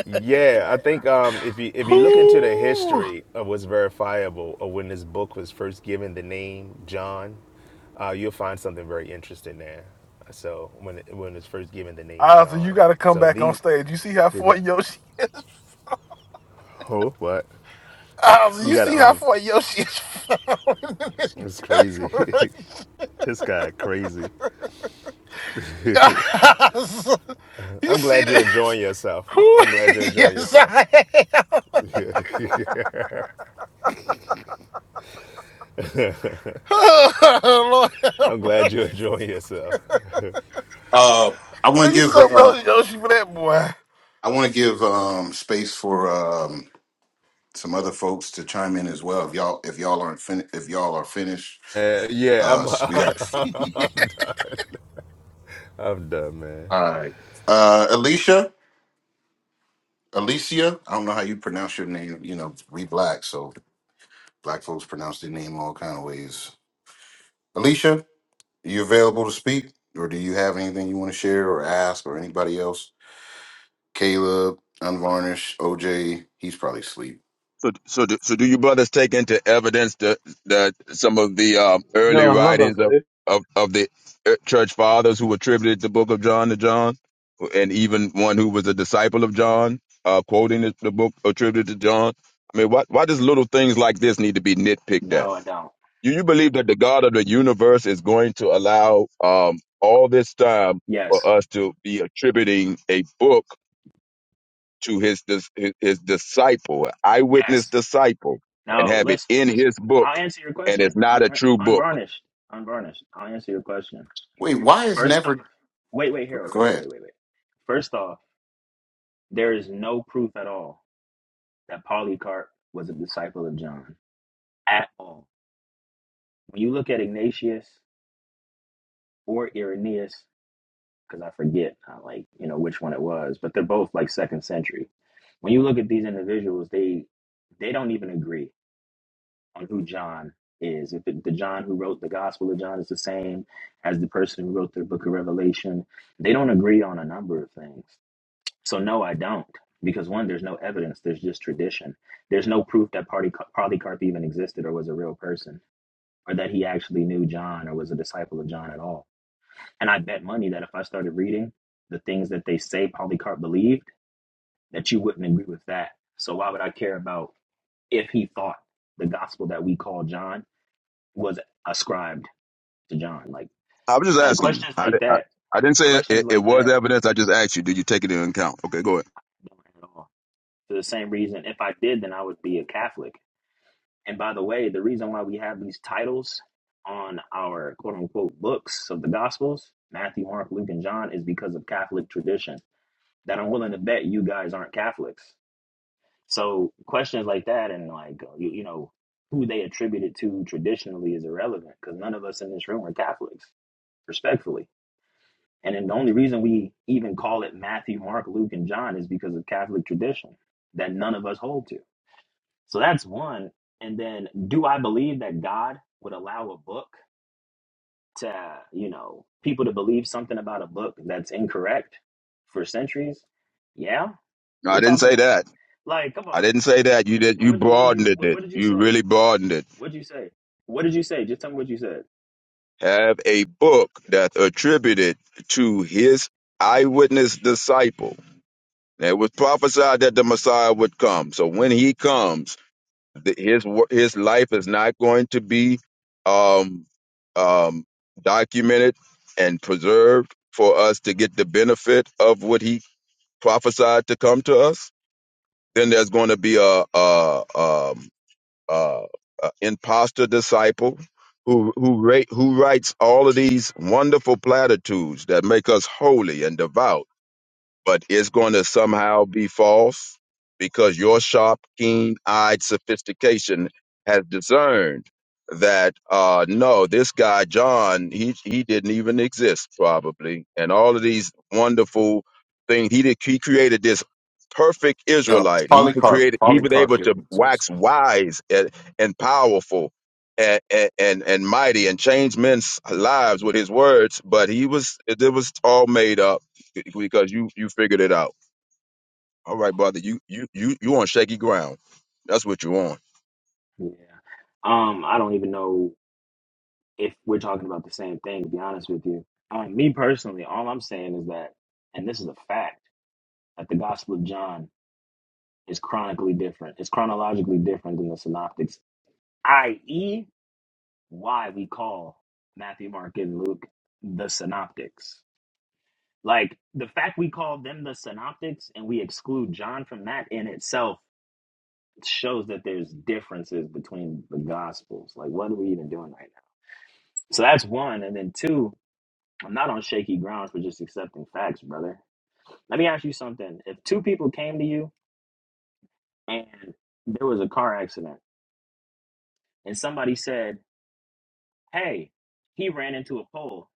Yeah, I think um, if you if you look into the
Whew.
history of what's verifiable of when this book was first given the name John, uh, you'll find something very interesting there. So when it, when it's first given the name
Ozzy, you
John,
got to come
so
back on
these,
stage. You see how
did
far
I-
Yoshi is?
oh what
Ozzy,
you
you
got
see
to
how
um,
far Yoshi is falling his
it's crazy.
desperation?
this guy crazy.
Ozzy, you
I'm
see
glad you're
this?
enjoying yourself.
Whew.
I'm glad you're enjoying
yes,
yourself.
I am. Oh,
I'm glad
Lord.
you're enjoying yourself.
uh, I want to
You
give.
something
Uh,
else, Yoshi, for that boy.
I want to give um, space for um, some other folks to chime in as well. If y'all, if y'all aren't fin- if y'all are finished,
Uh, yeah,
uh,
I'm.
s- we got.
I'm done. I'm done, man.
All right, uh, Alicia, Alicia. I don't know how you pronounce your name. You know, we black, so black folks pronounce their name all kind of ways. Alicia. you available to speak, or do you have anything you want to share or ask, or anybody else? Caleb, Unvarnished, OJ, he's probably asleep.
So, so, do, so do you brothers take into evidence the, the some of the uh, early
No, I'm not
writings of,
that.
of, of the uh, church fathers who attributed the book of John to John, and even one who was a disciple of John, uh, quoting the, the book attributed to John? I mean, why, why does little things like this need to be nitpicked at?
No, I don't.
You, you believe that the God of the universe is going to allow um, all this time for
Yes,
us to be attributing a book? to his dis- his his disciple, an eyewitness
yes.
disciple, and
No,
have it
listen,
in
listen.
his book,
I'll answer your
and it's
question. I,
not a true
I,
book.
unvarnished, unvarnished. I'll answer your question.
Wait, why is
First
never?
off, wait, wait, Harold,
Go
Harold,
ahead.
wait, wait, wait. First off, there is no proof at all that Polycarp was a disciple of John at all. When you look at Ignatius or Irenaeus, because I forget, uh, like you know which one it was, but they're both like second century. When you look at these individuals, they they don't even agree on who John is. If it, the John who wrote the Gospel of John is the same as the person who wrote the Book of Revelation, they don't agree on a number of things. So no, I don't. Because one, there's no evidence. There's just tradition. There's no proof that Party- Polycarp even existed or was a real person, or that he actually knew John or was a disciple of John at all. And I bet money that if I started reading the things that they say Polycarp believed, that you wouldn't agree with that. So why would I care about if he thought the gospel that we call John was ascribed to John? Like,
I'm just
like
asking you.
questions
I, di-
like
I,
that,
I didn't say
questions
it, it
like
was
that
evidence. I just asked you, did you take it into account? Okay, go ahead.
don't at all. For the same reason, if I did, then I would be a Catholic And by the way, the reason why we have these titles on our quote unquote books of the Gospels, Matthew, Mark, Luke, and John, is because of Catholic tradition. That I'm willing to bet you guys aren't Catholics. So questions like that and like, uh, you, you know, who they attribute it to traditionally is irrelevant because none of us in this room are Catholics, respectfully. And then the only reason we even call it Matthew, Mark, Luke, and John is because of Catholic tradition that none of us hold to. So that's one. And then, do I believe that God would allow a book to, you know, people to believe something about a book that's incorrect for centuries? Yeah,
No, I
we're
didn't
talking
say that.
like, come
I
on,
didn't say that. You did.
bro.
You
What did you, what did you,
broadened
what,
it.
what did you
You
say?
really broadened it.
What did you say? What did you say? Just tell me what you said.
Have a book that's attributed to his eyewitness disciple. And It was prophesied that the Messiah would come. So when he comes, th- his wo- his life is not going to be um, um, documented and preserved for us to get the benefit of what he prophesied to come to us, then there's going to be a, a, um, a, a imposter disciple who who ra- who writes all of these wonderful platitudes that make us holy and devout but it's going to somehow be false because your sharp, keen eyed sophistication has discerned that uh no this guy john he he didn't even exist probably and all of these wonderful things he did he created this perfect
No,
israelite he created
Polycarp.
he was
Polycarp
able to
didn't exist.
wax wise and, and powerful and, and and and mighty and change men's lives with his words but he was it was all made up because you you figured it out. All right, brother, you you you you on shaky ground. That's what you on.
Yeah. Um, I don't even know if we're talking about the same thing. To be honest with you, um, me personally, all I'm saying is that, and this is a fact, that the Gospel of John is chronically different. It's chronologically different than the synoptics, i.e., why we call Matthew, Mark, and Luke the synoptics. Like the fact we call them the synoptics and we exclude John from that in itself shows that there's differences between the gospels. Like, what are we even doing right now? So that's one. And then two, I'm not on shaky grounds for just accepting facts, brother. Let me ask you something. If two people came to you and there was a car accident and somebody said, hey, he ran into a pole.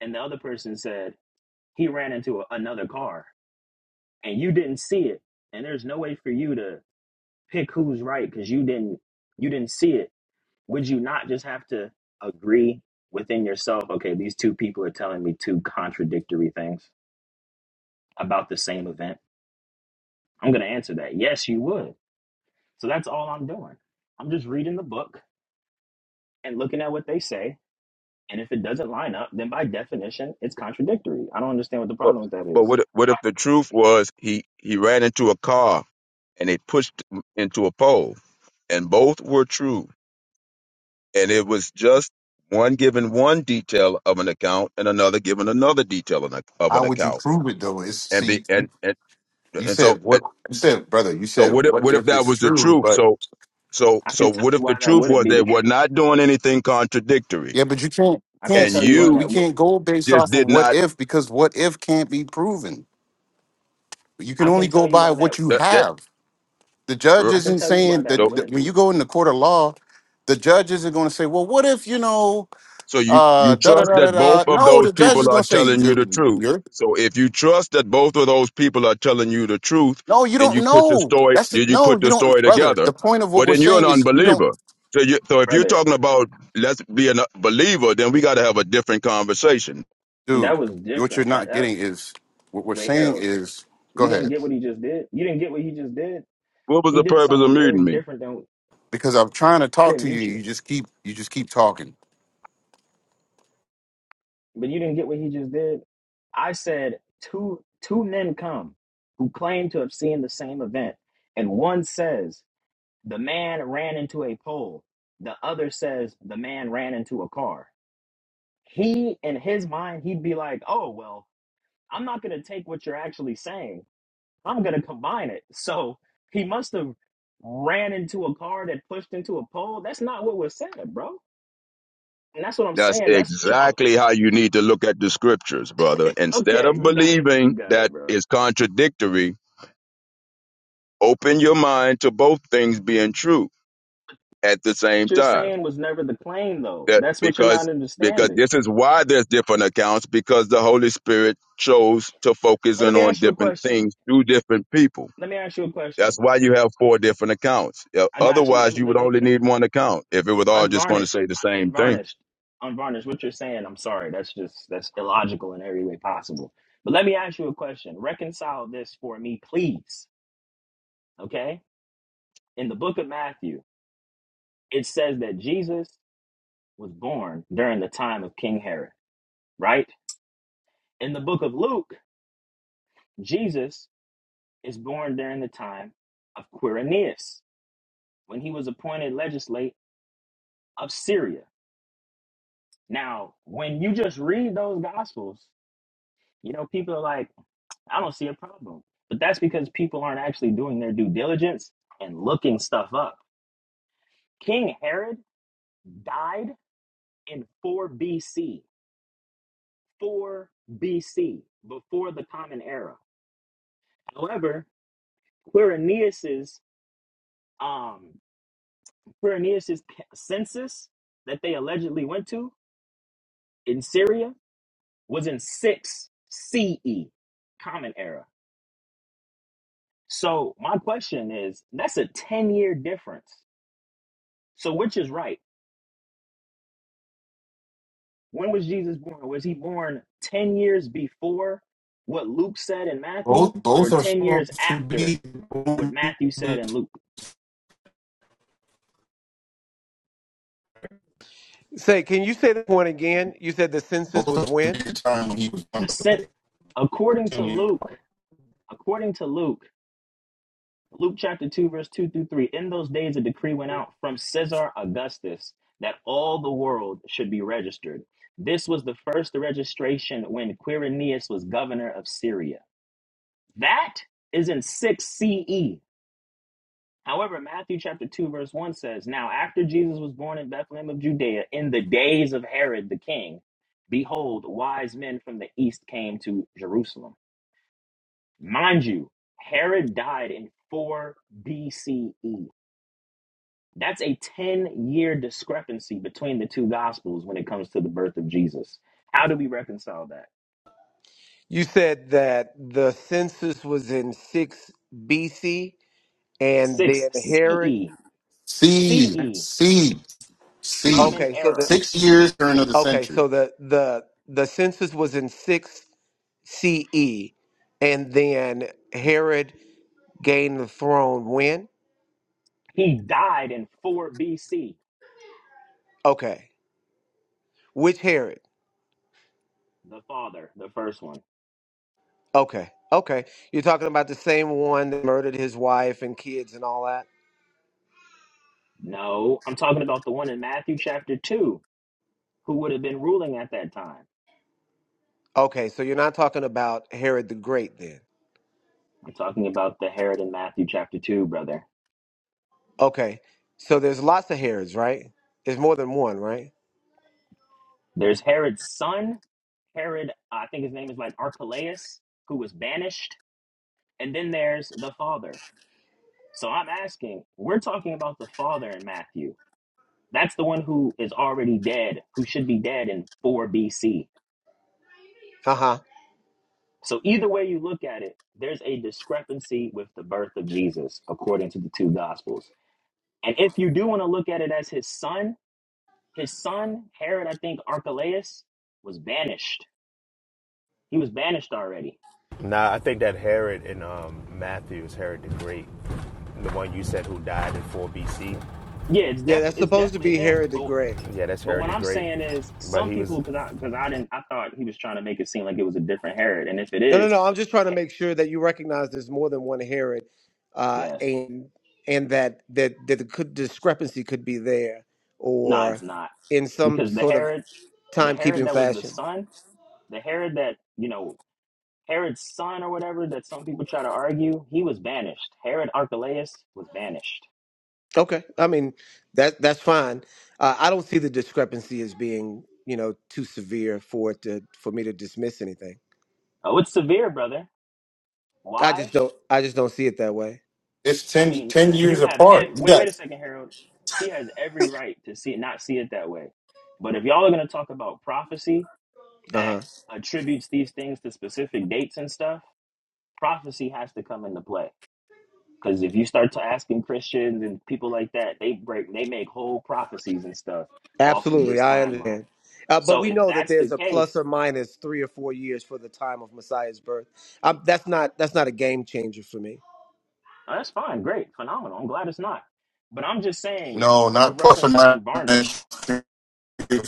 And the other person said, he ran into a, another car and you didn't see it. And there's no way for you to pick who's right because you didn't you didn't see it. Would you not just have to agree within yourself, okay, these two people are telling me two contradictory things about the same event? I'm gonna answer that. Yes, you would. So that's all I'm doing. I'm just reading the book and looking at what they say. And if it doesn't line up, then by definition, it's contradictory. I don't understand what the
But
problem with that
but
is.
what if- what if the truth was he he ran into a car and they pushed him into a pole, and both were true, and it was just one given one detail of an account and another given another detail of an of an
How would you
account,
prove it though? It's
and be
see, you,
and and,
you
and so
said
and,
what you said, brother. You
so
said
what if
what
what if
if
that
it's
was the
true,
truth?
but
So so
I
so
can tell
what
you
if the
why that
truth
wouldn't
was
be
they
the
were
truth.
not doing anything contradictory,
yeah, but you can't
I can
can't
and
tell you
you,
why
you
we
that would.
can't go based
just
off of
did not
what if because what if can't be proven. You can
I
only
can tell
go
you
by
why that.
what you
That,
I
that,
have. the
uh,
judge
can
isn't
tell you why
saying
that
that,
no.
that
wouldn't
when
be,
you go in the court of law, the judge isn't going to say, "Well, what if you know,
so you,
uh,
you
da da
trust
da da
that both
da."
of
No,
those
the judge
people
is
are
going to say,
telling you
you,
the truth.
"You're
So if you trust that both of those people are telling you the truth,
no, you
then you
don't
put the
know."
story,
That's the,
then you
no,
put
you
the story
don't, brother.
together.
The point of what
Well,
we're
then you're an
saying is you don't,
unbeliever. So you, so if you're
brother.
talking
brother,
about let's be a believer, then we got to have a different conversation.
That
dude.
was
What you're
different. That
not
that
getting is what we're
wait,
saying
Harold,
is go
you didn't
ahead
get what he just did. You didn't get what he just did.
What was
He
the
did
purpose of
something very
muting me?
different than
because I'm trying to
I
talk
didn't
to you.
mute you,
You just keep you just keep talking.
but you didn't get what he just did. I said two two men come who claim to have seen the same event, and one says the man ran into a pole. The other says the man ran into a car. he in his mind he'd be like oh well i'm not going to take what you're actually saying i'm going to combine it so he must have ran into a car that pushed into a pole that's not what was said bro and that's what i'm
That's
saying that's what y'all
exactly how you need to look at the scriptures, brother. Instead
okay
of
you got it you
believing
got it
that
bro
is
what
contradictory, open your mind to both things being true at the same
you're
time
saying was never the claim though
that
that's what you're
because
not
because
understanding
this is why there's different accounts because the holy spirit chose to focus
and let
in
me
on
ask you a
different
question
things through different people
let me ask you a
that's
question
why you have four different accounts Yeah,
i got you let
otherwise
me
you would
let me
only need one account if it was all just going to
unvarnished,
say the
un-
same thing
unvarnished, unvarnished. What you're saying, I'm sorry, that's just that's illogical in every way possible. But let me ask you a question. Reconcile this for me, please. Okay? In the book of Matthew, it says that Jesus was born during the time of King Herod, right? In the book of Luke, Jesus is born during the time of Quirinius when he was appointed legislate of Syria. Now, when you just read those gospels, you know, people are like, I don't see a problem. But that's because people aren't actually doing their due diligence and looking stuff up. King Herod died in 4 BC, 4 BC, before the Common Era. However, Quirinius's um, Quirinius's census that they allegedly went to in Syria was in 6 CE, Common Era. So my question is, that's a 10 year difference. So which is right? When was Jesus born? Was he born 10 years before what Luke said in Matthew
Both
or
both are
10 years
supposed to
after
be
what
both
Matthew said
are
in Luke?
Say, can you say that point again? You said the census was
supposed to be
when?
the time when he was on
The sent
the
according to
play.
Luke, according to Luke, Luke chapter 2 verse 2 through 3, in those days a decree went out from Caesar Augustus that all the world should be registered. This was the first registration when Quirinius was governor of Syria. That is in 6 CE. However, Matthew chapter 2, verse 1 says, Now after Jesus was born in Bethlehem of Judea, in the days of Herod the king, behold, wise men from the east came to Jerusalem. Mind you, Herod died in 4 BCE. That's a 10 year discrepancy between the two gospels when it comes to the birth of Jesus. How do we reconcile that?
You said that the census was in 6 BC and
6
then Herod.
CE,
C,
CE,
C, C.
common
Okay, so the
era.
Six years turn of the
okay,
century.
so the the the census was in 6 CE and then Herod gain the throne when?
He died in 4 BC,
Okay. Which Herod?
the father, the first one.
Okay. Okay. You're talking about the same one that murdered his wife and kids and all that?
No, I'm talking about the one in Matthew chapter 2, who would have been ruling at that time.
Okay. So you're not talking about Herod the Great then?
I'm talking about the Herod in Matthew chapter 2, brother.
Okay. So there's lots of Herods, right? There's more than one, right?
There's Herod's son, Herod, uh, I think his name is like Archelaus, who was banished, and then there's the father. So I'm asking, we're talking about the father in Matthew. That's the one who is already dead, who should be dead in 4 BC.
Uh huh.
So either way you look at it, there's a discrepancy with the birth of Jesus according to the two gospels. And if you do want to look at it as his son, his son, Herod, I think Archelaus, was banished. He was banished already.
Nah, I think that Herod in um, Matthew's Herod the Great, the one you said who died in 4 BC.
Yeah, it's
Yeah, that's
definitely it's
supposed to
definitely
be
him.
Herod the
But
Great.
Yeah, that's
but
Herod
what
the
I'm
Great.
saying is
But
some
he was
people because I because I didn't I thought he was trying to make it seem like it was a different Herod. And if it
No, no,
is,
no. I'm just trying to
he-
make sure that you recognize there's more than one Herod, uh,
yes.
and and that that that the could, discrepancy could be there,
No, it's
or
not.
in some
Because the
sort of
Herod the Herod
timekeeping
that was the
fashion.
son, the Herod that, you know, Herod's son or whatever that some people try to argue, he was banished. Herod Archelaus was banished.
Okay, I mean that that's fine. Uh, I don't see the discrepancy as being you know too severe for it to for me to dismiss anything.
Oh, it's severe, brother.
I
Why?
just don't I just don't see it that way.
It's
I
ten
mean,
ten
and
years
you have
apart.
ev-
You
wait, wait a
got
second, Harold. He has every right to see not see it that way. But if y'all are gonna talk about prophecy
Uh
that
huh.
attributes these things to specific dates and stuff, prophecy has to come into play. Because if you start to asking Christians and people like that, they break they make whole prophecies and stuff off of
Absolutely,
this
I
timeline.
understand. Uh, but
So
we
if
know that
that's the
there's a plus
case,
or minus three or four years for the time of Messiah's birth. Um that's not that's not a game changer for me.
oh, that's fine, great, phenomenal. I'm glad it's not. But I'm just saying,
no,
with
not plus or
reference to unvarnished.
minus three or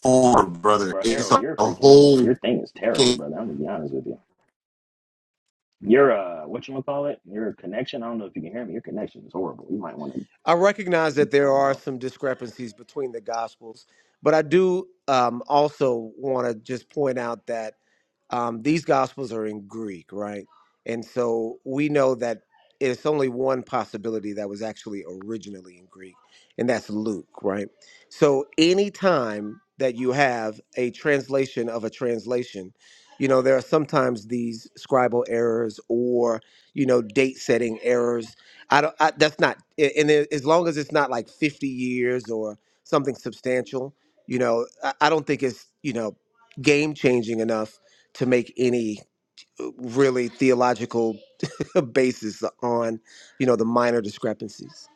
four, brother.
Bro,
It's
Harold,
a
your freaking
whole
your thing is terrible,
game.
brother. I'm gonna be honest with you. Your uh, what you gonna call it? Your connection. I don't know if you can hear me. Your connection is horrible. You might want to.
I recognize that
I
there
don't
are
know.
some discrepancies between the gospels, but I do um, also want to just point out that um, these gospels are in Greek, right? And so we know that it's only one possibility that was actually originally in Greek, and that's Luke, right? So anytime that you have a translation of a translation, you know, there are sometimes these scribal errors or, you know, date setting errors I don't. I, that's not. a- And it- as long as it's not like fifty years or something substantial, you know, I, I don't think it's you know game changing enough to make any uh, really theological basis on you know the minor discrepancies.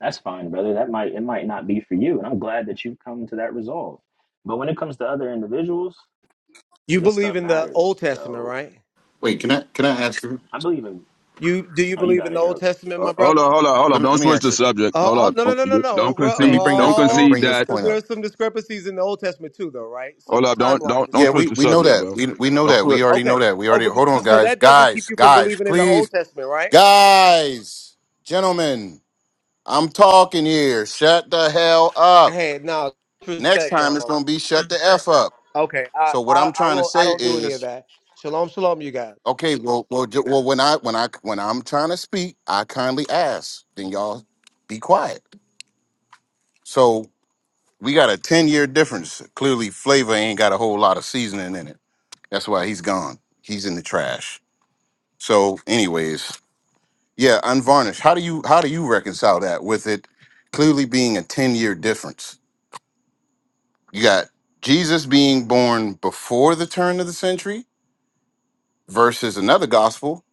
That's fine, brother. That might it might not be for you, and I'm glad that you've come to that resolve. But when it comes to other individuals,
You
this
believe
stuff
in the
matters.
Old Testament,
So
right?
Wait, can I can I ask you?
I believe in.
You do you
Oh, you
believe in
got
the
it,
Old
Harold.
Testament,
uh,
my
hold
brother?
on, hold on, hold on.
Let me let
don't
me
switch
ask
the
you.
subject
Oh,
hold
oh
on.
no, no,
don't,
no, no,
you-
no.
don't
Let
bro-
me
concede
bring
don't
this let me
Oh,
concede
bring this
that
because
point
there are
up.
some discrepancies in the Old Testament too, though, right?
hold
Some
up don't
timeline
don't don't
Yeah,
switch
we
the
discrepancies.
we know
subject
that.
bro
We we know
don't
that.
switch
We already
Okay.
know that. We
Oh,
already
because,
hold
so
on,
so
guys.
that doesn't keep
Guys,
you from
guys,
believing in the Old
please.
Testament, right?
Guys, gentlemen, I'm talking here. Shut the hell up.
Hey, no
Next
respect now, my
time it's
brother.
gonna be shut the f up.
Okay, I,
So what
I
I'm
I
trying to
won't. I
say
don't do any of
is,
that. Shalom, shalom, you guys.
okay, well, well, ju- well, when I when I when I'm trying to speak, I kindly ask. Then y'all be quiet. So we got a ten year difference. Clearly, flavor ain't got a whole lot of seasoning in it. That's why he's gone. He's in the trash. So, anyways, yeah, unvarnished. How do you how do you reconcile that with it clearly being a ten year difference? You got Jesus being born before the turn of the century versus another gospel.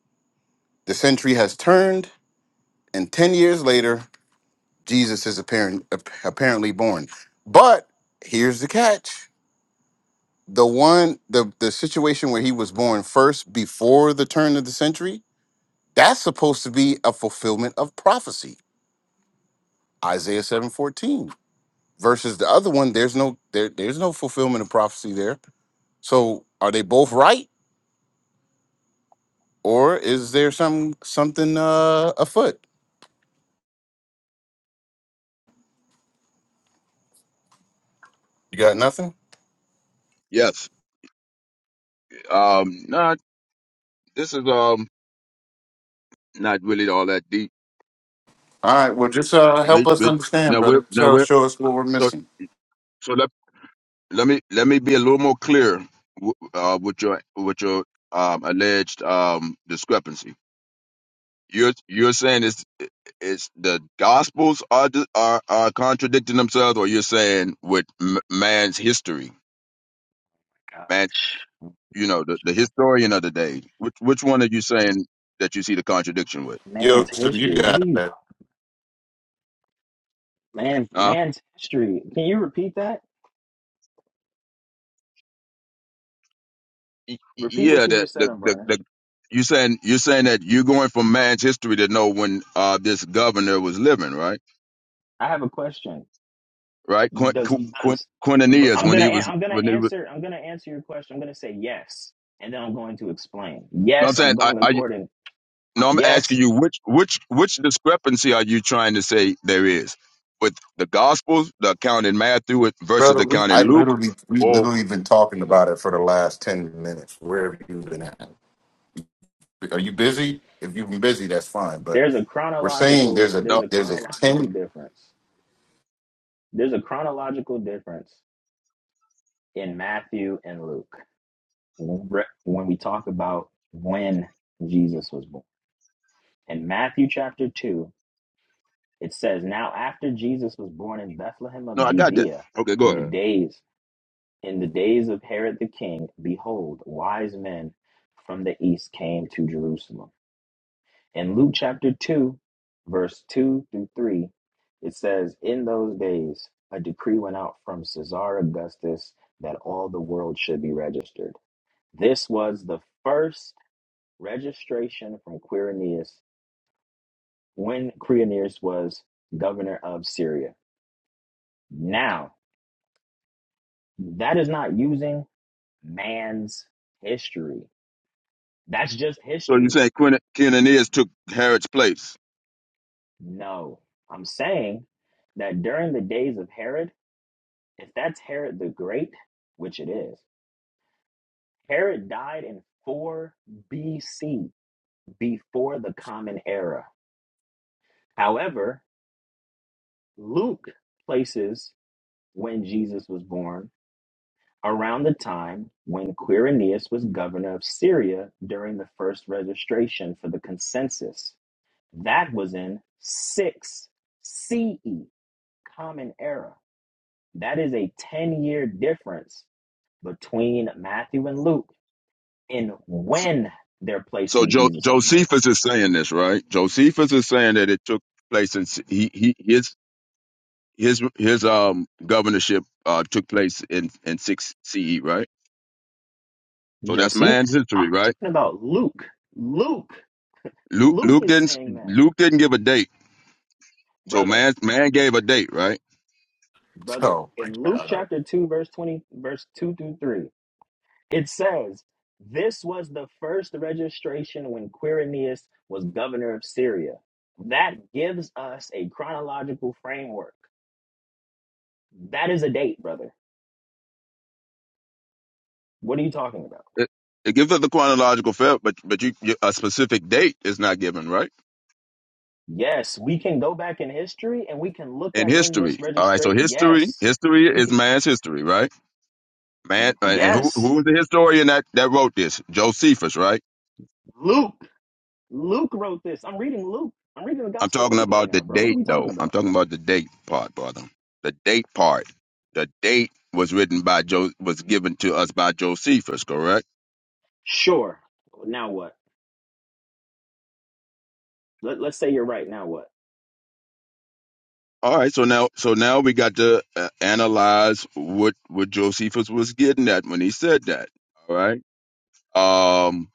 The century has turned, and 10 years later, Jesus is apparent, ap- apparently born. But here's the catch the one, the, the situation where he was born first before the turn of the century, that's supposed to be a fulfillment of prophecy. Isaiah 7:14 versus the other one there's no there there's no fulfillment of prophecy there. So are they both right or is there some something uh afoot? You got nothing?
yes um nah, this is um not really all that deep.
All right. Well, just uh, help
Rich,
us
rich.
understand,
Now we
brother.
now
Show,
we
show us what we're
so
missing.
so let let me let me be a little more clear w- uh, with your with your um, alleged um, discrepancy. You're you're saying it's it's the gospels are di- are are contradicting themselves, or you're saying with m- man's history,
God.
man, you know the, the historian of the day. Which which one are you saying that you see the contradiction with?
Yo,
Man's
so you
history. What are
got
you? talking?
that,
Man,
huh?
man's history. Can you repeat that?
y-
Repeat what
yeah,
you
that
just said,
the, the
Unvarnished.
the you saying you're saying that you're going from man's history to know when uh this governor was living, right?
I have a question.
Right, Quint,
Does
Quint,
does but
Quintinius
I'm
when
gonna
he
an-
was
I'm gonna
when he was.
answer I'm gonna answer your question. I'm gonna say yes, and then I'm going to explain.
No, I'm
Yes,
saying,
I'm
I
going
are you?
according. Um,
No, I'm asking
yes,
you which which which discrepancy are you trying to say there is with the Gospels, the account in Matthew versus the
brother. We
account in
I
Luke?
literally, we
Or
literally been talking about it for the last ten minutes. Where have you been at? Are you busy? If you've been busy, that's fine. But
there's a
we're saying
chronological
there's a
there's
no,
a
there's a
chronological
ten.
difference. There's a chronological difference in Matthew and Luke when re- when we talk about when Jesus was born. In Matthew chapter two, it says, "Now after Jesus was born in Bethlehem of
no, I got that.
Judea,
Okay,
in
go
the
ahead.
days." In the days of Herod the king, behold, wise men from the east came to Jerusalem. In Luke chapter 2, verse 2 through 3, it says, In those days, a decree went out from Caesar Augustus that all the world should be registered. This was the first registration from Quirinius when Quirinius was governor of Syria. Now, that is not using man's history. That's just
So you
history.
say Quint, Quintinius took Herod's place?
No, I'm saying that during the days of Herod, if that's Herod the Great, which it is, Herod died in 4 BC, before the Common Era. However, Luke places when Jesus was born around the time when Quirinius was governor of Syria during the first registration for the consensus. That was in 6 CE, Common Era. That is a 10 year difference between Matthew and Luke in when they're
So
placing
jo-
Jesus' birth.
Josephus is saying this, right? Josephus is saying that it took place in he, he his his his um governorship uh took place in in six CE, right? So that's
Josephus
man's history, right?
talking about Luke. Luke.
Luke
Luke
Luke
is
didn't
saying that.
Luke didn't give a date, so
Brother,
man man gave a date, right?
brother,
Oh my
in Luke
god!
chapter 2, verse 20, verse 2 through 3, it says, This was the first registration when Quirinius was governor of Syria. That gives us a chronological framework. That is a date, brother. What are you talking about?
It, it gives us the chronological fair, but but you you- a specific date is not given, right?
Yes, we can go back in history and we can look
In
at when this
history, all right. So
registration.
history
Yes,
history
we
is
can.
man's history, right? Man, and who
Yes,
who was the historian that that wrote this? Josephus, right?
Luke. Luke wrote this. I'm reading Luke. I'm reading the
I'm
Gospel of
talking
Luke right
about the
now, bro. What are
date,
we talking
though. I'm
about?
talking about the date part, brother. The date part. The date was written by Jo. Was given to us by Josephus, correct?
Sure. Now what? Let, let's say you're right. Now what?
All right. So now, so now we got to uh, analyze what what Josephus was getting at when he said that. All right. Um.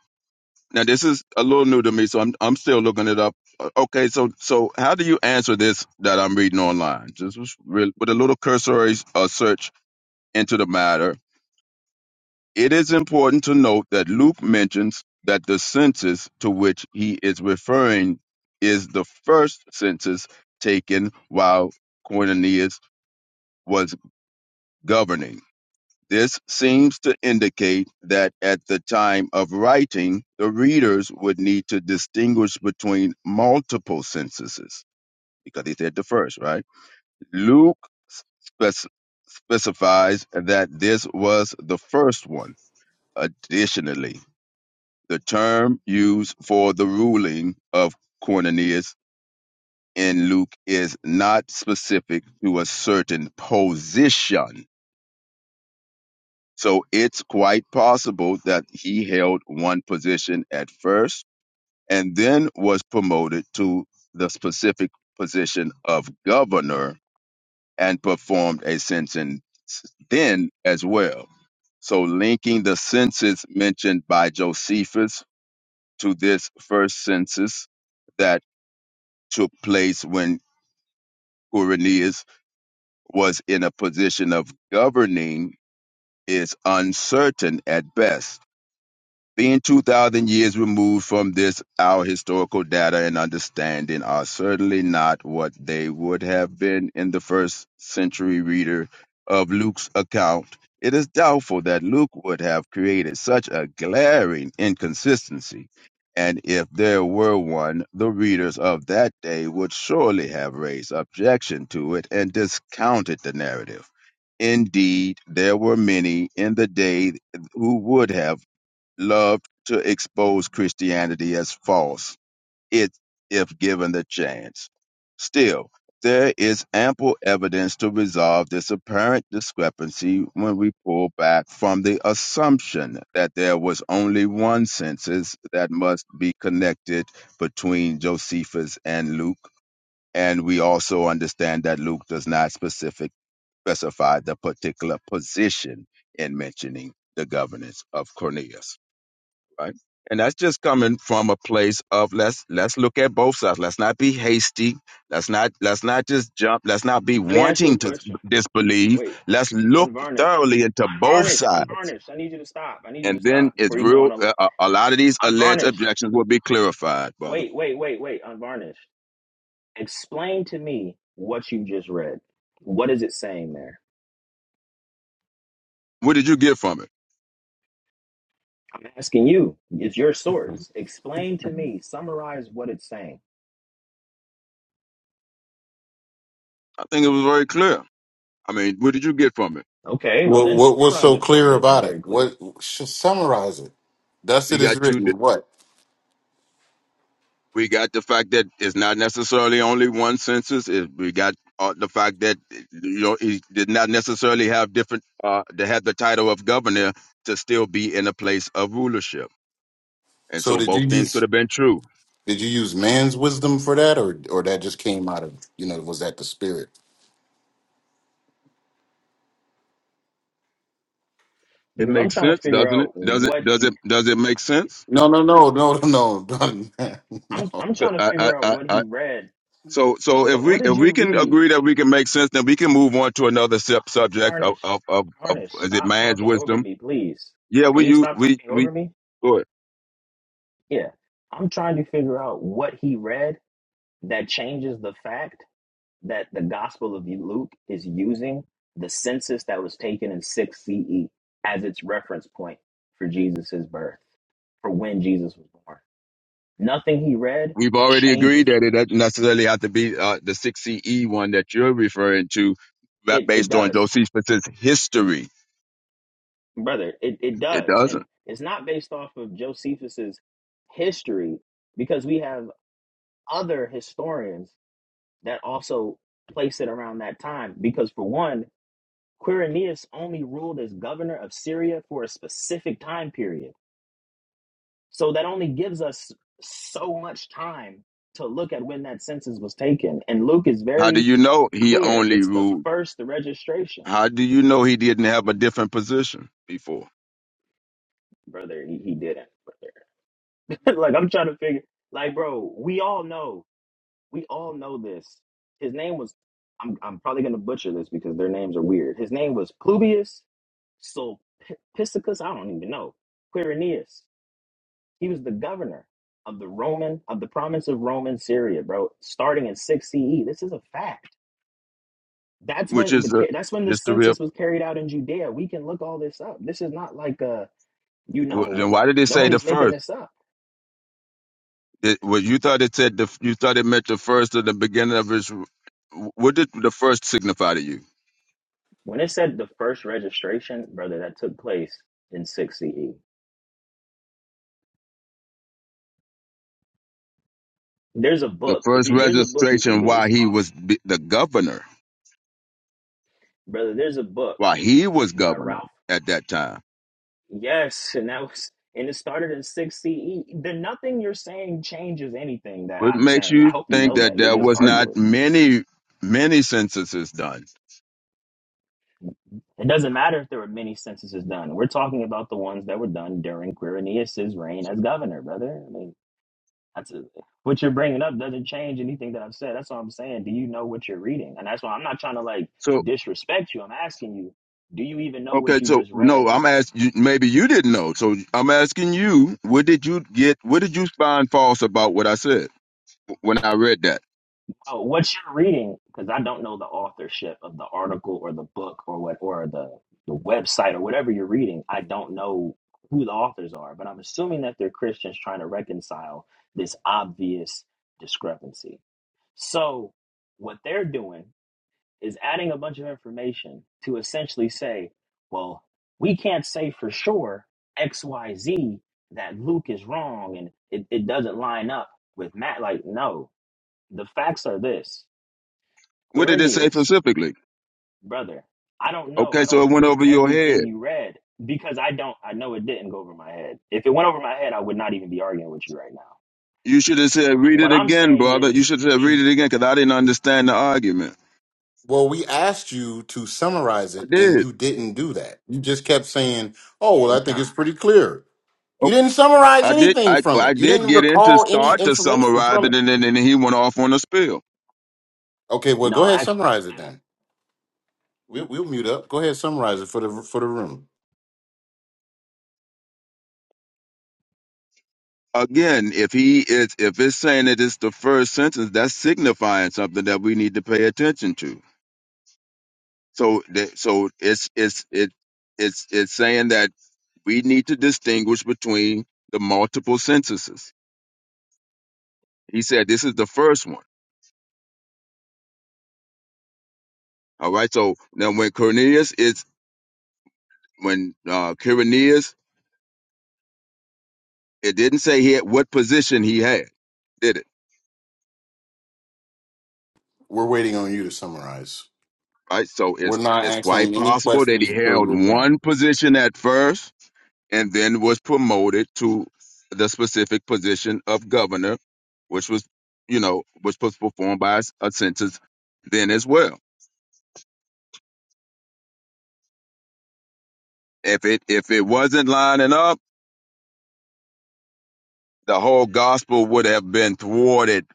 Now this is a little new to me, so I'm I'm still looking it up. Uh, Okay. So so how do you answer this that I'm reading online? Just with a little cursory uh, search into the matter It is important to note that Luke mentions that the census to which he is referring is the first census taken while Quirinius was governing. This seems to indicate that at the time of writing, the readers would need to distinguish between multiple censuses because he said the first, right? Luke spec- specifies that this was the first one. Additionally, The term used for the ruling of Quirinius in Luke is not specific to a certain position. So it's quite possible that he held one position at first and then was promoted to the specific position of governor and performed a sentence then as well. So linking the census mentioned by Josephus to this first census that. took place when Quirinius was in a position of governing is uncertain at best. Being 2,000 years removed from this, our historical data and understanding are certainly not what they would have been in the first century reader of Luke's account. It is doubtful that Luke would have created such a glaring inconsistency, and if there were one, the readers of that day would surely have raised objection to it and discounted the narrative. Indeed, there were many in the day who would have Loved to expose Christianity as false it, if given the chance. Still, there is ample evidence to resolve this apparent discrepancy when we pull back from the assumption that there was only one census that must be connected between Josephus and Luke, and we also understand that Luke does not specific, specify the particular position in mentioning the governance of Cornelius right? And that's just coming from a place of let's let's look at both sides. Let's not be hasty. Let's not let's not just jump. Let's not be
Let me ask you
wanting
a
to
question.
disbelieve.
Wait,
Let's look
unvarnished.
thoroughly into both
Unvarnished.
sides,
Unvarnished. I need you to stop. I need you to
and then
stop before
it's
you go
real.
on. A,
Uh, a a lot of these alleged
unvarnished.
objections will be clarified, brother.
Wait, wait, wait, wait. Unvarnished. Explain to me what you just read. What is it saying there?
What did you get from it?
I'm asking you, it's your source. Explain to me, summarize what it's saying.
I think it was very clear. I mean, what did you get from it?
Okay, well
what,
then
what what's
summarize
so
it for
clear
me if it's
about it?
very clear.
What should summarize it? Thus
We
it is
got two.
written. What?
we got the fact that it's not necessarily only one census. It, we got uh, the fact that you know he did not necessarily have different uh, to have the title of governor to still be in a place of rulership, and
So
so
did you
both things could
use
have been true.
did you use man's wisdom for that, or or that just came out of you know was that the spirit?
It
Because I'm
makes
trying
sense,
to figure
doesn't it?
out
Does it?
what
Does
he
it? Does it make sense?
No, no, no, no, no, no,
I'm
no.
I'm trying to
I, I,
figure out
I,
what
I,
he read.
so,
Uh,
so if
What what
we if
did you
we can
read?
agree that we can make sense, then we can move on to another sub subject of
Tarnished.
of, of of
Tarnished.
is it
Stop
man's
talking over
wisdom?
me, please.
Yeah,
Can
we
you
you
stop
we
talking
we.
over me?
Go ahead.
Yeah. I'm trying to figure out what he read that changes the fact. that the Gospel of Luke is using the census that was taken in 6 CE as its reference point for Jesus's birth, for when Jesus was born. Nothing he read
We've already agreed
changes
that it
that.
doesn't necessarily have to be uh, the 6CE one that you're referring to, that
It, it
based on
does,
Josephus' history.
brother. It, it
It
does.
doesn't.
And it's not based off of Josephus's history because we have other historians that also place it around that time. Because, for one, Quirinius only ruled as governor of Syria for a specific time period So that only gives us so much time to look at when that census was taken. And Luke is
How do
very
you know he
clear.
only
It's the
ruled?
first registration.
How do you know he didn't have a different position before?
Brother, he, he didn't, brother. like I'm trying to figure like bro, we all know. We all know this. His name was I'm I'm probably gonna butcher this because their names are weird. His name was Plubius Sulpicus, I don't even know. Quirinius. He was the governor of the Roman of the province of Roman Syria, bro. Starting in six CE, this is a fact. That's
Which
when
is
the
the
that's when the
history of.
census was carried out in Judea. We can look all this up. This is not like a you
wh-
know
Then why did it say the
nobody's making
first?
this up.
It, well, you thought it said the, you thought it meant the first or the beginning of his. What did the first signify to you?
When it said the first registration, brother, that took place in six CE. There's a
The
book. If
first
you there's a book you can
registration
get.
while
It's
he
called
was b- the governor,
brother. There's a book
while he was
by
governor
Ralph.
at that time.
Yes, and that was and it started in 6 CE. Then nothing you're saying changes anything that
What
I'm
makes
saying. I
you
hope you
think
know
that
that. You're
there
just
was not
arguing.
many, many censuses done?
It doesn't matter if there were many censuses done. We're talking about the ones that were done during Quirinius's reign
So,
as governor, brother. I mean, that's a, what you're bringing up doesn't change anything that I've said. That's all I'm saying. Do you know what you're reading? And that's why I'm not trying to like
so
disrespect you. I'm asking you, do you even know what
okay,
you
so
just read?
no, I'm asking. Maybe you didn't know. So I'm asking you, what did you get? What did you find false about what I said when I read that?
Oh, what you're reading, because I don't know the authorship of the article or the book or what or the the website or whatever you're reading. I don't know who the authors are, but I'm assuming that they're Christians trying to reconcile this obvious discrepancy. So what they're doing is adding a bunch of information to essentially say, well, we can't say for sure XYZ that Luke is wrong and it, it doesn't line up with Matt. Like, no, the facts are this.
What did it say
Quirinius,
specifically?
brother, I don't know.
Okay,
I
so
don't
it went
remember
over your
everything
head.
you read because I don't, I know it didn't go over my head. If it went over my head, I would not even be arguing with you right now.
You should have said, "Read
What
it
I'm
again,
saying
brother." You
is,
should have said,
it,
"Read it again," because I didn't understand the argument.
Well, we asked you to summarize
I
it, and
did.
you didn't do that. You just kept saying, "Oh,
yeah, you
well, I
kind
think
of,
it's pretty clear." You
Okay.
didn't summarize
I did.
anything
I
from
I
it. You
did
didn't
get in to
recall any
start to
information
summarize
from
it,
it.
and then and then he went off on a spill.
Okay, well, go
no,
ahead,
actually,
summarize it
I didn't.
then. We'll, we'll mute up. Go ahead, summarize it for the for the room.
Again, if he is, if it's saying that it's the first sentence, that's signifying something that we need to pay attention to. So, that, so it's it's it it's it's saying that we need to distinguish between the multiple sentences. He said this is the first one. All right. So now, when Cornelius is when uh, Quirinius, it didn't say he had what position he had, did it?
We're waiting on you to summarize.
Right. So
We're
it's
not
it's quite
answering any
possible that
questions
he
until
held
you're done.
one position at first and then was promoted to the specific position of governor, which was, you know, which was performed by a census then as well. If it if it wasn't lining up, the whole gospel would have been thwarted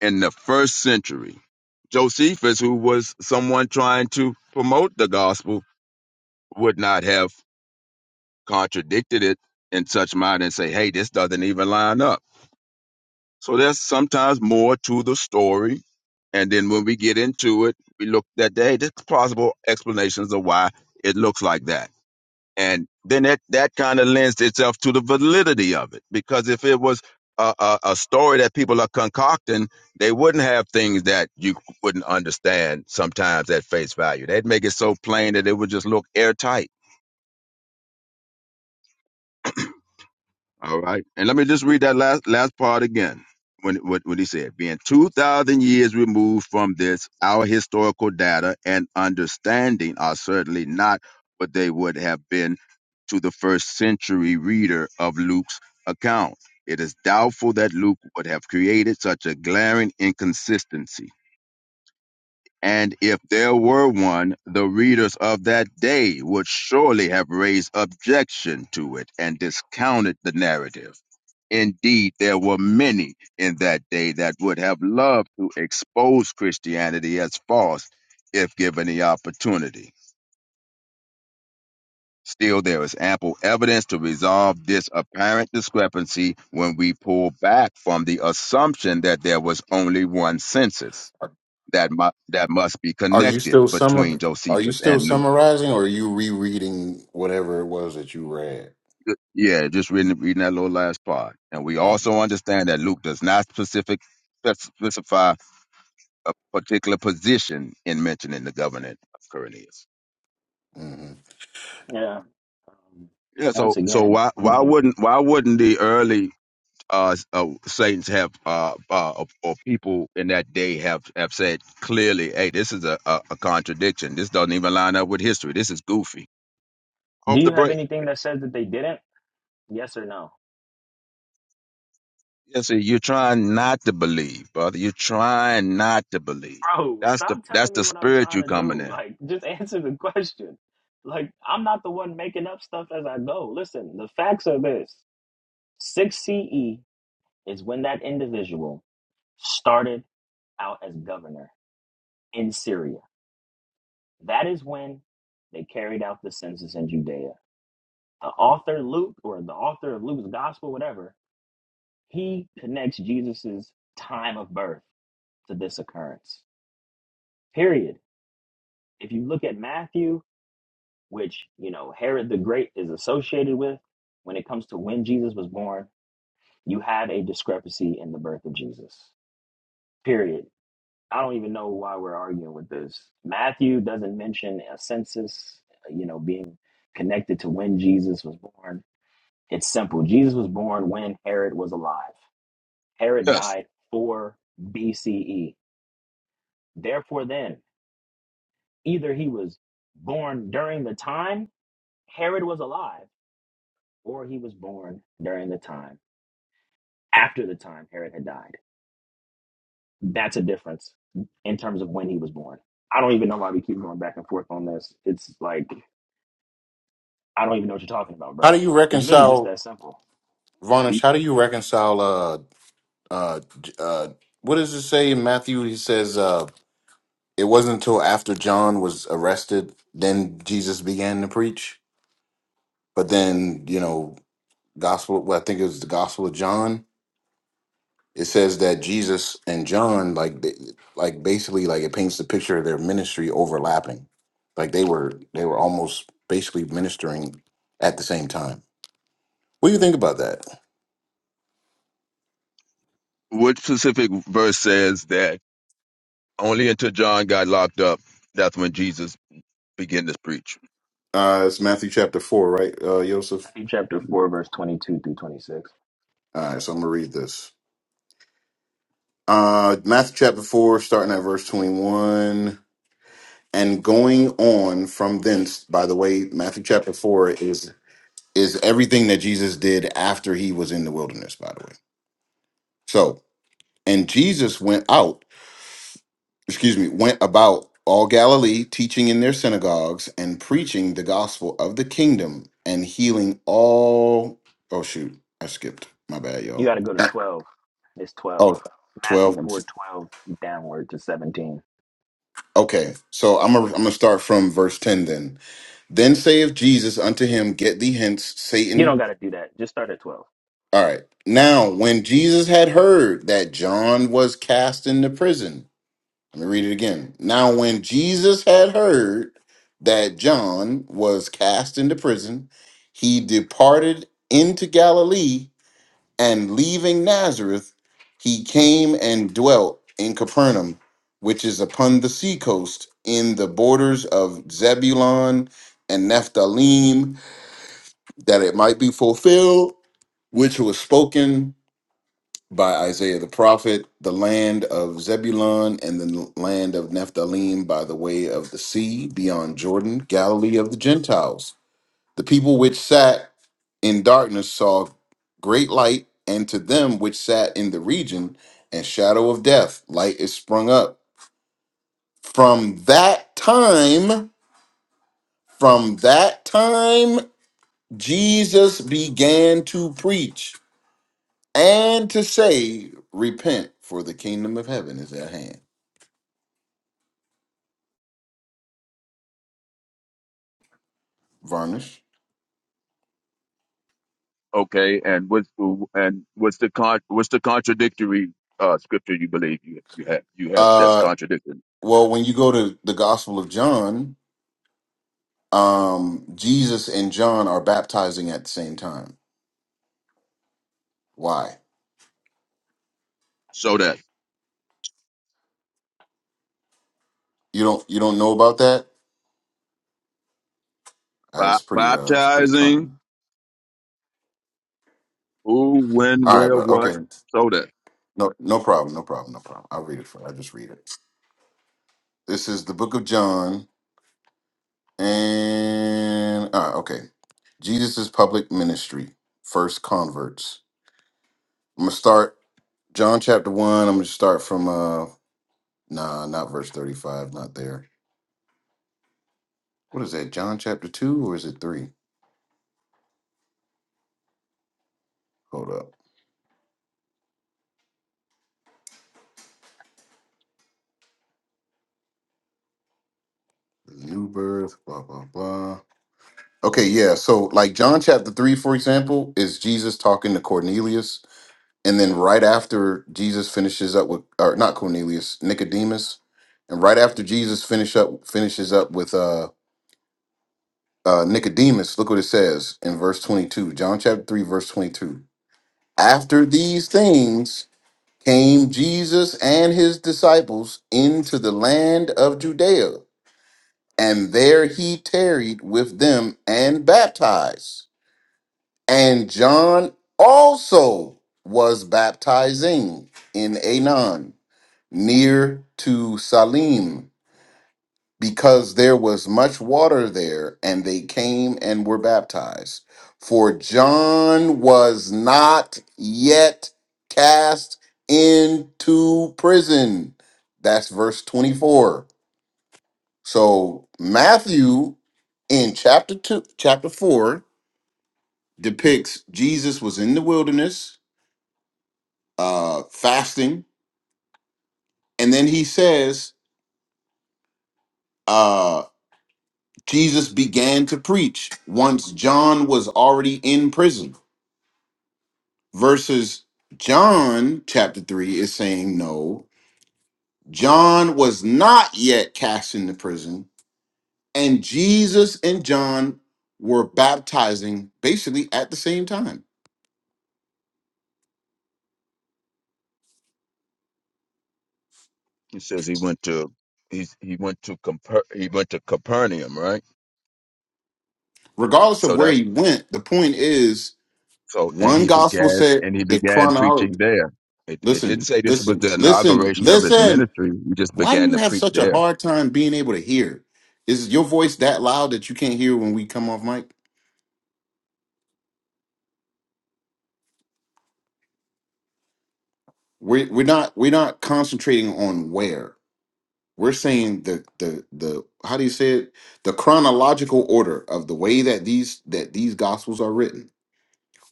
in the first century. Josephus, who was someone trying to promote the gospel, would not have contradicted it in such mind and say, "Hey, this doesn't even line up." So there's sometimes more to the story. And then when we get into it, we look at the hey, there's plausible explanations of why it looks like that. And then that, that kind of lends itself to the validity of it. Because if it was a, a, a story that people are concocting, they wouldn't have things that you wouldn't understand sometimes at face value. They'd make it so plain that it would just look airtight All right. And let me just read that last last part again. When what what he said, being two thousand years removed from this, our historical data and understanding are certainly not what they would have been to the first century reader of Luke's account. It is doubtful that Luke would have created such a glaring inconsistency. And if there were one, the readers of that day would surely have raised objection to it and discounted the narrative. Indeed, there were many in that day that would have loved to expose Christianity as false if given the opportunity. Still, there is ample evidence to resolve this apparent discrepancy when we pull back from the assumption that there was only one census
Are,
that, mu- that must be
are you
connected
still
between
summar? Are you
Josephus
still
and Luke.
summarizing, or are you rereading whatever it was that you read?
Yeah, just reading, reading that little last part. And we
Um,
also understand that Luke does not specific, spec- specify a particular position in mentioning the government of Quirinius.
hmm
Yeah. Um,
Yeah,
once
so so
again,
why
I'm just
why
going to,
wouldn't why wouldn't the early uh, s- uh saints have uh, uh or or people in that day have have said clearly, hey, this is a, a, a contradiction. This doesn't even line up with history. This is goofy.
do
Off the
you have
break.
anything that says that they didn't? Yes or no?
Yeah, see, you're trying not to believe, brother. You're trying not to believe.
Bro,
That's the
stop
that's
telling me
the
what I'm
spirit
trying
you
to
coming
do.
in.
Like, just answer the question. Like, I'm not the one making up stuff as I go. Listen, the facts are this 6 CE is when that individual started out as governor in Syria. That is when they carried out the census in Judea. The author Luke, or the author of Luke's gospel, whatever, he connects Jesus's time of birth to this occurrence. Period. If you look at Matthew, which you know Herod the Great is associated with, when it comes to when Jesus was born, you have a discrepancy in the birth of Jesus. Period I don't even know why we're arguing with this. Matthew doesn't mention a census, uh, you know, being connected to when Jesus was born. It's simple. Jesus was born when Herod was alive. Herod
Yes.
died 4 BCE. Therefore, then, either he was born during the time Herod was alive, or he was born during the time after the time Herod had died. That's a difference in terms of when he was born. I don't even know why we keep going back and forth on this. It's like I don't even know what you're talking about,
How
bro.
do you
It's really just
reconcile,
that simple.
Varnish? How do you reconcile? Uh, uh, J- uh, what does it say in Matthew? He says, uh, "It wasn't until after John was arrested, then Jesus began to preach." But then, you know, gospel. Well, I think it was the Gospel of John. It says that Jesus and John, like, they, like basically, like it paints the picture of their ministry overlapping. Like they were, they were almost basically ministering at the same time. What do you think about that?
Which specific verse says that? Only until John got locked up, that's when Jesus began to preach.
Uh, it's Matthew chapter 4, right, uh, Joseph?
Matthew chapter 4, verse 22 through 26.
All right, so I'm going to read this. Uh, Matthew chapter 4, starting at verse 21, and going on from thence, by the way, Matthew chapter 4 is is everything that Jesus did after he was in the wilderness, by the way. So, and Jesus went out, excuse me, went about all Galilee, teaching in their synagogues and preaching the gospel of the kingdom and healing all. Oh, shoot, I skipped. My bad,
You
y'all.
got to go to 12. It's
Oh,
12.
12.
Matthew
and
4 12 downward to 17.
okay. So I'm gonna I'm gonna start from verse 10 then. Then saith Jesus unto him, Get thee hence,
You don't
Satan.
got to do that. Just start at 12.
All right. Now, when Jesus had heard that John was cast into prison, let me read it again. Now, when Jesus had heard that John was cast into prison, he departed into Galilee And leaving Nazareth, he came and dwelt in Capernaum, which is upon the seacoast, in the borders of Zebulun and Nephthalim, that it might be fulfilled, which was spoken by Isaiah the prophet, the land of Zebulun and the land of Nephthalim by the way of the sea, beyond Jordan, Galilee of the Gentiles. The people which sat in darkness saw great light, and to them which sat in the region and shadow of death, light is sprung up. From that time, from that time, Jesus began to preach and to say, Repent, for the kingdom of heaven is at hand. Varnish.
Okay, and what's and what's the con what's the contradictory uh, scripture you believe you you have you have that's
Uh,
contradicting?
well, when you go to the Gospel of John, um, Jesus and John are baptizing at the same time. Why?
So that
You don't you don't know about that? Uh,
ba-
it's pretty uh it's pretty
baptizing
common.
who, when,
All right,
where,
but
what?
okay.
So that
No no problem, no problem, no problem. I'll read it for I'll just read it. This is the book of John and ah, okay. Jesus' public ministry, first converts. I'm gonna start John chapter one. I'm gonna start from uh nah, not verse 35, not there. What is that? John chapter two or is it three? Hold up. New birth, blah blah blah. Okay, yeah. So, like John chapter 3, for example, is Jesus talking to Cornelius. And then right after Jesus finishes up with, or not Cornelius, Nicodemus. And right after Jesus finish up finishes up with uh, uh, Nicodemus, look what it says in verse 22, John chapter 3, verse 22. After these things came Jesus and his disciples into the land of Judea, and there he tarried with them and baptized. And John also was baptizing in Anon near to Salim because there was much water there, and they came and were baptized. For John was not yet cast into prison. That's verse 24. So Matthew in chapter 2 chapter 4 depicts Jesus was in the wilderness uh, fasting. And then he says, uh, Jesus began to preach once John was already in prison, versus John chapter 3 is saying, no, John was not yet cast into prison, and Jesus and John were baptizing basically at the same time.
he says he went to he's he went to Comper- he went to Capernaum, right?
Regardless of
So
where
that
he went, the point is
so and
one
he
gospel
began
said
and he
the
began preaching
chronology.
there. It it didn't
Listen,
say this was
listen,
the
listen,
inauguration of his
listen.
ministry. He just
Why do
began
you
to
have
preach
such a
there
hard time being able to hear? Is your voice that loud that you can't hear when we come off mic? We're we're not we're not concentrating on where. We're saying the the the how do you say it? The chronological order of the way that these that these gospels are written.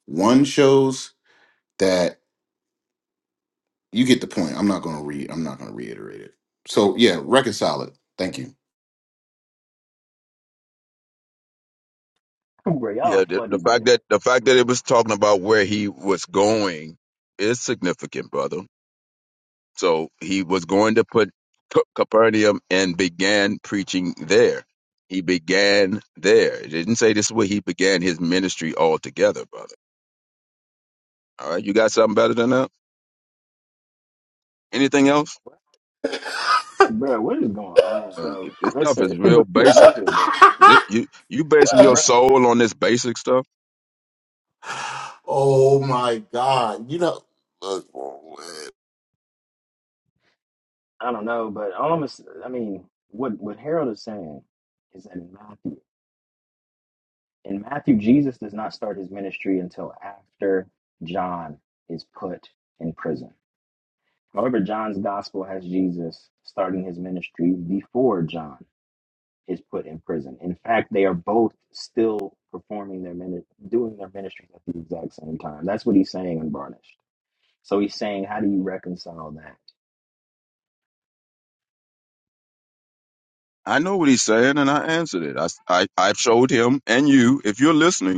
One shows that you get the point. I'm not gonna read I'm not gonna reiterate it. So yeah, reconcile it. Thank you.
Bro,
Yeah,
y'all
the,
funny,
the fact
man.
that the fact that it was talking about where he was going is significant, brother. So he was going to put C- Capernaum and began preaching there. He began there. It didn't say this is where he began his ministry altogether, brother. All right, you got something better than that? Anything else?
What- Bro, what is going on,
I mean,
bro?
this stuff
Listen,
is real basic.
listen, bro.
Th- You you basing your
Bro,
soul on this basic stuff?
Oh my God. You know, look,
I don't know, but all I'm, gonna s- I mean, what, what Harold is saying is that in Matthew. In Matthew, Jesus does not start his ministry until after John is put in prison. However, John's gospel has Jesus starting his ministry before John is put in prison. In fact, they are both still performing their ministry, doing their ministries at the exact same time. That's what he's saying in Varnished. So he's saying, how do you reconcile that?
I know what he's saying, and I answered it. I s- I, I showed him and you, if you're listening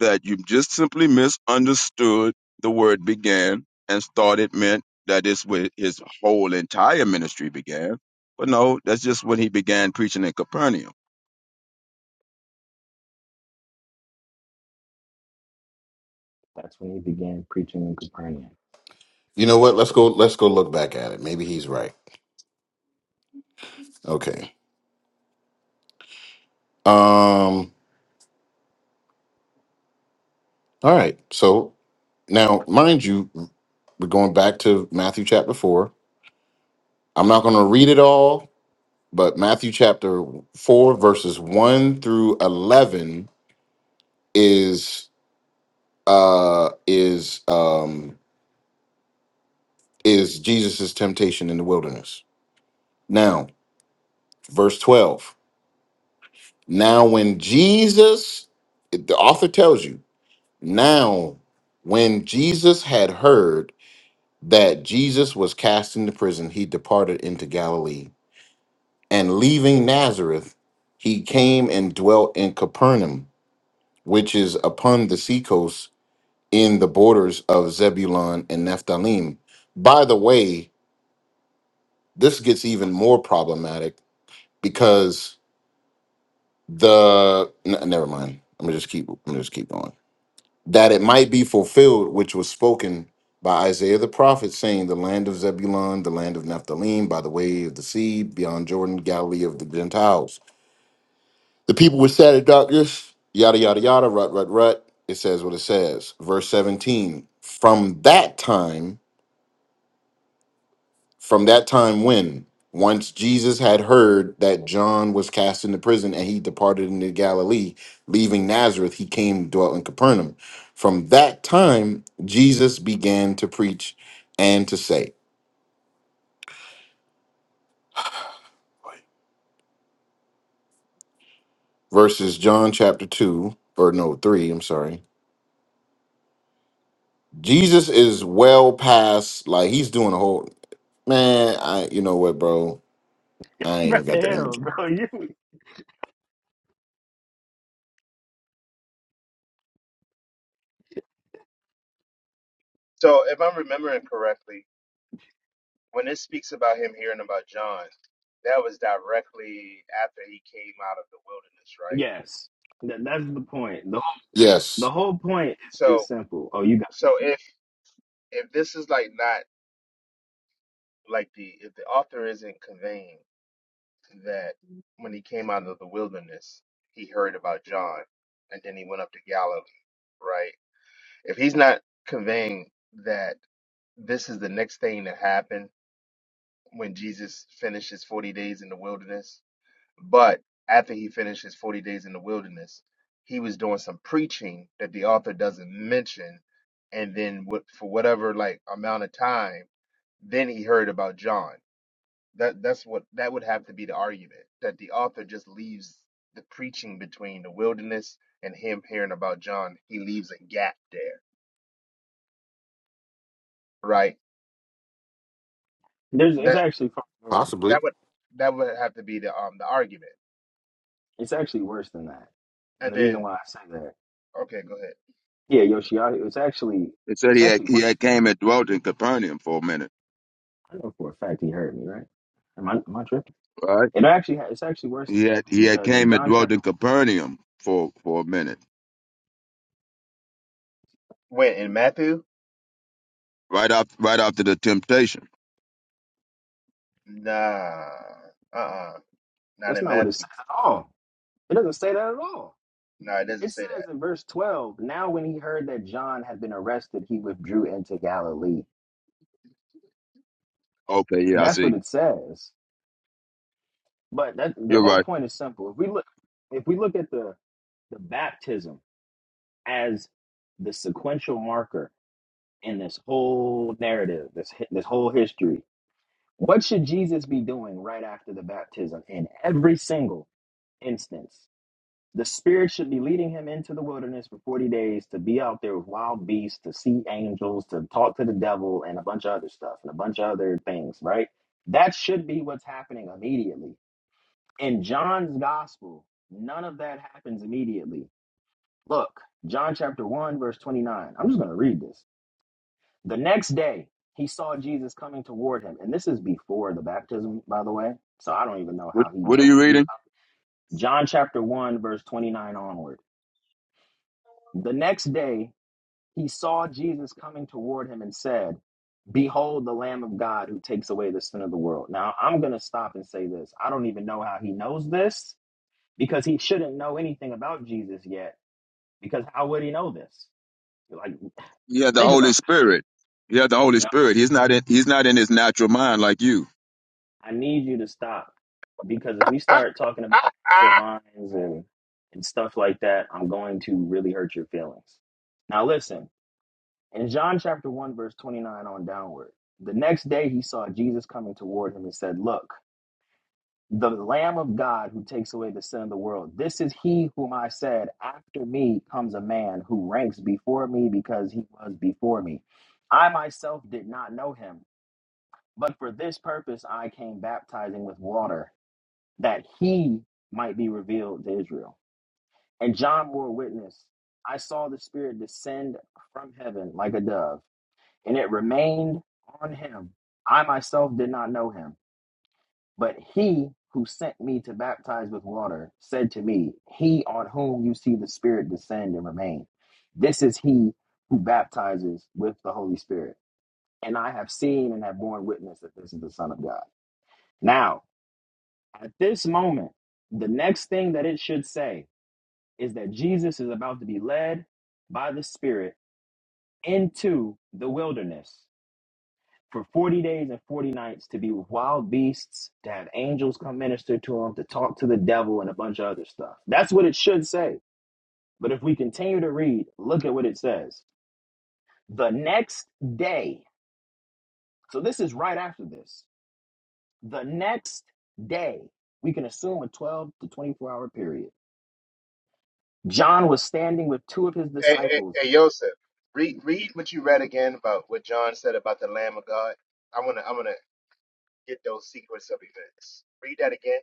that you just simply misunderstood the word began and thought it meant that is where his whole entire ministry began. But no, that's just when he began preaching in Capernaum.
That's when he began preaching in Capernaum.
You know what? Let's go let's go look back at it. Maybe he's right. Okay. Um. All right. So now, mind you, we're going back to Matthew chapter four. I'm not going to read it all, but Matthew chapter four, verses one through eleven, is uh is um is Jesus's temptation in the wilderness. Now, verse twelve. Now, when Jesus, the author tells you, now when Jesus had heard. that Jesus was cast into prison, he departed into Galilee. And leaving Nazareth, he came and dwelt in Capernaum, which is upon the seacoast in the borders of Zebulun and Nephthalim. By the way, this gets even more problematic because the n- never mind. I'm gonna just keep. I'm gonna just keep going that it might be fulfilled which was spoken by Isaiah the prophet, saying, The land of Zebulun, the land of Naphtali, by the way of the sea, beyond Jordan, Galilee of the Gentiles. The people were sad at darkness, yada, yada, yada, rut, rut, rut. It says what it says. Verse 17 From that time From that time when, once Jesus had heard that John was cast into prison and he departed into Galilee, leaving Nazareth, he came and dwelt in Capernaum. From that time, Jesus began to preach and to say, verses John chapter 2, or no, 3, I'm sorry. Jesus is well past, like he's doing a whole, man, I, you know what, bro? I ain't
Bro,
even got the
hell,
energy.
bro, you
So, if I'm remembering correctly, when it speaks about him hearing about John, that was directly after he came out of the wilderness, right?
yes. That, that's the point. The, the
Yes.
whole point is,
So,
is simple. Oh, you
so if if this is like not like the if the author isn't conveying that when he came out of the wilderness, he heard about John, and then he went up to Galilee, right? If he's not conveying that this is the next thing to happen when Jesus finishes 40 days in the wilderness, but after he finishes 40 days in the wilderness, he was doing some preaching that the author doesn't mention. And then what, for whatever like amount of time, then he heard about John. That that's what that would have to be the argument that the author just leaves the preaching between the wilderness and him hearing about John. He leaves a gap there, right?
There's
That.
it's actually far more.
Possibly.
That would that would have to be the um the argument.
It's actually worse than that. And
And
the reason
then
why I say that,
okay, go ahead.
yeah, Yoshiaki, it's actually
It said
it's
he had,
actually
he
worse.
had came and dwelt in Capernaum for a minute,
I know for a fact he heard me, right? Am I am I tripping?
right?
It actually ha- it's actually worse
He had
than
he
that
had
because in
came and
John
dwelt
chapter
in
one,
Capernaum for for a minute,
Wait, in Matthew?
right up right after the temptation.
Nah. Uh uh Not
that's
in
not what it
Matthew.
says at all. It doesn't say that at all.
No, it doesn't
It
say
says
that.
in verse twelve, now when he heard that John had been arrested, he withdrew into Galilee.
Okay, yeah, I
That's what
see.
it says. But that the
You're
whole
right.
point is simple. If we look if we look at the the baptism as the sequential marker in this whole narrative, this hi- this whole history. What should Jesus be doing right after the baptism in every single instance? The Spirit should be leading him into the wilderness for 40 days to be out there with wild beasts, to see angels, to talk to the devil, and a bunch of other stuff and a bunch of other things, right? That should be what's happening immediately. In John's gospel, none of that happens immediately. Look, John chapter 1, verse 29. I'm just going to read this. The next day, he saw Jesus coming toward him. And this is before the baptism, by the way. So I don't even know
What
how he
what are
knows
you
what he's
reading?
about. John chapter 1, verse 29 onward. The next day, he saw Jesus coming toward him and said, Behold the Lamb of God who takes away the sin of the world. Now, I'm going to stop and say this. I don't even know how he knows this because he shouldn't know anything about Jesus yet. Because how would he know this? Like,
He had the
think
Holy
about
Spirit.
this.
He had the Holy Spirit. He's not in he's not in his natural mind like you
I need you to stop because if we start talking about sexual minds and and stuff like that, I'm going to really hurt your feelings. Now listen, in John chapter 1 verse 29 on downward. The next day he saw Jesus coming toward him and said, "Look, the lamb of God who takes away the sin of the world. This is he whom I said, after me comes a man who ranks before me because he was before me. I myself did not know him, but for this purpose I came baptizing with water." that he might be revealed to Israel. And John bore witness I saw the Spirit descend from heaven like a dove, and it remained on him. I myself did not know him, but he who sent me to baptize with water said to me, He on whom you see the Spirit descend and remain, this is he who baptizes with the Holy Spirit. And I have seen and have borne witness that this is the Son of God. Now, at this moment, the next thing that it should say is that Jesus is about to be led by the Spirit into the wilderness for 40 days and 40 nights to be with wild beasts, to have angels come minister to him, to talk to the devil, and a bunch of other stuff. That's what it should say. But if we continue to read, look at what it says. The next day, so this is right after this, the next day, we can assume a 12 to 24 hour period. John was standing with two of his
Hey, hey,
disciples
hey Joseph, read read what you read again about what John said about the Lamb of God. I wanna I wanna get those sequence of events. Read that again.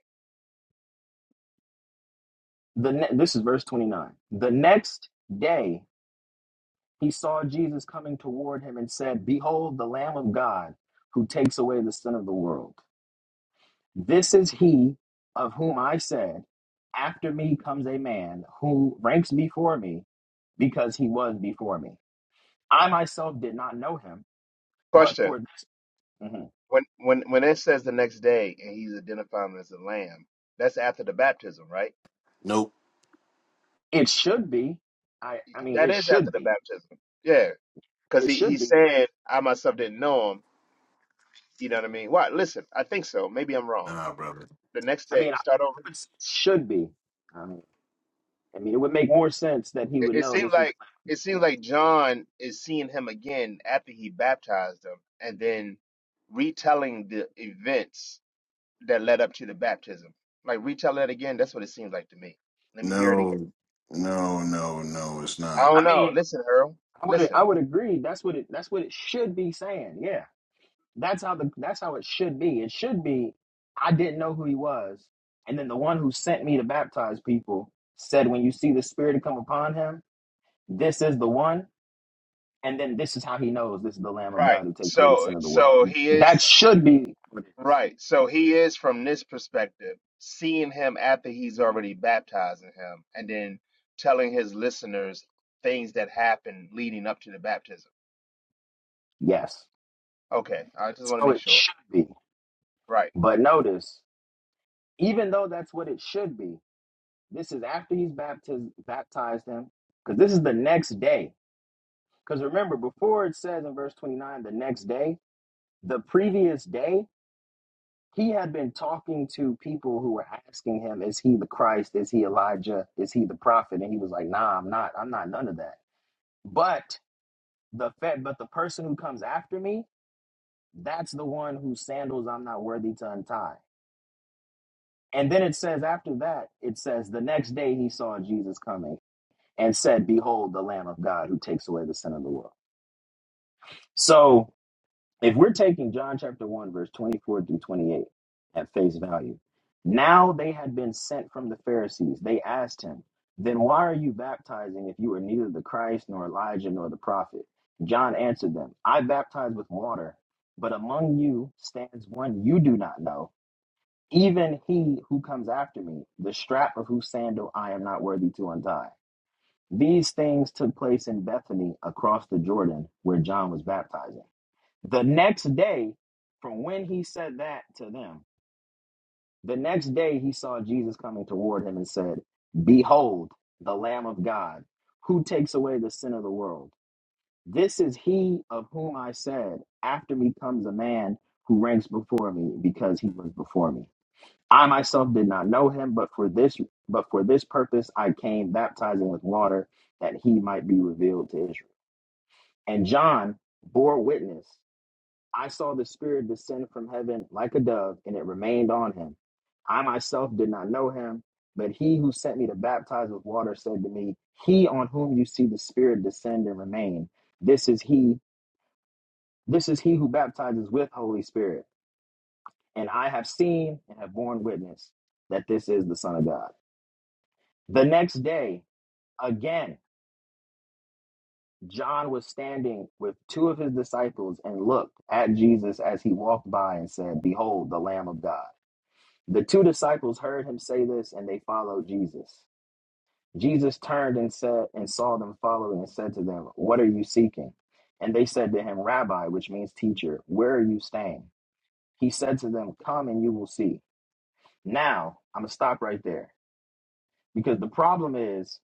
The ne- this is verse 29. The next day he saw Jesus coming toward him and said, "Behold the Lamb of God who takes away the sin of the world. This is he of whom I said, after me comes a man who ranks before me because he was before me. I myself did not know him, but
Question.
for this Mhm.
When when when it says the next day and he's identifying as the lamb, that's after the baptism, right?
Nope.
it should be I I mean
That
it
is after
should
the
be.
baptism. Yeah. Because
It
he,
should
he's
be.
saying, I myself didn't know him You know what I mean? Why? Listen, I think so. Maybe I'm wrong.
Nah, brother.
The next
I
day,
mean I
start over.
would say it should be. I mean I mean, it would make more sense that he
It,
would
it
know
seems
this is.
like it
I
seems
know.
like John is seeing him again after he baptized him, and then retelling the events that led up to the baptism. Like retell that again. That's what it seems like to me. Let me hear it again.
No, no, no, no, it's
I
not.
don't
I
know.
mean,
Listen, Earl.
I would
Listen.
I would agree. That's what it that's what it should be saying. Yeah. That's how the that's how it should be. It should be I didn't know who he was. And then the one who sent me to baptize people said when you see the spirit come upon him, this is the one. And then this is how he knows this is the Lamb of
Right.
God who takes away the
So,
sin of the world.
so he is.
That should be what it is.
Right. So he is from this perspective, seeing him after he's already baptizing him and then telling his listeners things that happened leading up to the baptism.
Yes.
Okay. I just want to
So
make
it
sure.
should be.
Right.
But notice, even though that's what it should be, This is after he's baptized baptized him, because this is the next day. Because remember, before it says in verse 29, the next day, the previous day, he had been talking to people who were asking him, Is he the Christ? Is he Elijah? Is he the prophet? And he was like, Nah, I'm not. I'm not none of that. But the fe- but the person who comes after me, that's the one whose sandals I'm not worthy to untie. And then it says after that, it says the next day he saw Jesus coming. and said, Behold the Lamb of God who takes away the sin of the world. So if we're taking John chapter 1, verse 24 through 28 at face value, now they had been sent from the Pharisees. They asked him, Then why are you baptizing if you are neither the Christ nor Elijah nor the prophet? John answered them, I baptize with water, but among you stands one you do not know, even he who comes after me, the strap of whose sandal I am not worthy to untie. These things took place in Bethany across the Jordan where John was baptizing. The next day, from when he said that to them, the next day he saw Jesus coming toward him and said, Behold, the Lamb of God, who takes away the sin of the world. This is he of whom I said, After me comes a man who ranks before me because he was before me. I myself did not know him, but for this but for this purpose I came baptizing with water that he might be revealed to Israel. And John bore witness. I saw the Spirit descend from heaven like a dove, and it remained on him. I myself did not know him, but he who sent me to baptize with water said to me, He on whom you see the Spirit descend and remain, this is he, this is he who baptizes with Holy Spirit. And I have seen and have borne witness that this is the Son of God. The next day, again, John was standing with two of his disciples and looked at Jesus as he walked by and said, Behold, the Lamb of God. The two disciples heard him say this and they followed Jesus. Jesus turned and said and saw them following and said to them, What are you seeking? And they said to him, Rabbi, which means teacher, where are you staying? He said to them, Come and you will see. Now, I'm going to stop right there because the problem is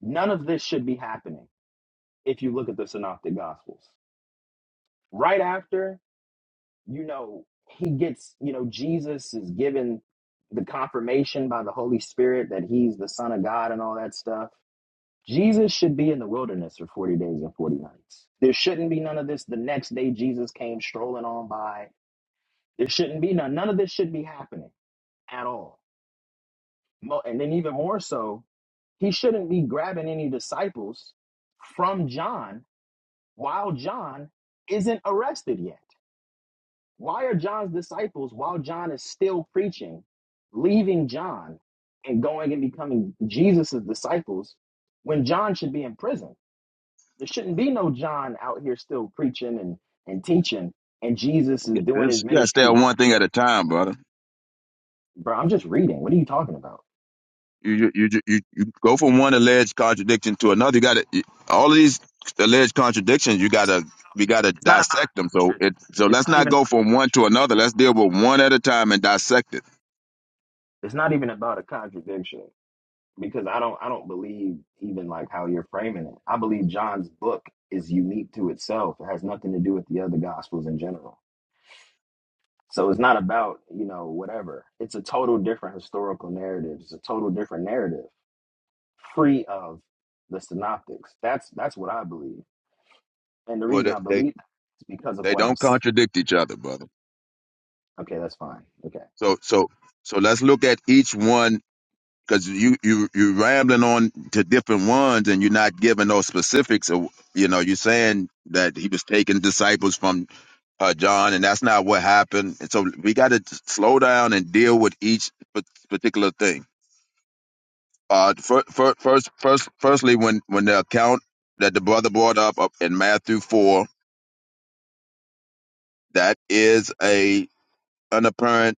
none of this should be happening if you look at the synoptic gospels right after you know he gets you know jesus is given the confirmation by the holy spirit that he's the son of god and all that stuff jesus should be in the wilderness for 40 days and 40 nights there shouldn't be none of this the next day jesus came strolling on by there shouldn't be none none of this should be happening at all Mo- and then even more so he shouldn't be grabbing any disciples from john while john isn't arrested yet Why are John's disciples, while John is still preaching, leaving John and going and becoming Jesus's disciples when John should be in prison? There shouldn't be no John out here still preaching and, and teaching, and Jesus is doing his
This you gotta stay
ministry
on
roaming
one thing at
free.
a time, brother.
Bro, I'm just reading. What are you talking about?
You you you you, you go from one alleged contradiction to another. You gotta you- all of these alleged contradictions. You
It's not,
gotta we gotta
it's not about a
dissect them. So
contradiction.
it so
It's
let's
not even
not
about
go
a
from one to
contradiction.
another. Let's deal with one at a time and dissect it.
It's not even about a contradiction. because I don't I don't believe even like how you're framing it. I believe John's book is unique to itself. It has nothing to do with the other gospels in general. So it's not about, you know, whatever. It's a total different historical narrative. It's a total different narrative, free of the synoptics. That's that's what I believe. And the
Well,
reason
they
I
they,
believe that is because of
they
what I'm
don't
s-
contradict each other, brother.
Okay, that's fine. Okay.
So so so let's look at each one because you you you're rambling on to different ones and you're not giving no specifics. Of, you know, you're saying that he was taking disciples from uh, John, and that's not what happened. And so we got to slow down and deal with each pa- particular thing. Uh, first, first, first, firstly, when when the account that the brother brought up up in Matthew four, that is a an apparent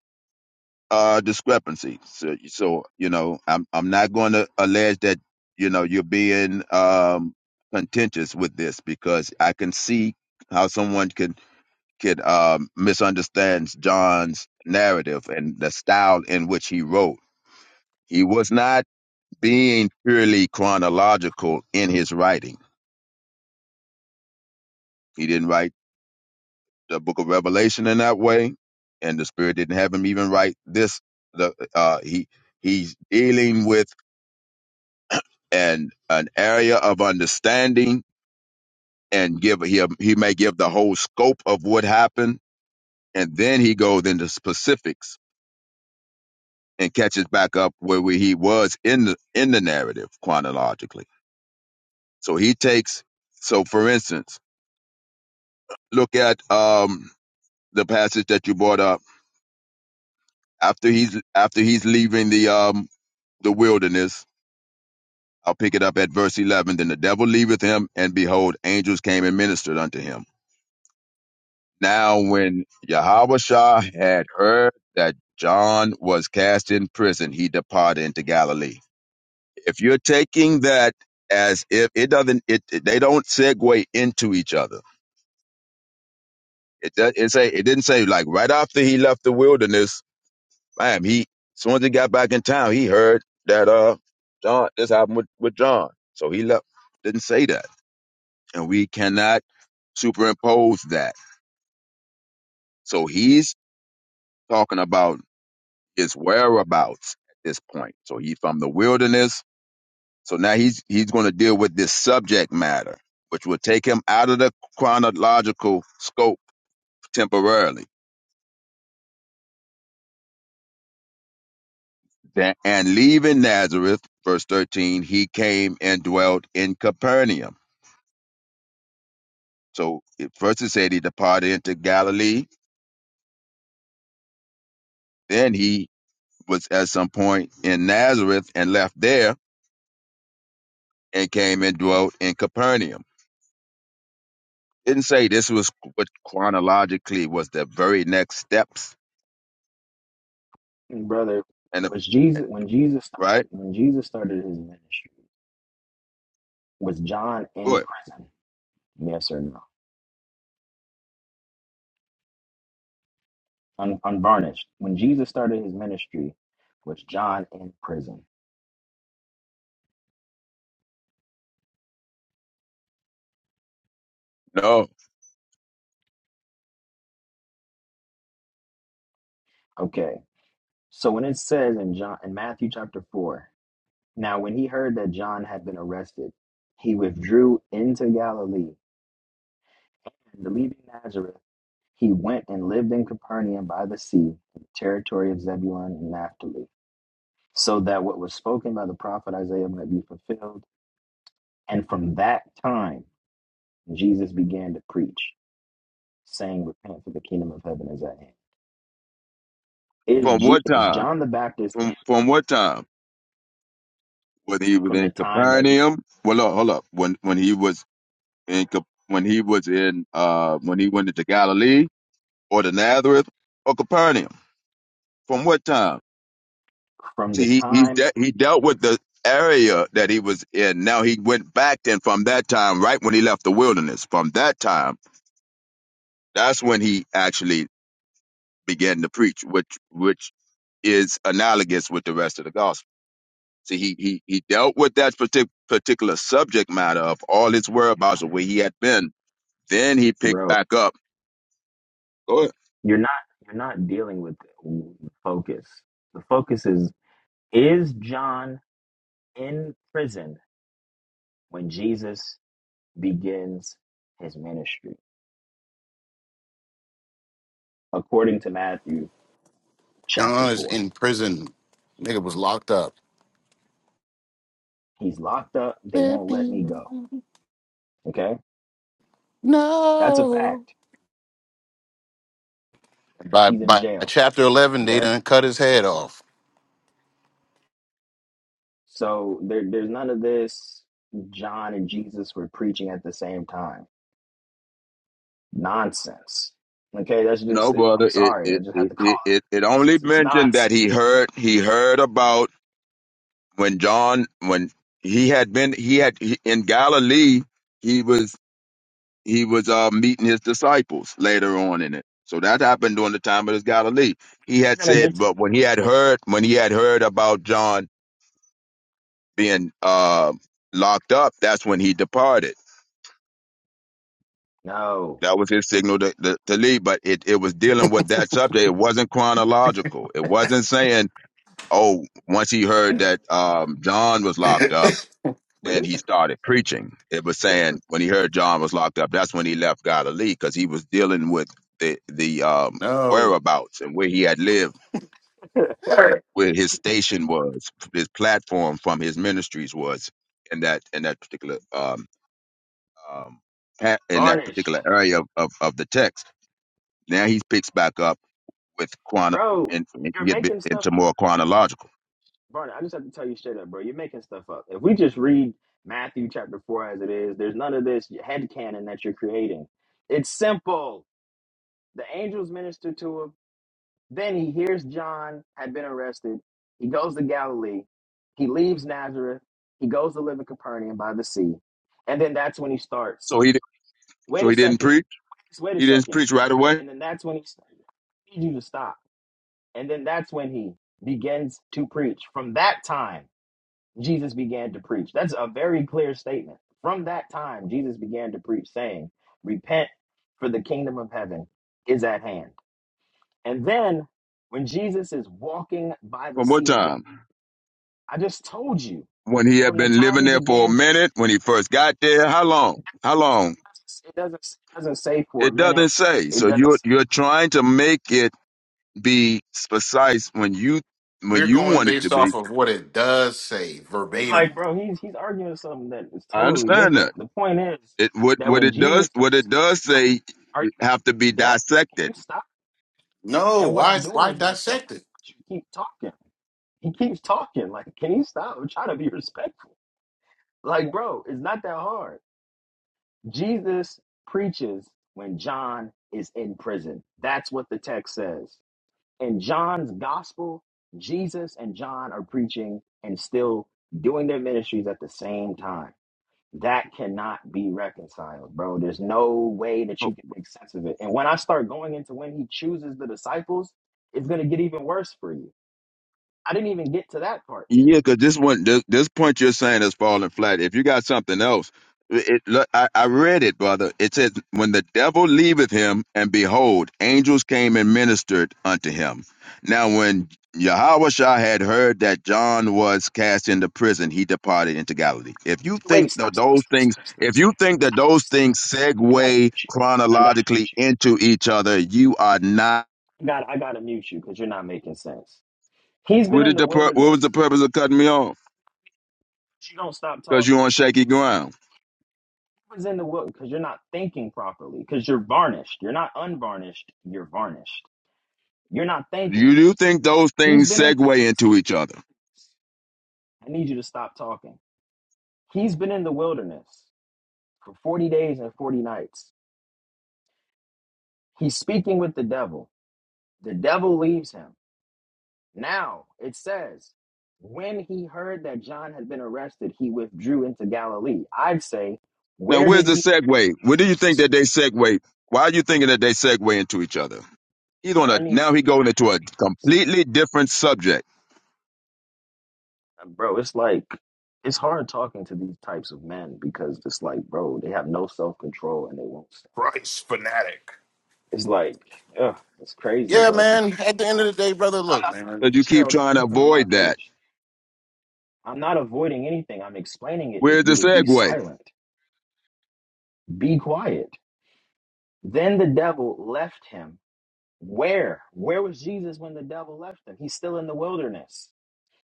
uh, discrepancy. So, so you know, I'm I'm not going to allege that you know you're being um, contentious with this because I can see how someone can could um, misunderstands John's narrative and the style in which he wrote. He was not being purely chronological in his writing. He didn't write the Book of Revelation in that way, and the Spirit didn't have him even write this. The uh, he he's dealing with an an area of understanding and give he he may give the whole scope of what happened, and then he goes into specifics and catches back up where we, he was in the in the narrative chronologically. So he takes so for instance, look at um the passage that you brought up after he's after he's leaving the um the wilderness. I'll pick it up at verse eleven. Then the devil leaveth him, and behold, angels came and ministered unto him. Now when Yahawashah had heard that John was cast in prison, he departed into Galilee If you're taking that as if it doesn't, it it- they don't segue into each other. It do- it say it didn't say like right after he left the wilderness, bam. He as soon as he got back in town, he heard that uh John this happened with with John, so he left. Didn't say that, and we cannot superimpose that. So he's talking about his whereabouts at this point. So he's from the wilderness So now he's he's going to deal with this subject matter, which will take him out of the chronological scope temporarily. That- And leaving Nazareth, verse 13, he came and dwelt in Capernaum. So it, first it said he departed into Galilee, then he was at some point in Nazareth and left there and came and dwelt in Capernaum. Didn't say this was what chronologically was the very next steps
And brother,
and the
was Jesus when Jesus started
right.
when Jesus started his ministry, was John in
Good.
prison? Yes or no? un, unvarnished. When Jesus started his ministry, was John in prison?
No.
Okay. So when it says in John in Matthew chapter four, now when he heard that John had been arrested, he withdrew into Galilee, and leaving Nazareth, he went and lived in Capernaum by the sea, in the territory of Zebulun and Naphtali, so that what was spoken by the prophet Isaiah might be fulfilled. And from that time, Jesus began to preach, saying, "Repent, for the kingdom of heaven is at hand." is
From
G
what
is
time?
John the Baptist
From from what time? When he was
from the
in
time that he
Capernaum? Well, look, hold up. When when he was in Cap- when he was in uh when he went into Galilee or the Nazareth or Capernaum? From what time?
from the
See, he he
time
de- he dealt with the area that he was in. Now he went back then from that time, right when he left the wilderness. From that time, that's when he actually began to preach, which which is analogous with the rest of the gospel. See, he he he dealt with that partic- particular subject matter of all his whereabouts of where he had been. Then he picked
bro
back up. Go ahead.
you're not you're not dealing with focus the focus is is John in prison when Jesus begins his ministry according to Matthew chapter
John is
4
in prison. Nigga was locked up.
he's locked up they
Let
won't let me
me
go okay that's a
No.
fact
By
he's in
by
jail
chapter eleven, they
okay
done cut his head off.
so there, there's none of this John and Jesus were preaching at the same time nonsense. Okay, that's
No,
just. It. I'm
brother. It
sorry, I
it,
just had
it
to call
it it it
it
only
since it's
mentioned that he
nonsense.
heard he heard about when John when he had been he had he, in Galilee. He was he was uh, meeting his disciples later on in it. So that happened during the time of his Galilee. He
I'm
had
gonna
said,
get to
but when he had heard when he had heard about John being uh, locked up, that's when he departed.
no,
That was his signal to, to, to leave. But it, it was dealing with that subject. It wasn't chronological. It wasn't saying, oh, once he heard that um, John was locked up,
bro.
then
This
he started preaching. It was saying when he heard John was locked up, that's when he left Galilee because he was dealing with the the um,
No.
whereabouts and where he had lived, where his station was, his platform from his ministries was in that in that particular um, um, ha- in that
varnished,
particular area of, of, of the text. Now he picks back up with chrono
bro.
and, and
You're
get bit
making stuff
into more chronological.
varnished. I just have to tell you straight up, bro. You're making stuff up. If we just read Matthew chapter four as it is, there's none of this head canon that you're creating. It's simple. The angels minister to him. Then he hears John had been arrested. He goes to Galilee. He leaves Nazareth. He goes to live in Capernaum by the sea. And then that's when he starts.
So he di-
Wait
so
a
he didn't
second.
preach.
Just wait a
He didn't
second.
preach right away.
And then that's when he starts. I need you to stop. And then that's when he begins to preach. From that time, Jesus began to preach. That's a very clear statement. From that time, Jesus began to preach, saying, Repent, for the kingdom of heaven is at hand. And then when Jesus is walking by the
From what
Sea of Galilee,
time?
I just told you
When he had
from the
been
time
living
he
there for a
began, it
minute. When he first got there. How long? How long?
doesn't it doesn't say for a
It
minute.
doesn't say.
It
So
doesn't
you're
say-
you're trying to make it be precise when you when
We're
you
going
want it to
based
be.
off of what it does say
like,
verbatim.
bro. He's he's arguing something that is
I
totally
understand that.
different. The point is
It what
that
what
when
it
Jesus
does what
starts,
it does
bro,
say
are you
it have to be
deaf? Can
dissected.
you stop?
No,
And what
why
I'm doing
why
is dissecting.
dissect it?
But you keep talking. He keeps talking. Like, can you stop? I'm trying to be respectful. Like, bro, it's not that hard. Jesus preaches when John is in prison. That's what the text says. In John's gospel, Jesus and John are preaching and still doing their ministries at the same time. That cannot be reconciled, bro. There's no way that you can make sense of it. And when I start going into when he chooses the disciples, it's going to get even worse for you. I didn't even get to that part yet.
Yeah, because this one, this, this point you're saying is falling flat. If you got something else, it, look, I, I read it, brother. It says, "When the devil leaveth him, and behold, angels came and ministered unto him." Now, when Yahushua had heard that John was cast into prison, he departed into Galilee. If you
Wait,
think
stop,
that
stop,
those
stop,
things,
stop, stop,
if
stop,
you think that
stop,
those
stop.
things
I got to
segue
mute you. I got to mute
chronologically
you.
into each other, you are not.
God, I gotta mute you because you're not making sense. He's been
What
in
did
the
the pur- What was the
wilderness.
purpose of cutting me off?
You don't stop
Because you're
talking.
on shaky ground.
He was in the wilderness because you're not thinking properly. Because you're varnished. You're not unvarnished. You're varnished. You're not thinking.
You do think those
He's
things
been in.
segue into each other.
I need you to stop talking. He's been in the wilderness for 40 days and 40 nights. He's speaking with the devil. The devil leaves him. Now it says, when he heard that John had been arrested, he withdrew into Galilee. I'd say,
Now,
where
where's
did
the
he
segue? Where do you think that they segue? Why are you thinking that they segue into each other? He's
Bro,
on
I
a
need you. to-
now he going into a completely different subject.
Bro, it's like it's hard talking to these types of men because it's like, bro, they have no self control and they won't stop.
Bryce fanatic.
It's like, ugh, it's crazy,
Yeah,
bro. For
man.
people,
At the end of the day, brother, look, man.
But you keep
Cheryl,
trying
Cheryl,
to
Cheryl, I'm not
avoid that.
finished. I'm not avoiding anything. I'm explaining it. If
Where's the
you would be
segue?
silent, be quiet. Then the devil left him. Where? Where was Jesus when the devil left him? He's still in the wilderness.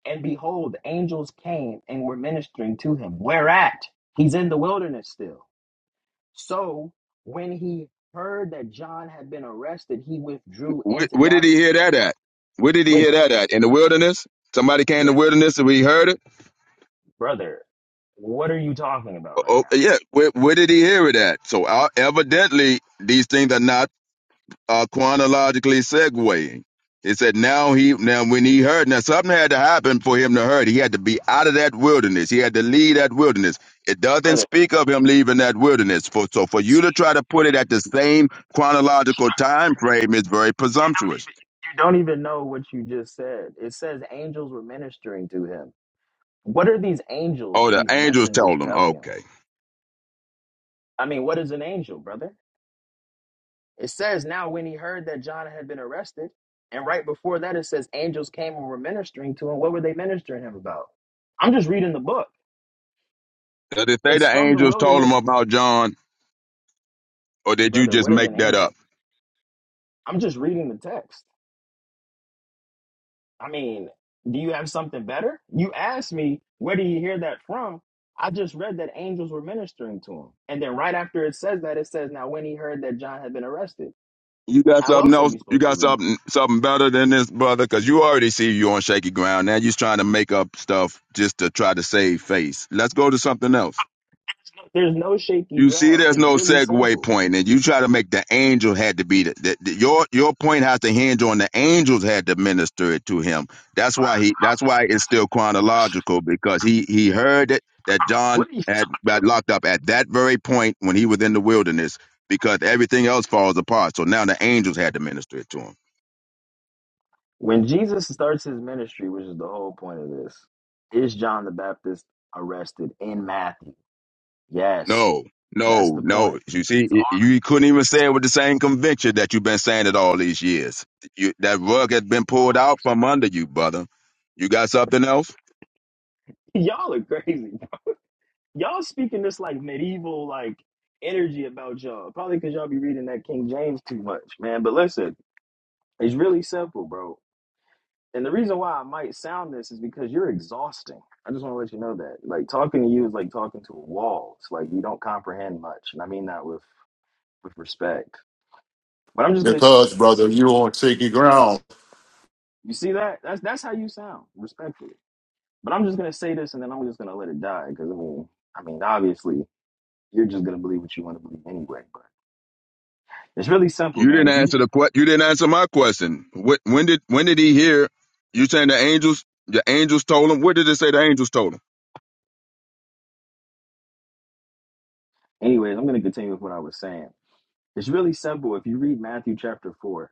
And behold, angels came and were ministering to him. Whereat he's in the wilderness still. So when he heard that John had been arrested, he withdrew
Where,
into
where did he hear
Galilee.
that at? Where did he
Wait,
hear
can,
that at? In the wilderness? Somebody came
yeah,
to the wilderness and we heard it.
brother, what are you talking about
Oh,
right
oh,
now,
yeah. Where, where did he hear it at? So uh, evidently, these things are not uh, chronologically segueing. It said now he now when he heard now something had to happen for him to hurt. He had to be out of that wilderness. He had to leave that wilderness. It doesn't
brother?
speak of him leaving that wilderness. For so for you
See,
to try to put it at the same chronological time frame is very
you don't
presumptuous.
even you don't even know what you just said. It says angels were ministering to him. What are these angels,
Oh, the
these
angels
messengers,
told him.
telling him?
Okay.
I mean, what is an angel, brother? It says, Now when he heard that John had been arrested, and right before that it says angels came and were ministering to him. What were they ministering him about? I'm just reading the book.
Did it say
It's
the
from the
angels told him
wilderness.
about John, or did you
Brother,
just
what is an
make that up?
angel? I'm just reading the text. I mean, do you have something better? You asked me, where do you hear that from? I just read that angels were ministering to him. And then right after it says that, it says, Now when he heard that John had been arrested,
You got
how
something
else are
else?
you
You
supposed to
got
read
something something better than this, brother? Because you already see you on shaky ground. Now you're trying to make up stuff just to try to save face. Let's go to something else.
that? There's no shaky
You see,
ground.
there's
It's
no
really
segue
simple.
point, and you try to make the angel had to be the, the, the- your your point has to hinge on the angels had to minister it to him. That's why he.
My
That's why
point
it's
doesn't.
still chronological because he he heard it that John
what are you
had
talking
got
about?
locked up at that very point when he was in the wilderness because everything else falls apart. So now the angels had to minister it to him.
When Jesus starts his ministry, which is the whole point of this, is John the Baptist arrested in Matthew? Yes,
No,
that's
no,
the
no.
point.
You see,
He's
y-
already
you
been
couldn't even say
arrested
it with the same conviction that you've been saying it all these years. You, that rug has been pulled
all
out from under you, brother. You got something else?
these years. Y'all are crazy. Y'all speaking this like medieval like energy about y'all. Probably because y'all be reading that King James too much, man. But listen, it's really simple, bro And the reason why I might sound this is because you're exhausting. I just want to let you know that. Like talking to you is like talking to a wall. It's like you don't comprehend much, and I mean that with with respect. But I'm just gonna say
Because
this.
brother, you on shaky ground.
You see that? That's that's how you sound, respectfully. But I'm just gonna say this, and then I'm just gonna let it die because I mean, I mean, obviously you're just gonna believe what you want to believe anyway. But it's really simple,
You
man.
didn't
If you
answer
just,
the que- You didn't answer my question. Wh- When did when did he hear you saying the angels? The angels told him. What did it say? The angels told him.
anyways, I'm gonna continue with what I was saying. It's really simple. If you read Matthew chapter four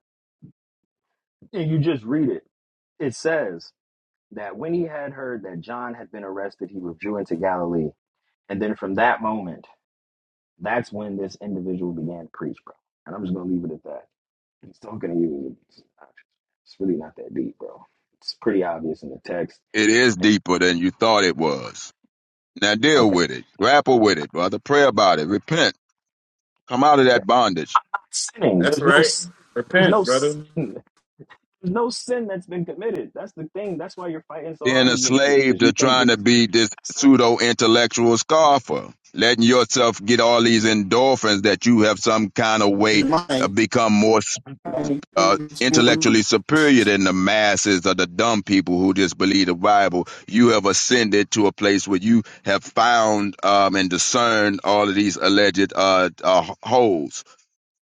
and you just read it, it says that when he had heard that John had been arrested, he withdrew into Galilee. And then from that moment, that's when this individual began to preach, bro. And I'm just gonna leave it at that. He's talking to you. It's really not that deep, bro. It's pretty obvious in the text.
It is deeper than you thought it was. Now deal
Okay,
with it. Grapple with it, brother. Pray about it. Repent. Come out of
okay.
that bondage.
Sinning.
That's
There's no
right.
sin. There's no
Repent, brother.
sin. There's no sin that's been committed. That's the thing. That's why you're fighting so
being
hard
a
against this,
slave
because you
to
think
trying
this
to
is
be this pseudo intellectual scoffer, letting yourself get all these endorphins that you have some kind of way uh, become more
Yeah,
uh, intellectually superior than the masses or the dumb people who just believe the Bible. You have ascended to a place where you have found um, and discerned all of these alleged uh, uh, holes.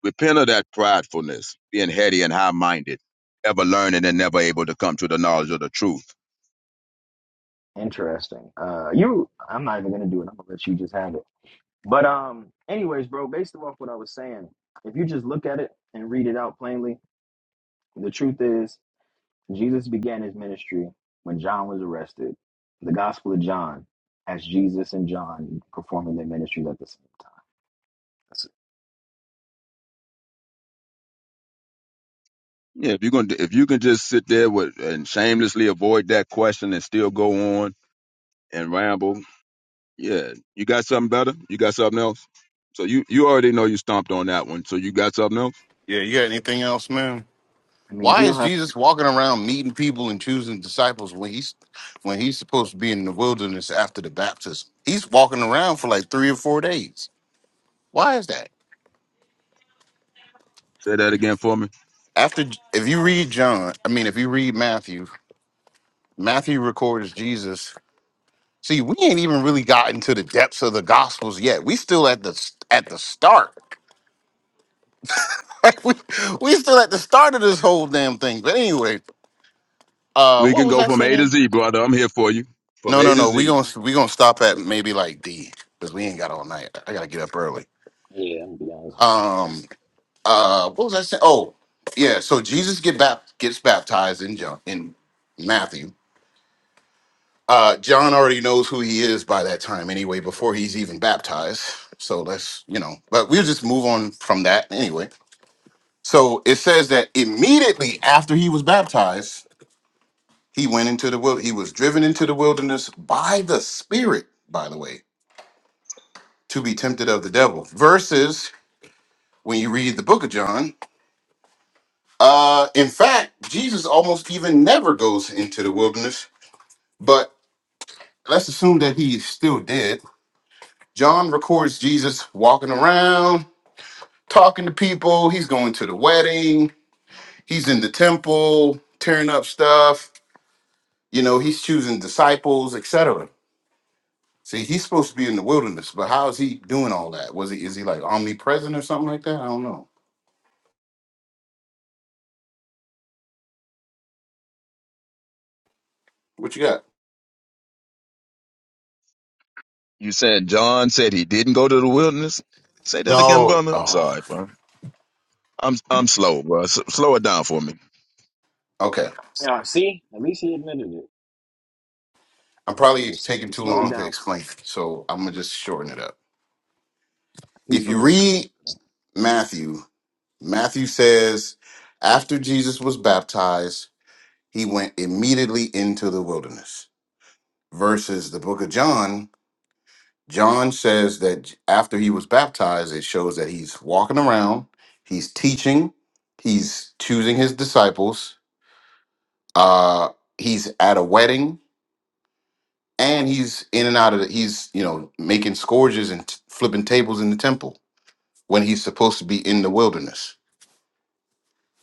Repent of that pridefulness, being heady and high minded, ever learning and never able to come to the knowledge of the truth
interesting. Uh, you. I'm not even gonna do it. I'm gonna let you just have it. But um, anyways, bro, based off what I was saying, if you just look at it and read it out plainly, the truth is Jesus began his ministry when John was arrested. The Gospel of John has Jesus and John performing their ministries at the same time. That's it.
Yeah, if you are gonna if you can just sit there with and shamelessly avoid that question and still go on and ramble, yeah, you got something better. You got something else. So you you already know you stomped on that one. So you got something else.
you got anything else, man?
I mean,
Why
he'll
is
have.
Jesus walking around meeting people and choosing disciples when he's when he's supposed to be in the wilderness after the baptism? He's walking around for like three or four days. Why is that?
Say that again for me.
After if you read John, I mean, if you read Matthew, Matthew records Jesus. See, we ain't even really gotten to the depths of the Gospels yet. We still at the at the start. Like we we still at the start of this whole damn thing. But anyway, uh,
We
what
can
was
go
I
from A
saying?
to Z, brother. I'm here for you from
No,
A
no,
to
no. We
Z.
gonna we gonna stop at maybe like D because we ain't got all night. I gotta get up early.
Yeah, I'm gonna be honest with you.
Um. Uh. What was I saying? Oh, yeah. So Jesus get bap- gets baptized in John in Matthew. Uh, John already knows who he is by that time anyway. Before he's even baptized, so let's you know. But we'll just move on from that anyway. So it says that immediately after he was baptized, he went into the wild. He was driven into the wilderness by the Spirit. By the way to be tempted of the devil. Versus when you read the book of John, uh, in fact, Jesus almost even never goes into the wilderness, but let's assume that he is still dead. John records Jesus walking around, talking to people. He's going to the wedding, he's in the temple, tearing up stuff. You know, he's choosing disciples, etc. See, he's supposed to be in the wilderness, but how is he doing all that? Was he is he like omnipresent or something like that? I don't know. What you got?
You said John said he didn't go to the wilderness. Say that again,
No,
brother. I'm
oh,
sorry, bro. I'm I'm slow, bro. S- slow it down for me.
Okay.
Yeah, see, at least he admitted it.
I'm
Yeah,
probably
s-
taking too
slow it
long to
down.
explain, so I'm gonna just shorten it up.
He's
If you
from the south.
read Matthew, Matthew says, after Jesus was baptized, he went immediately into the wilderness. Versus the book of John, John says that after he was baptized, it shows that he's walking around, he's teaching, he's choosing his disciples, uh, he's at a wedding, and he's in and out of the, he's, you know, making scourges and t- flipping tables in the temple when he's supposed to be in the wilderness.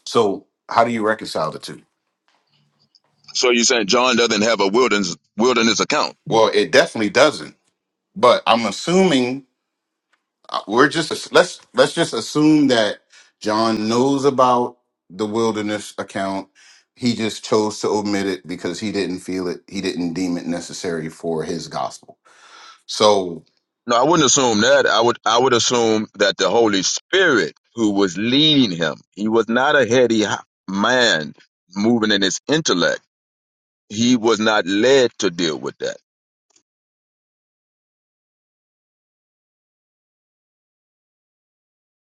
So, how do you reconcile the two?
So you saying John doesn't have a wilderness wilderness account?
Well, it definitely doesn't. But I'm assuming uh, we're just let's let's just assume that John knows about the wilderness account. He just chose to omit it because he didn't feel it. He didn't deem it necessary for his gospel. So
No, I wouldn't assume that. I would I would assume that the Holy Spirit who was leading him, he was not a heady man moving in his intellect. He was not led to deal with that.